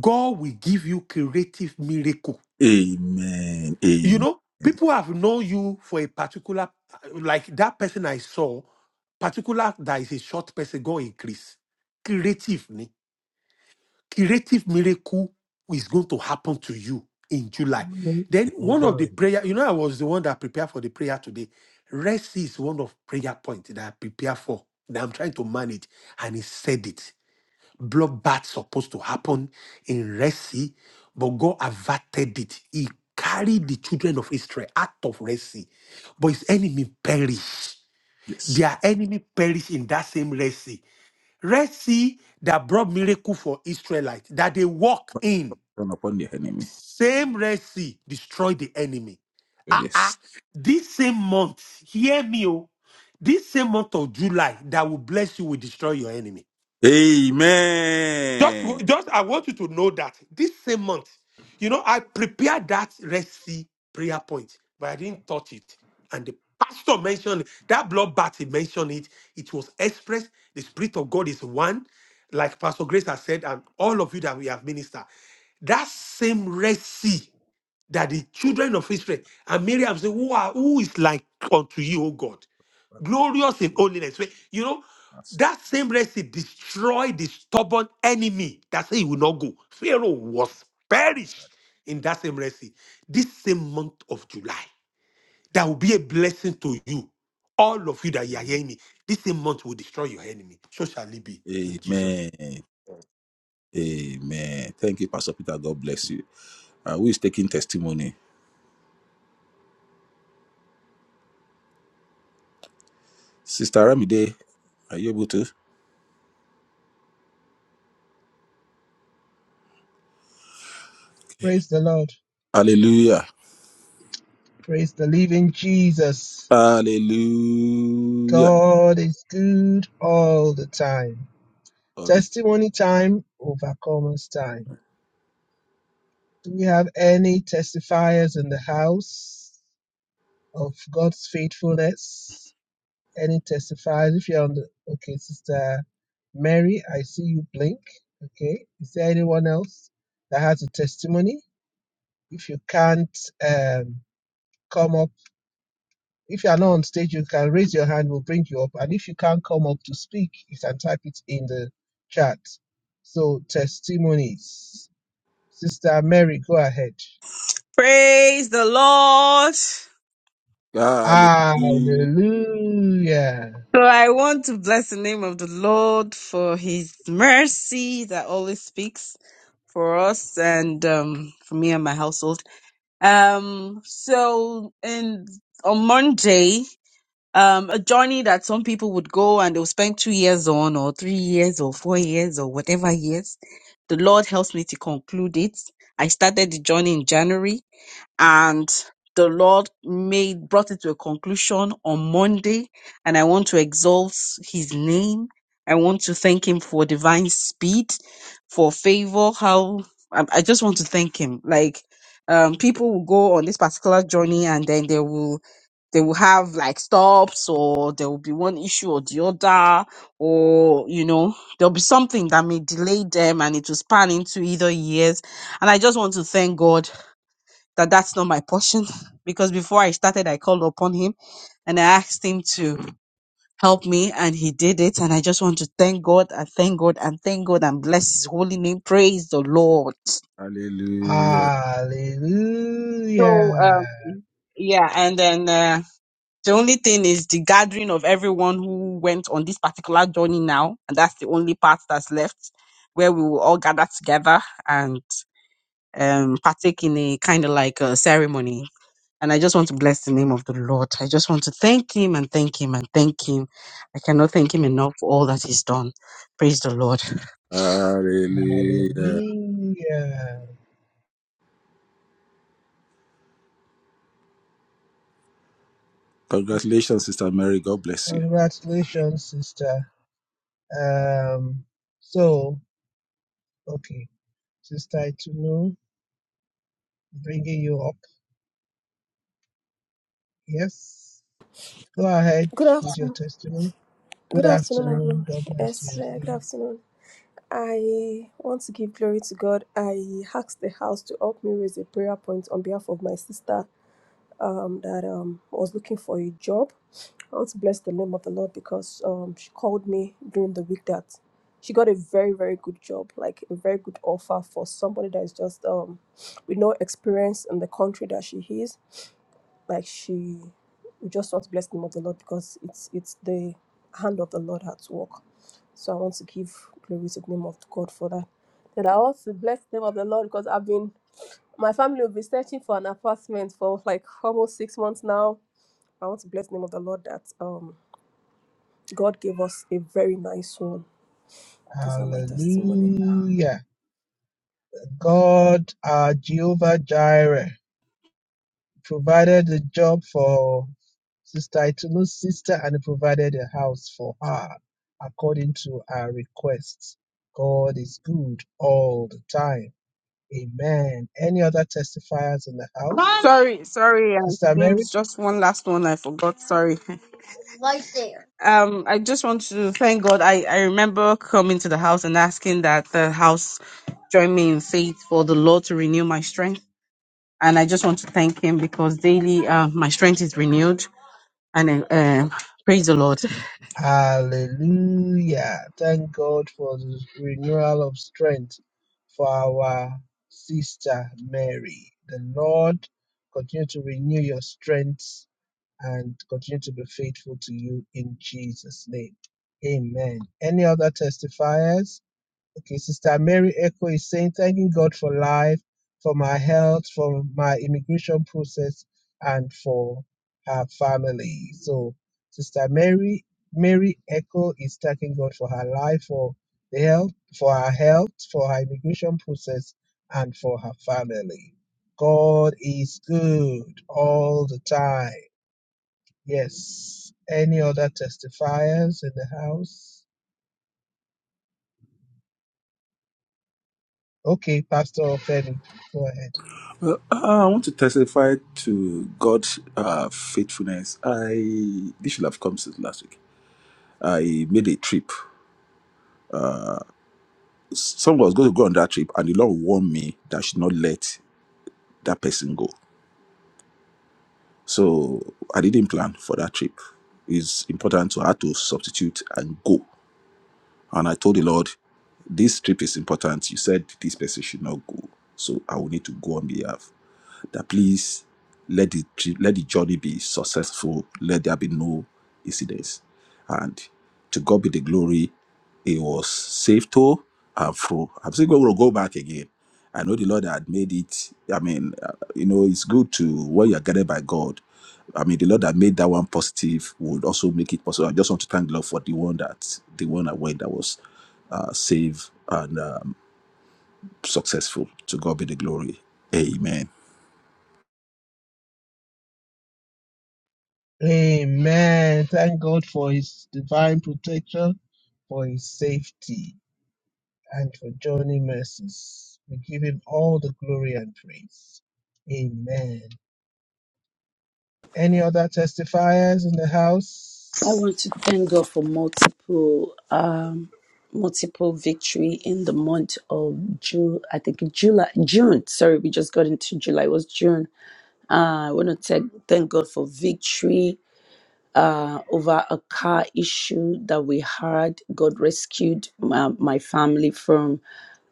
God will give you creative miracle
Amen.
you
Amen.
know, people have known you for a particular, like that person I saw, particular that is a short person, go increase. Creative, ni- creative miracle is going to happen to you in July.
Amen.
Then one of the
Amen.
prayer, you know, I was the one that prepared for the prayer today. Rest is one of prayer point that I prepare for that I'm trying to manage, and he said it bloodbath supposed to happen in Red Sea, but God averted it. He carried the children of Israel out of Red Sea, but his enemy perished.
Yes.
Their enemy perished in that same Red Sea. Red Sea that brought miracle for Israelites that they walk
But
in.
Turn upon your enemy.
Same Red Sea destroyed the enemy.
Oh,
Ah ah.
Yes.
This same month, hear me, oh. This same month of July that will bless you will destroy your enemy. Just,
Amen.
just I want you to know that this same month, you know, I prepared that recipe prayer point, but I didn't touch it. And the pastor mentioned it. that bloodbath, he mentioned it. It was expressed. The Spirit of God is one, like Pastor Grace has said, and all of you that we have ministered. That same recipe that the children of Israel and Miriam said, who, are, who is like unto you, O God? glorious in holiness. Where, you know, that same Red Sea destroyed the stubborn enemy that said he will not go. Pharaoh was perished in that same Red Sea. This same month of July, that will be a blessing to you, all of you that you are
Amen.
hearing me. This same month will destroy your enemy. So should it be in Jesus.
Amen. Amen. Thank you, Pastor Peter. God bless you. Uh, who is taking testimony? Sister Ramide, are you able to?
Praise the Lord.
Hallelujah.
Praise the living Jesus.
Hallelujah.
God is good all the time.
All the-
Testimony time, overcomers time. Do we have any testifiers in the house of God's faithfulness? Any testifiers? If you're on the okay, Sister Mary, I see you blink. Okay. Is there anyone else that has a testimony? If you can't um, come up, if you are not on stage, you can raise your hand. We'll bring you up. And if you can't come up to speak, you can type it in the chat. So testimonies. Sister Mary, go ahead.
Praise the Lord.
Hallelujah.
Hallelujah.
So I want to bless the name of the Lord for his mercy that always speaks for us and um, for me and my household. Um, so in on Monday, um, a journey that some people would go and they'll spend two years on or three years or four years or whatever years. The Lord helps me to conclude it. I started the journey in January and the Lord made brought it to a conclusion on Monday, and I want to exalt His name. I want to thank Him for divine speed, for favor. How I, I just want to thank Him. Like um, people will go on this particular journey, and then they will they will have like stops, or there will be one issue or the other, or you know there'll be something that may delay them, and it will span into either years. And I just want to thank God that that's not my portion because before I started, I called upon him and I asked him to help me and he did it. And I just want to thank God and thank God and thank God and bless his holy name. Praise the Lord.
Hallelujah.
So,
Hallelujah.
um, yeah. And then, uh, the only thing is the gathering of everyone who went on this particular journey now. And that's the only part that's left where we will all gather together and, um, partake in a kind of like a ceremony. And I just want to bless the name of the Lord. I just want to thank him and thank him and thank him. I cannot thank him enough for all that he's done. Praise the Lord.
Hallelujah.
Hallelujah.
Congratulations, Sister Mary. God bless you.
Congratulations, sister. Um, so, okay, Sister Itunu, bringing you up. Yes. Go ahead
Good
with your
afternoon.
testimony. Good
Good afternoon,
afternoon.
everyone.
God bless
Yes, uh, good
you.
afternoon. I want to give glory to God. I asked the house to help me raise a prayer point on behalf of my sister um, that um, was looking for a job. I want to bless the name of the Lord because um, she called me during the week that she got a very, very good job, like a very good offer for somebody that is just um, with no experience in the country that she is like she we just want to bless the name of the Lord because it's it's the hand of the Lord at work. So I want to give glory to the name of God for that. Then I want to bless the name of the Lord because I've been my family will be searching for an apartment for like almost six months now. I want to bless the name of the Lord that um God gave us a very nice one. Those are my testimony.
Hallelujah. God, our Jehovah Jireh. provided a job for Sister Itulu's sister and provided a house for her according to her request. God is good all the time. Amen. Any other testifiers in the house?
Sorry, sorry, Auntie
Sister Mary?
Beams. Just one last one I forgot. Sorry. Right there. Um, I just want to thank God. I, I remember coming to the house and asking that the house join me in faith for the Lord to renew my strength. And I just want to thank Him because daily uh, my strength is renewed And uh, um, praise the Lord.
Hallelujah. Thank God for the renewal of strength for our sister Mary. The Lord continue to renew your strength and continue to be faithful to you in Jesus' name. Amen. Any other testifiers? Okay, Sister Mary Echo is saying, thanking God for life, for my health, for my immigration process, and for her family. So, Sister Mary, Mary Echo is thanking God for her life, for the health, for her health, for her immigration process, and for her family. God is good all the time Yes. Any other testifiers in the house? Okay, Pastor Femi, go ahead.
Ah, I want to testify to God's uh, faithfulness. I this should have come since last week. I made a trip. someone was going to go on that trip and the lord warned me that I should not let that person go so i didn't plan for that trip it's important to have to substitute and go and i told the lord this trip is important you said this person should not go so i will need to go on behalf that please let the tri- let the journey be successful. Let there be no incidents. And to God be the glory. It was safe to and through. I'm still going to go back again. I know the Lord had made it. I mean, uh, you know, it's good to when you're guided by God. I mean, the Lord that made that one positive would also make it possible. I just want to thank the Lord for the one that the one that went that was uh, safe and um, successful. To God be the glory. Amen.
Amen. Thank God for his divine protection, for his safety, and for joining mercies. We give him all the glory and praise. Amen. Any other testifiers in the house?
I want to thank God for multiple um multiple victory in the month of June. I think July June. Sorry, we just got into July. It was June. Uh, I want to thank thank God for victory uh, over a car issue that we had. God rescued my, my family from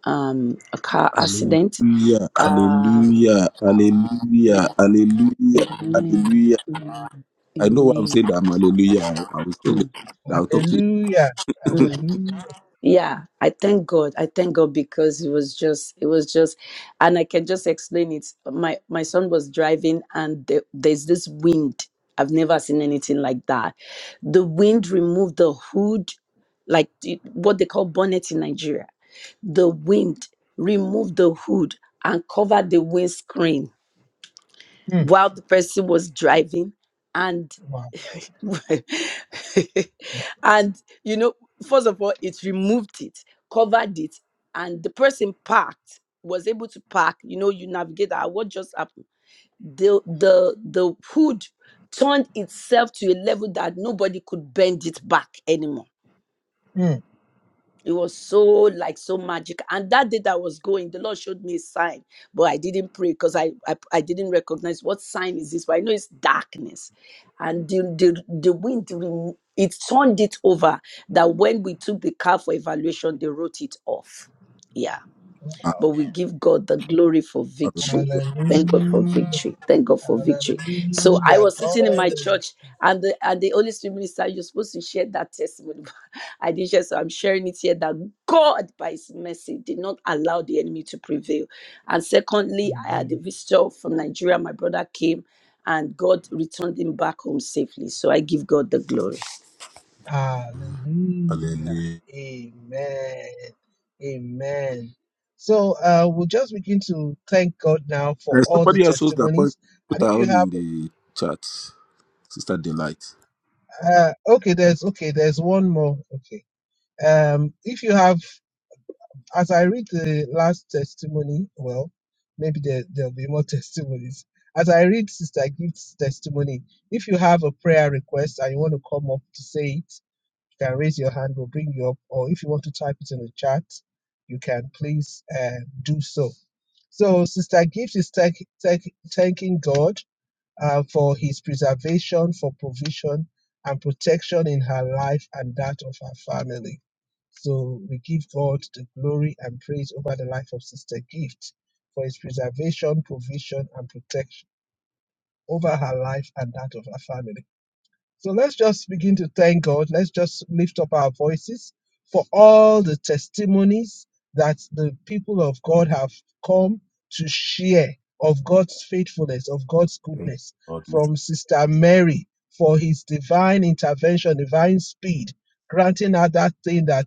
um, a car accident.
Hallelujah,
Uh,
hallelujah, hallelujah, hallelujah,
amen.
hallelujah. I know why I'm
Amen.
saying that I'm hallelujah. I'll, I'll say it. I'll talk to
Hallelujah.
Mm.
you.
Hallelujah.
Yeah, I thank God. I thank God because it was just, it was just, and I can just explain it. My my son was driving, and the, there's this wind. I've never seen anything like that. The wind removed the hood, like the- what they call bonnet in Nigeria. The wind removed the hood and covered the windscreen
Hmm.
while the person was driving,
Wow.
Right. and you know, first of all, it removed it, covered it, and the person parked was able to park. You know, you navigate that. What just happened? The the the hood turned itself to a level that nobody could bend it back anymore
Hmm.
it was so like so magic. And that day that I was going, the Lord showed me a sign, but I didn't pray because I, I I didn't recognize what sign is this. But I know it's darkness, and the the, the wind rem- it turned it over. That when we took the car for evaluation, they wrote it off. Yeah.
Ah,
But
Wow.
we give God the glory for victory.
hallelujah,
Thank God for
Hallelujah.
victory. Thank God for victory. So I
Hallelujah.
was
God.
sitting in my
is
church, and the and the Holy Spirit minister, you're supposed to share that testimony I did share, so I'm sharing it here that God, by His mercy, did not allow the enemy to prevail. And secondly, I had
Amen.
a visitor from Nigeria. My brother came, and God returned him back home safely. So I give God the glory.
Hallelujah.
hallelujah.
Amen. Amen. So uh, we'll just begin to thank God now for
There's
all the
somebody else who's that point.
testimonies.
Put
And
her
if you
on
have,
in the chat. Sister Delight.
uh, okay, there's okay, there's one more. Okay, um, if you have, as I read the last testimony, well, maybe there there'll be more testimonies. As I read Sister Gift's testimony, if you have a prayer request and you want to come up to say it, can raise your hand, we'll bring you up. Or if you want to type it in the chat, you can please uh, do so. So, Sister Gift is thank, thank, thanking God uh, for his preservation, for provision, and protection in her life and that of her family. So, we give God the glory and praise over the life of Sister Gift for his preservation, provision, and protection over her life and that of her family. So let's just begin to thank God. Let's just lift up our voices for all the testimonies that the people of God have come to share of God's faithfulness, of God's
Thank you,
goodness
Lord. We thank
from Sister Mary for his divine intervention, divine speed, granting her that thing that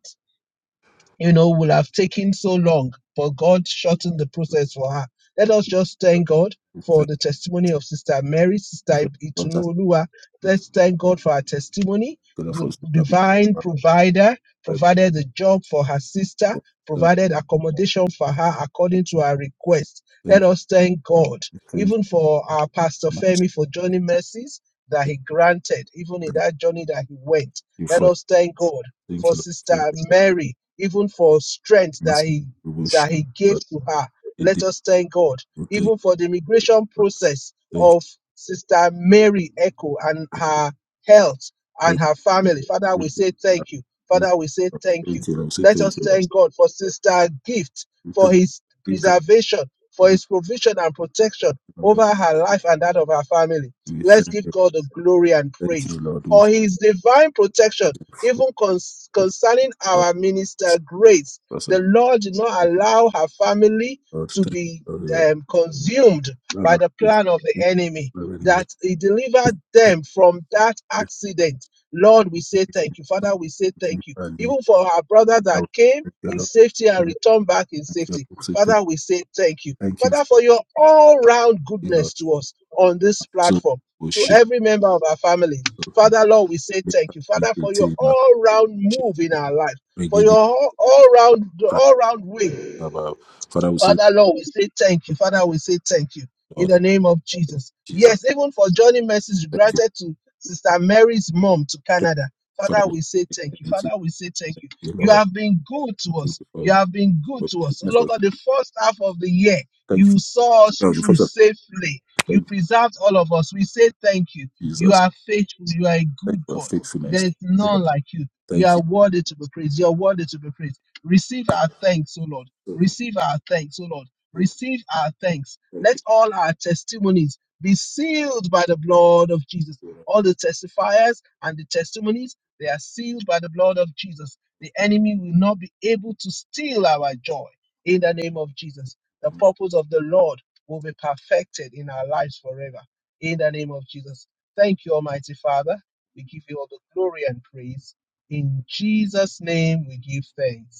you know, would have taken so long, but God shortened the process for her. Let us just
you.
thank God for
Thank you.
the testimony of Sister Mary,
We
Sister
thank you, Lord, as
Itunu Olua.
we thank
Let's thank God for her testimony.
you, Lord,
The
for sister. We
divine
are
provider
grateful
provided a job for her sister,
for sister.
provided accommodation for her
We
according to her request. Let
Thank you.
us thank God,
We Thank you.
even for our Pastor
Master.
Femi, for journey mercies that he granted, even in
Thank
that journey that he went.
you
Let
for.
us thank God
Thank
for
you, Lord. Thank
Sister
you, Lord.
Mary, even for strength that
Master.
he
We
that he
worship.
gave to her. Let
Indeed,
us thank God,
we thank you,
even for the immigration
Lord.
process
Thank you,
of Sister Mary Echo and
thank you,
her health and
thank
her family. Father, we
you,
say
Uh,
thank you. Father, we
thank
say
you. Lord.
thank
Thank you,
you.
Lord. thank you, Lord. We say
Let
thank
us
you, Lord.
thank God for Sister Gift,
We
for
thank
his
you, Give to us
preservation,
the
for
glory
his provision and protection
and honor.
over her life and that of her family.
We
Let's
thank
give
you, Lord.
God the glory and
Thank
praise
you, Lord. We
for
thank
his divine protection
you for
even cons-
that
concerning our
promise.
minister Grace, the
Blessed
Lord did not allow her family
Lord,
to
thank
be
you, Lord.
um, consumed
Lord, I
by the
thank
plan of the
you.
enemy,
Lord, I thank you.
that He delivered
Thank
them from that
you, Lord.
accident. Lord, we say thank you. Father, we say thank you. Even for our brother that came
Thank you,
in
Lord.
safety and returned back in safety.
So
Father, we say thank you.
Thank thank you,
Father, for your all round
Lord.
goodness to us on this
So,
platform,
we
to
share.
every member of our family.
So,
Father, Lord, we say
we
thank you, Father, for
thank
your
you.
all round move in our life,
Thank
for
you, Lord.
your all round, all round way.
about. Father, we say,
Father, Lord, we say thank you. Father, we say thank you in
Lord,
the name of
thank you,
Jesus.
Jesus.
Yes, even for journey message
Thank you.
granted to Sister Mary's mom to
Thank you.
Canada.
Father,
Father,
we
we say
say,
thank you.
thank you.
Father, we say thank you.
Thank
You
Lord.
have been good to
Thank
us.
you for,
You have been good
for
to us. Oh,
goodness.
Lord
of-
God, the first half of the year,
Thank you
you saw us
for God.
through
First of
safely.
all,
You
thank
preserved all of us. We say thank you.
you,
You
Jesus.
are faithful. You are a
Thank
good
you for your
God. There
faithfulness. Thank
is
you, Lord.
none like you. You
Thank
are worthy to be praised. You are worthy to be praised. Receive our thanks, O Lord.
you.
Receive our thanks, O Lord. Receive our thanks.
Thank
Let all our testimonies be sealed by the blood of Jesus.
you.
All the testifiers and the testimonies, they are sealed by the blood of Jesus. The enemy will not be able to steal our joy in the name of Jesus. The purpose of the Lord will be perfected in our lives forever in the name of Jesus. Thank you, Almighty Father. We give you all the glory and praise. In Jesus' name, we give thanks.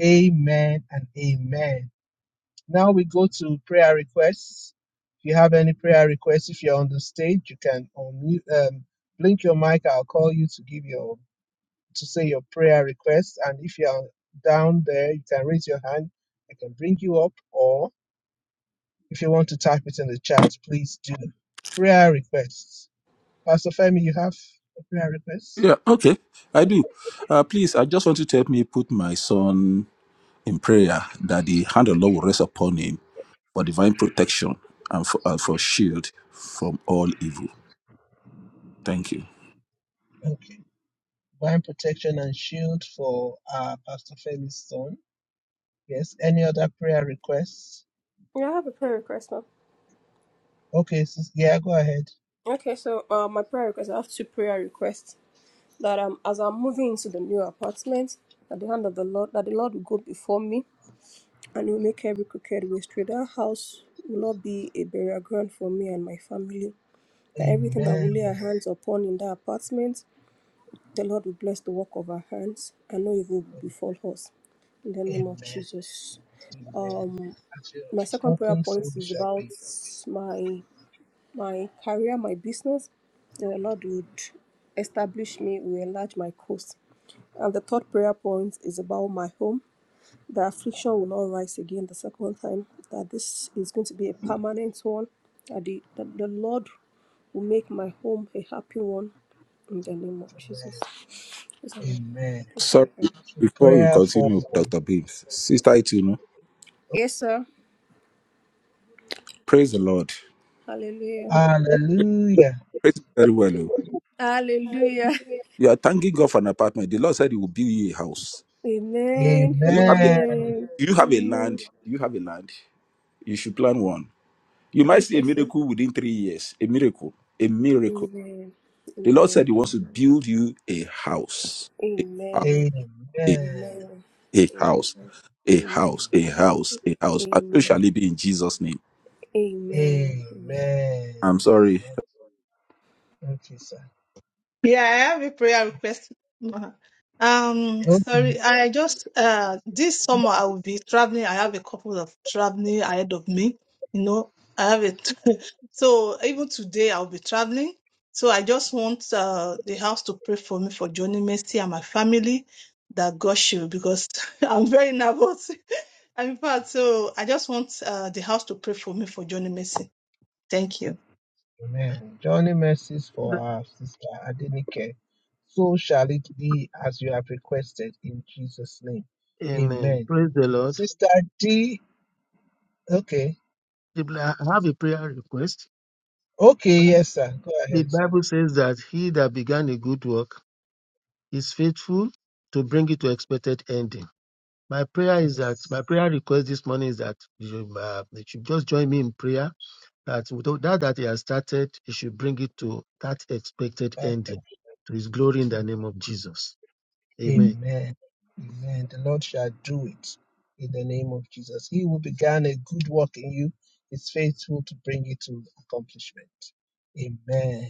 Amen and amen. Now we go to prayer requests. If you have any prayer requests, if you're on the stage, you can unmute, um, blink your mic. I'll call you to give your to say your prayer request. And if you're down there, you can raise your hand. I can bring you up. Or if you want to type it in the chat, please do. Prayer requests. Pastor Femi, you have a prayer request?
Yeah, okay. I do. Uh, please, I just want you to help me put my son in prayer that the hand of the Lord will rest upon him for divine protection and for, uh, for shield from all evil. Thank you.
Okay. Divine protection and shield for uh, Pastor Femi's son Yes. Any other prayer requests?
Yeah, I have a prayer request now.
Okay, sis, yeah, go ahead.
Okay, so uh, my prayer request. I have two prayer requests. that um, as I'm moving into the new apartment, that the hand of the Lord, that the Lord will go before me and will make every crooked way straight. That house will not be a burial ground for me and my family. That everything that
Amen.
we lay our hands upon in that apartment, the Lord will bless the work of our hands and no evil will befall us. In the name of
Amen.
Jesus.
Amen.
Um,
As you
my
have
second prayer
spoken, so
point
we
is
shall
about
be.
my my career, my business. The Lord would establish me, will enlarge my coast. And the third prayer point is about my home. The affliction will not rise again the second time. That this is going to be a permanent one. That the, that the Lord will make my home a happy one in the name of Jesus.
Amen.
These are my
Amen.
three
Sorry,
prayer points.
So
before we
prayer for
continue, Dr. Beams, Sister Itunu,
Yes, sir.
praise the Lord.
Hallelujah.
Hallelujah.
Praise Him very well. oh.
Hallelujah.
You are thanking God for an apartment. The Lord said He will build you a house.
Amen.
Do you have a,
Amen.
Amen.
do you have a land?
Amen.
Do you have a land? You should plan one. You might see a
Okay, sir.
miracle within three years. A miracle. A miracle.
Amen.
The Lord said
Amen.
He wants to build you a house.
Amen.
Amen. Amen.
Amen.
A, hou- a, a
Amen.
house. A
Amen.
house. A house. A house. And so
Amen.
shall it be in Jesus' name.
Amen. Amen.
I'm
Amen.
sorry.
Amen. Thank you, sir.
Yeah, I have a prayer request. Uh-huh. Um, sorry,
Okay.
I just uh this summer I will be traveling. I have a couple of traveling ahead of me. You know, I have it. so even today I'll be traveling. So I just want uh the house to pray for me for Johnny Mercy and my family that God should because I'm very nervous. I'm in fact, so I just want uh the house to pray for me for Johnny Mercy. Thank you.
Amen. Journey mercies for our sister Adenike. So shall it be as you have requested in Jesus' name.
Amen.
Amen.
Praise the Lord.
Sister D. Okay.
People, I have a prayer request.
Okay. Yes, sir. Go
The
ahead, sir.
Bible says that he that began a good work is faithful to bring it to expected ending. My prayer is that
Yes.
my prayer request this morning is that you should, uh, you should just join me in prayer that without that that he has started, he should bring it to that expected
Perfect.
ending to his glory in the name of Jesus. Amen.
Amen. Amen. The Lord shall do it in the name of Jesus. He who began a good work in you is faithful to bring it to accomplishment. Amen.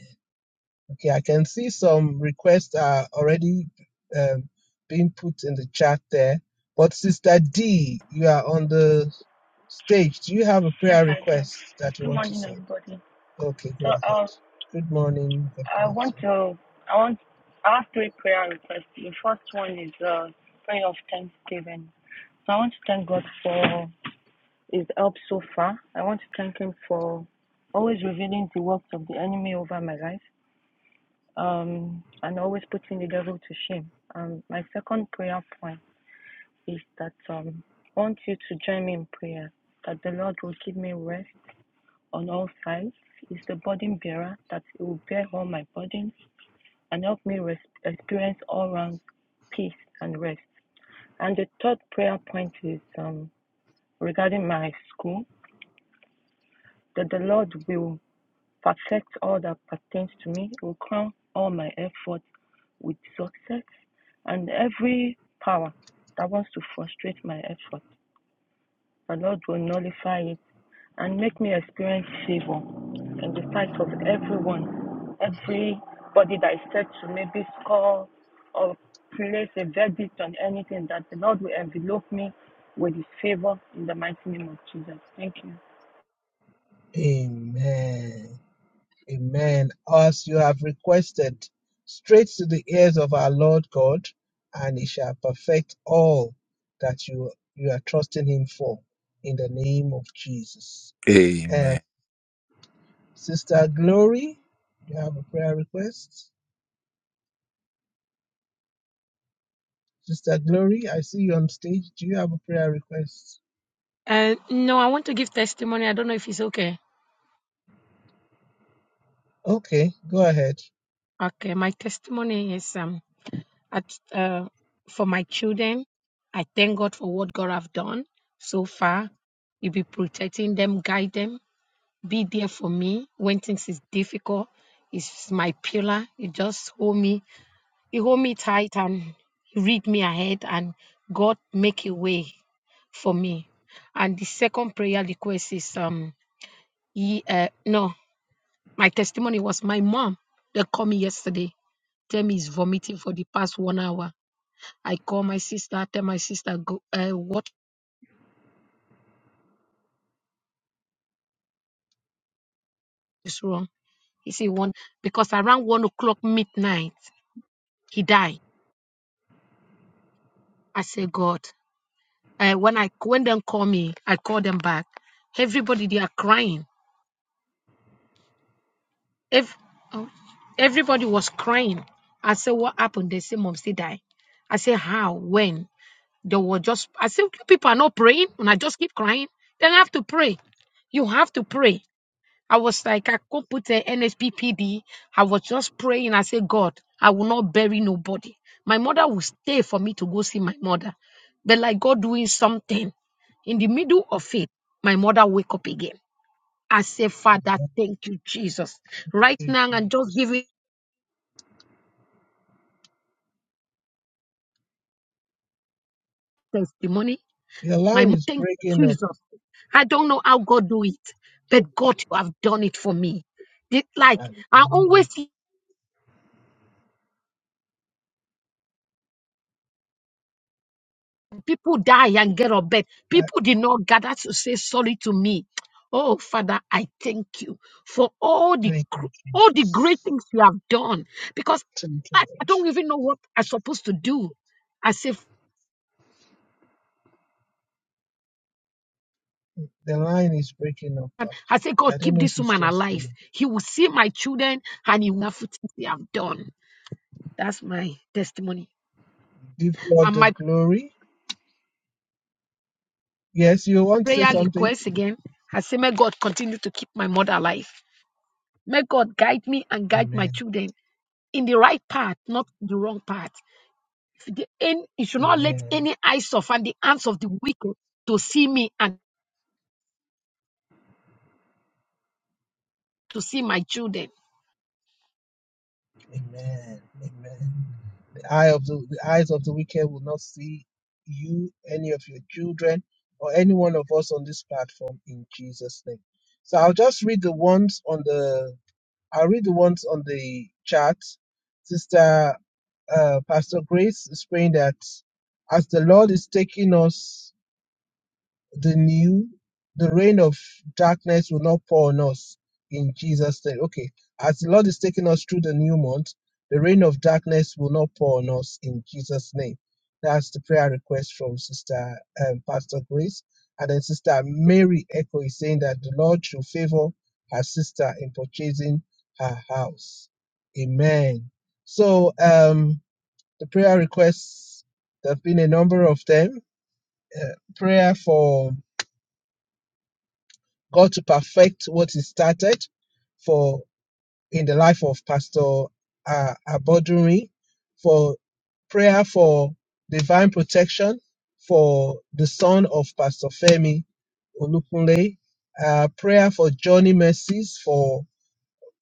Okay, I can see some requests are already um, being put in the chat there. But Sister D, you are on the stage. Do you have a
Yes,
prayer
I do.
request that you
Good
want to
morning,
say?
everybody.
Okay, go
So,
ahead.
uh,
Good morning. God
I
bless
want to, I want, I have three prayer requests. The first one is uh, prayer of thanksgiving. So, I want to thank God for His help so far. I want to thank Him for always revealing the works of the enemy over my life, um, and always putting the devil to shame. Um, my second prayer point is that um, I want you to join me in prayer that the Lord will give me rest on all sides is the burden bearer that he will bear all my burdens and help me res- experience all round peace and rest. And the third prayer point is um, regarding my school that the Lord will perfect all that pertains to me, will crown all my efforts with success, and every power that wants to frustrate my efforts, the Lord will nullify it and make me experience favor in the sight of everyone, everybody that is set to maybe score or place a verdict on anything, that the Lord will envelop me with his favor in the mighty name of Jesus. Thank you.
you. Amen. Amen. As you have requested, straight to the ears of our Lord God, and He shall perfect all that you you are trusting Him for. In the name of Jesus.
Amen.
Sister Glory, do you have a prayer request? Sister Glory, I see you on stage. Do you have a prayer request?
Uh, no, I want to give testimony. I don't know if it's okay.
Okay, go ahead.
Okay, my testimony is um at uh for my children. I thank God for what God have done so far. You be protecting them, guide them, be there for me when things is difficult. It's my pillar. You just hold me. You hold me tight and you read me ahead, and God make a way for me. And the second prayer request is um ye, uh, no My testimony was my mom that called me yesterday. Tell me he's vomiting for the past one hour. I call my sister, tell my sister, go, uh, what is wrong? He said, one, because around one o'clock midnight, he died. I said, God, uh, when I when them call me, I call them back. Everybody, they are crying. Ev- oh, everybody was crying. I said, what happened? They say, mom, still died. I said, how? When? They were just, I said, people are not praying, and I just keep crying. Then I have to pray. You have to pray. I was like, I couldn't put a NSPPD. I was just praying. I said, God, I will not bury nobody. My mother will stay for me to go see my mother. But like God doing something in the middle of it, my mother wake up again. I say, Father, thank you, Jesus. Right
Thank
now,
you,
I'm just
Jesus.
giving testimony.
Your
My
line
mom,
is
thank
breaking
you,
up.
Jesus. I don't know how God do it, but God, you have done it for me. It- like I
Hallelujah.
always see people die and get up, but
I-
people did not gather to say sorry to me. Oh Father, I thank you for all the
Thank you,
gr- all the great
Jesus.
things you have done. Because
Thank you,
I, I
Lord.
don't even know what I'm supposed to do. I say,
The line is breaking up,
"Fa- I
actually.
say,
I
God,
don't
keep
know if
this
it's
woman
just you.
alive. He will see my children and he will have things they have done. That's my testimony.
Give God
And
the
my
glory. Yes, you want to say
prayer
something?
request again. I say, may God continue to keep my mother alive. May God guide me and guide my
Amen.
children in the right path, not the wrong path. If the end, you should not let
Amen.
any eyes of and the hands of the wicked to see me and to see my children.
Amen. Amen. The eye of the, the eyes of the wicked will not see you, any of your children, or any one of us on this platform in Jesus' name. So I'll just read the ones on the I'll read the ones on the chat. Sister uh, Pastor Grace is praying that as the Lord is taking us the new the rain of darkness will not pour on us in jesus name okay as the lord is taking us through the new month the rain of darkness will not pour on us in jesus name that's the prayer request from sister um, pastor grace and then sister mary echo is saying that the lord should favor her sister in purchasing her house amen so um the prayer requests there have been a number of them uh, prayer for God to perfect what He started for in the life of Pastor uh, Abodunrin, for prayer for divine protection for the son of Pastor Femi Olukunle, uh, prayer for Johnny Mercies for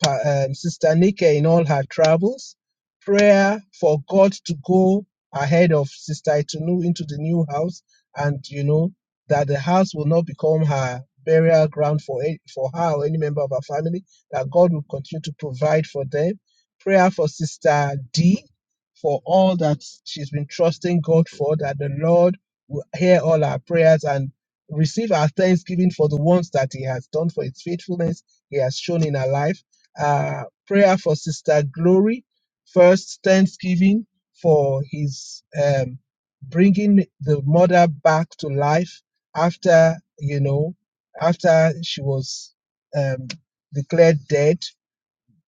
Pa- um, Sister Nika in all her travels, prayer for God to go ahead of Sister Itunu into the new house, and you know that the house will not become her burial ground for for her or any member of her family. That God will continue to provide for them. Prayer for Sister D for all that she's been trusting God for. That the Lord will hear all our prayers and receive our thanksgiving for the ones that He has done for His faithfulness He has shown in our life uh, prayer for Sister Glory. First, thanksgiving for his um, bringing the mother back to life after, you know, after she was um, declared dead.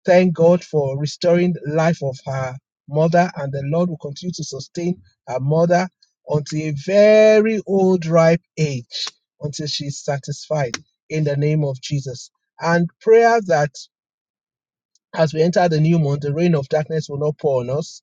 Thank God for restoring the life of her mother, and the Lord will continue to sustain her mother until a very old, ripe age, until she's satisfied in the name of Jesus. And prayer that as we enter the new month, the rain of darkness will not pour on us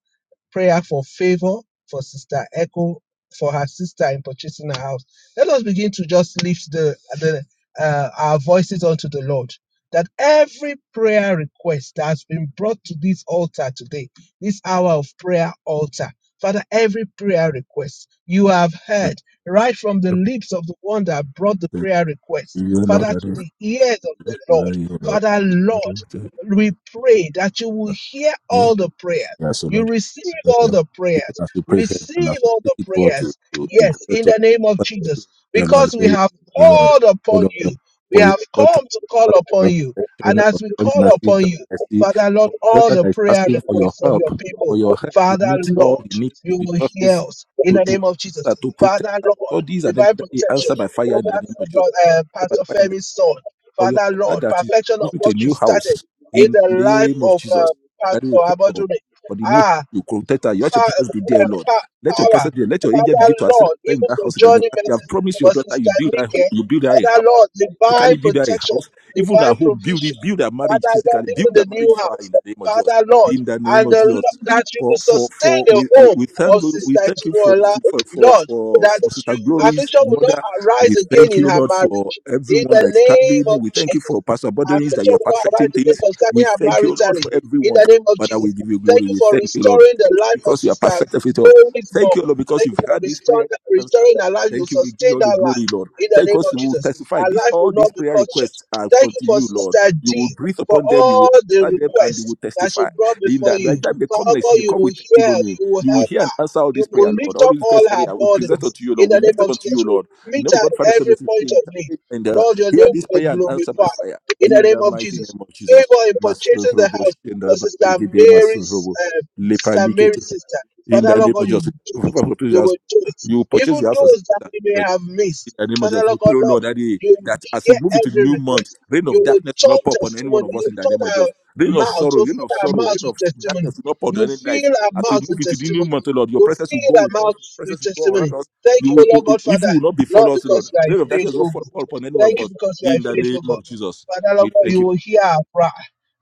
prayer for favor for Sister Echo, for her sister in purchasing a house. Let us begin to just lift the, the uh, our voices unto the Lord. That every prayer request that has been brought to this altar today, this hour of prayer altar, Father, every prayer request you have heard right from the lips of the one that brought the
You,
prayer request, Father, to
Lord.
the ears of the
Father,
Lord.
you know,
Father, Lord, we pray that you will hear all the prayers
yes, O
you
Lord.
receive
we pray,
all
Lord,
the
Even
prayers.
as we pray here and
Receive
as we
all
take
the
it forward to,
prayers.
to, to
Yes, in
intercessor,
the name of
Father, this is
Jesus.
prayer, Lord,
Because
for
we
your
have
Lord, Lord,
called
O
upon
Lord, Lord,
you. We
for your
have
daughter
come to call
that
upon
is
you. And
asking for
as we
protection, for your
call
mercy,
upon
your
you,
mercy,
Father Lord,
for your
all
daughter
the
that is
prayer
asking for your
requests of
help,
your
for
people,
your help to
Father
meet all the
Lord,
needs is
you
been
will
trust you
hear us in
for, to,
the
to,
name of Jesus.
to, to protect
Father
her
Lord,
studies and
divine
everything, that
protection
answer by fire in
over
the name of Jesus.
uh, Pastor Femi's son.
for your
Father
daughter
Lord,
that is
perfection of
moving to a
what you
new
started
house
in
in
the life
the name of
of uh,
Jesus.
Pastor
That we pray, Lord,
Abodure.
for the new house.
Ah,
You protect her. Let your
Father,
presence be there, Lord. Let your
power,
presence be there. Let your angel
Father
begin to ascend
Lord,
and ascend in
even
that
for
house. That you,
Johnny
as you have
Mason,
promised your
for
daughter,
Sister
you build her home.
Nike,
You build her a house
Father Lord,
physically
divine
build her a
protection,
house, even her
divine
home, build it,
provision,
build her marriage
Father Lord,
physically,
even
build her
the
marriage
new
for her in
house,
the name of Jesus.
Father Lord,
In the name
and
of
the, Lord,
Jesus.
that you
For
will
for
sustain
for
the
we, we,
home
we thank
of
you, we
Sister
thank you for
Chirola,
for, for
Lord,
for
that
for Sister
you
Glory's
affliction will not
mother.
arise
We thank
again in
you,
her
Lord, for
marriage. In
everyone that
the
is
name of
traveling. We thank you for
Jesus,
Pastor Borderings that
affliction
you are
will not
perfecting
arise again
things. We
concerning her
thank you, Lord,
maritally.
for
In
everyone.
the name of
Father,
Jesus.
we give you
Thank
glory.
you
We
for
thank you, Lord.
restoring the
Thank you
life of
because you are
Sister
perfect of it all.
Mary's
Thank
mom.
you, Lord, because
Thank you
you've
for
heard this prayer
restoring,
answered.
restoring her life. You
Thank you. We give you
sustain
all the
her life
glory, Lord.
in the
Thank
name
us,
of
you will
Jesus.
testify.
Her
This
life will
all these
not be
prayer
cut short.
requests are
Thank you
unto
for
you, Lord.
Sister
You will
D
breathe
for
upon them, you
all
will
the
answer them, and they
requests
will
that she
testify.
brought
In
before
that
you.
right time they come
Father
next,
God,
they
you
come
will
with
hear,
testimony.
you will
You will
help
hear and
her.
answer all
You
these
will
prayer, Lord.
lift
All
up
these
all
requests that they
her
are, there. we present
burdens
unto you,
in
Lord. We
the name
lift up
of
unto
Jesus.
you,
You will
Lord. You
meet
know,
her
God Father,
at
Son,
every
and Spirit,
point of need.
intercede and uh,
Lord, your
hear
name
this
will be
prayer and answer by
glorified
fire.
in the
In
name
the
of
mighty
Jesus
name of Jesus.
favor in purchasing the
Masorobo,
house for
Shendraba,
Sister
Regede,
Mary's,
Masorobo,
uh,
Lepa,
Sister
Likete.
Mary's sister.
In
Father
the
Lord
name
God,
of
you do it. You
Jesus.
will do it.
You
Even
purchase the house
those that we may
for
have
in
missed,
the name of
Father
Jesus. We
Lord God,
pray, O
Lord,
Lord, that, eh,
you will
that as we
hear
move into the
every
new month,
request.
reign of
You will
darkness will
turn
not pop on any one
testimony.
of us
You
in
will
the name of
turn our
Jesus. Reign of
mouth.
sorrow,
You will
reign of
fill our
sorrow,
mouth
reign of
with testimony.
darkness will not pop
You
on any life.
fill our
As we
mouth
move
with
into the new
testimony.
month, O Lord, your
You
presence will go
fill our
with us,
mouth
your
with
presence will go
testimony.
around us.
Thank
You
you,
will, you,
Lord
you-
God,
evil
Father.
will not befall
Lord,
us, O Lord.
because you are
Reign
a
of darkness will not
faithful
fall fall
God.
upon any one of
Thank you
us.
because you are
In
a
the
faithful
name
God.
of Jesus,
Father,
we
Lord God,
thank
you
you.
will hear our prayer.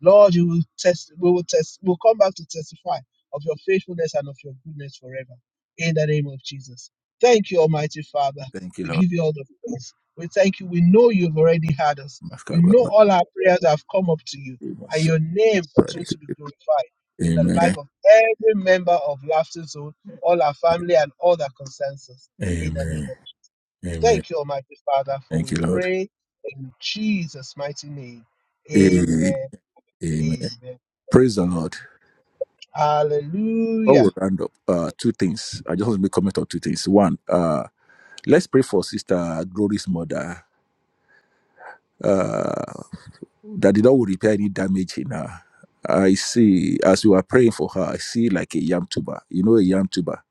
Lord, you will test, we will test, we'll come back to testify of your faithfulness and of your goodness forever. In the name of Jesus. Thank you, Almighty Father.
Thank you,
We
Lord.
give you all the praise. We thank you. We know you've already heard us. We know all our prayers have come up to you, and your name continues to be glorified in the
Amen.
life of every member of Laughter Zone, all our family, and all that concerns us. In the
Amen.
name of
Amen.
Thank you, Almighty Father, for
Thank
we
you, Lord.
pray in Jesus' mighty name.
Amen.
Amen. Amen.
Praise the Lord. Before we
Hallelujah.
round up, uh, two things. I just want to make comment on two things. One, uh, let's pray for Sister Glory's mother. Uh, that did not repair any damage in her. I see, as you are praying for her, I see like a yam tuber. You know, a yam tuber,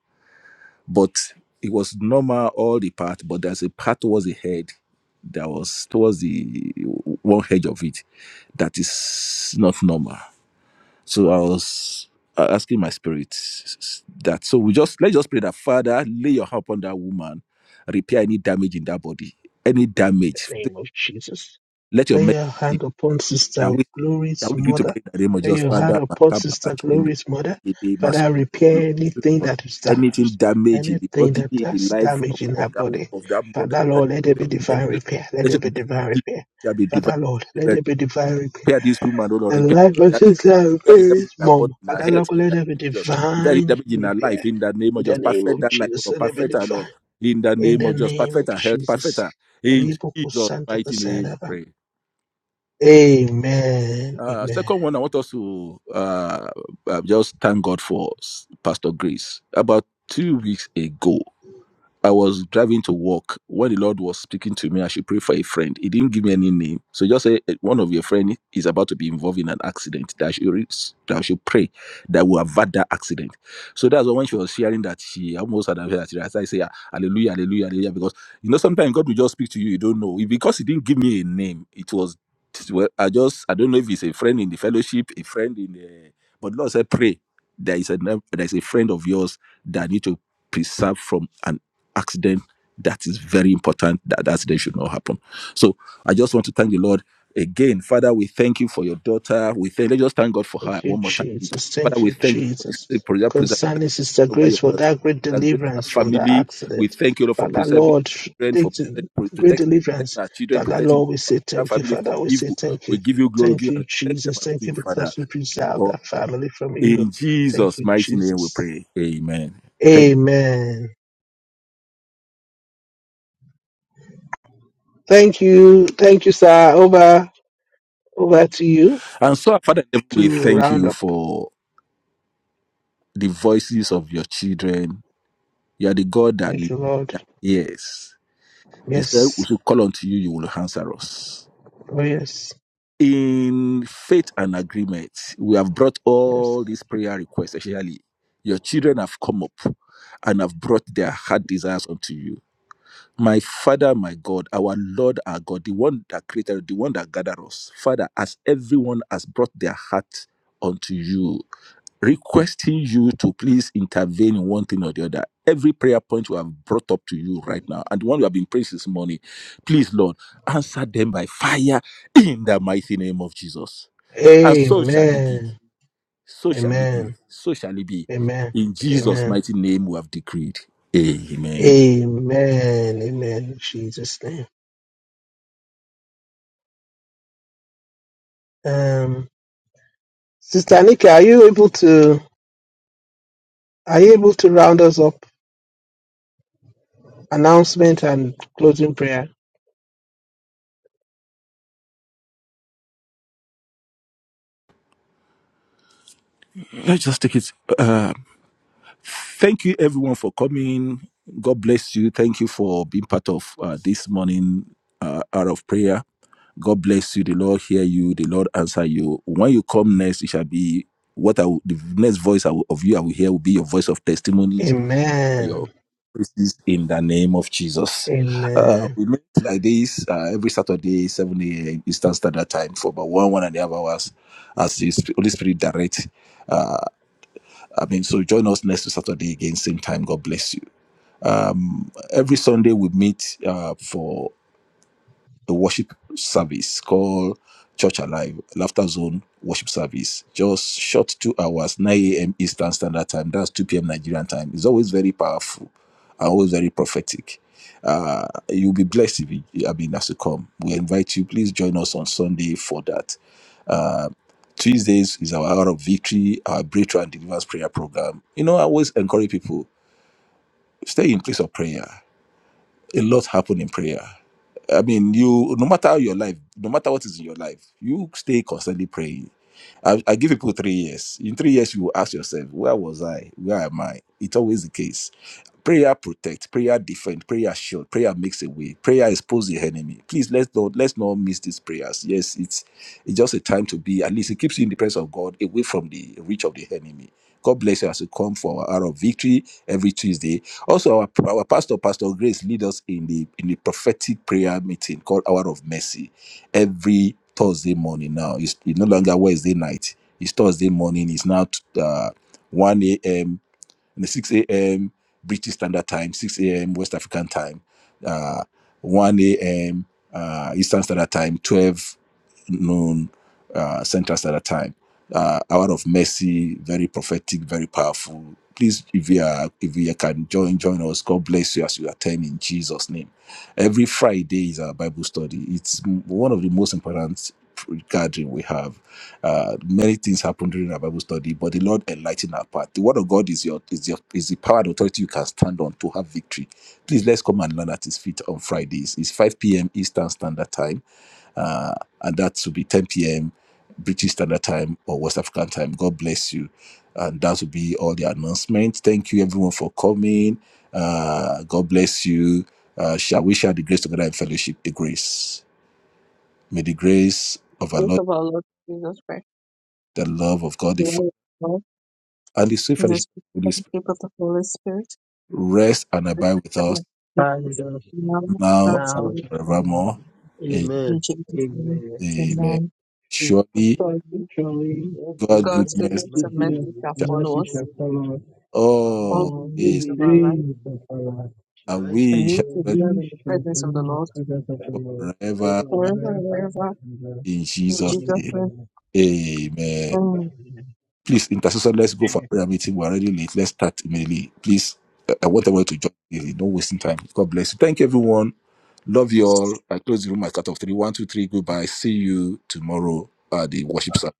but it was normal all the part, but there's a part towards the head that was towards the one edge of it that is not normal. So I was uh, asking my spirit that. So we just let's just pray that Father, lay your hand upon that woman, repair any damage in that body, any
In
damage.
the name of Jesus.
Let your
Lay
message
your
be
hand upon
that
Sister
we
Glory's
that we give to
mother.
pray in the name of
Lay
Jesus,
your hand
Father,
upon
Makaba,
Sister
Bashindra,
Glory's mother.
Ekede,
Father,
Masoto,
repair anything
Lord,
that is
anything
damaged,
damage in the
anything
body,
that
in the
that's
life of,
damaged in her
of that
body.
of that mother,
Father,
that
Lord, let there
is
be
by mercy,
divine
Lord.
repair. Let
Let
there
your
be divine
message
repair.
there be divine.
Father, Lord, let there
Repair
be divine repair.
this woman, oh Lord,
The
repair
life of Sister
repair the
Mary's
damage in our
mom,
body, in our
Father,
health,
Lord,
in
let
the
there be
name of Jesus. Repair the
divine
damage in our
repair
life, in the name of
in the
Jesus.
name
Perfect
of
that life, oh
Jesus.
Lord.
Let there be
Perfect our Lord.
divine
In the
in
name
the
of Jesus.
name of
Perfect our health. Perfect
Jesus.
our. In
Ribo
Jesus'
kusanta
mighty name,
kasaraba.
pray.
Amen.
Uh,
Amen.
second one, I want us to uh, uh, just thank God for s- Pastor Grace. About two weeks ago, I was driving to work when the Lord was speaking to me. I should pray for a friend. He didn't give me any name, so just say "Eh, one of your friend is about to be involved in an accident. That I should re- that I should pray that will avert that accident. So that's why when she was sharing that she almost had a heart attack. I say "Ah, hallelujah, hallelujah, hallelujah, because you know sometimes God will just speak to you. You don't know because he didn't give me a name. It was well, I just I don't know if it's a friend in the fellowship, a friend in the but Lord said pray. There is a name- there is a friend of yours that I need to preserve from an accident that is very important that the accident should not happen so i just want to thank the lord again father we thank you for your daughter we thank let's just thank god for her
Thank you,
one more time
Jesus.
father
Thank
we
you,
thank you for the
Jesus.
safe pres- preservation
Concerning Sister
over
Grace
your
for that great
that grace and her
deliverance from that
family we
accident.
thank you lord for
Father
preserving
Lord,
children for
take the
protect- for
great
protecting, protecting
deliverance.
our children
Father
protecting
Lord, we say
our
thank you.
family
Father,
from
we say
evil
thank
we
you.
give you glory
Thank
give
you,
and thank you
Jesus. Thank you
everlasting father
because you preserved
for
that family from evil.
in
Thank
jesus
you,
mighty name we
Jesus.
pray amen Thank-
Amen. Thank you. Thank you, sir. Over over to you
and so father in heaven,
to
we thank
round
you
up.
for the voices of your children. You are the God that,
Thank you, Lord.
that hears. He said, We
Yes.
should call unto you, you will answer us.
Oh yes.
In faith and agreement, we have brought
Yes.
all these prayer requests, especially your children have come up and have brought their heart desires unto you my Father, my God, our Lord, our God, the one that created, the one that gathered us, Father, as everyone has brought their heart unto you, requesting you to please intervene in one thing or the other. Every prayer point we have brought up to you right now, and the one we have been praying this morning, please, Lord, answer them by fire in the mighty name of Jesus. And so shall it be.
Amen.
So shall it be.
Amen.
So shall it be.
Amen.
In Jesus'
Amen.
mighty name, we have decreed. Amen.
Amen. Amen. In Jesus' name. Um, Sister Nikki, are you able to are you able to round us up? Announcement and closing prayer.
Let's just take it. Uh, Thank you, everyone, for coming. God bless you. Thank you for being part of uh, this morning uh, hour of prayer. God bless you. The Lord hear you. The Lord answer you. When you come next, it shall be what I will, the next voice I will, of you I will hear will be your voice of testimonies and your
Amen.
praises in the name of Jesus. Uh,
Amen.
we meet like this uh, every Saturday, 7 a.m. Eastern Standard Time for about one, one and a half hours as the Sp- Holy Spirit direct. uh, I mean, so join us next Saturday again, same time. God bless you. Um, every Sunday we meet uh, for a worship service called Church Alive Laughter Zone Worship Service. Just short two hours, 9 a.m. Eastern Standard Time. That's 2 p.m. Nigerian time. It's always very powerful and always very prophetic. Uh, you'll be blessed if you, I mean, as you come. We invite you. Please join us on Sunday for that. Uh, Tuesdays is our hour of victory, our breakthrough and deliverance prayer program. You know, I always encourage people. Stay in place of prayer. A lot happen in prayer. I mean, you no matter how your life, no matter what is in your life, you stay constantly praying. I, I give people three years. In three years, you will ask yourself, where was I? Where am I? It's always the case. Prayer protect, prayer defend, prayer shield, prayer makes a way, prayer exposes the enemy. Please let's not let's not miss these prayers. Yes, it's it's just a time to be at least it keeps you in the presence of God, away from the reach of the enemy. God bless you as you come for our hour of victory every Tuesday. Also, our, our pastor, Pastor Grace, lead us in the in the prophetic prayer meeting called Hour of Mercy every Thursday morning. Now it's, it's no longer Wednesday night; it's Thursday morning. It's now uh, one a.m. and six a.m. British Standard Time, six a.m. West African Time, uh, one a.m. Uh, Eastern Standard Time, twelve known uh, centers at a time. Uh, hour of mercy, very prophetic, very powerful. Please, if you are, if you can join, join us. God bless you as you attend in Jesus' name. Every Friday is our Bible study. It's m- one of the most important gathering we have. Uh, many things happen during our Bible study, but the Lord enlighten our path. The Word of God is your is your is the power and authority you can stand on to have victory. Please let's come and learn at His feet on Fridays. It's 5 p.m. Eastern Standard Time uh, and that will be 10 p.m. British Standard Time or West African Time. God bless you. And that will be all the announcements. Thank you, everyone, for coming. Uh, God bless you. Uh, shall we share the grace together in fellowship? The grace. May the grace of our
Praise
Lord,
of our Lord Jesus Christ,
the love of God, the
The love
Father,
of God,
and the sweet
in the
fellowship
sweet
of the Holy Spirit
fellowship of the Holy Spirit,
rest and abide with us
the now
now
and
and
now
Amen.
forever.
and forever.
forevermore.
In
Amen.
Jesus' name,
Amen.
Amen.
amen.
Surely,
So I
Godly-
Surely,
God's
God's
goodness
God's
and
goodness
goodness and
goodness
mercy
mercy
shall
and
shall
shall
follow
mercy
us
follow us
shall follow us
all
all
all
the
the
all
days
days
the
of
days
our
of
life
days
my
of
life,
our life.
and
and
I shall
and
we
need
shall
dwell
to
dwell
dwell
We
in
in the
the
shall be
presence of the
presence
in
Lord
of
the
the Lord
presence of the Lord
forever
forever and
forever
forever
and
ever.
ever.
and ever.
in
In
Jesus'
Jesus'
name.
name,
Amen.
Amen.
Amen.
Amen.
Please, intercessor, let's go for
Amen.
prayer meeting. We're already late. Let's start immediately. Please, I I want everyone to join immediately. do wasting time. God bless you. Thank you, everyone. Love you all. I close the room at cut off three. One, two, three. Goodbye. See you tomorrow at the worship service.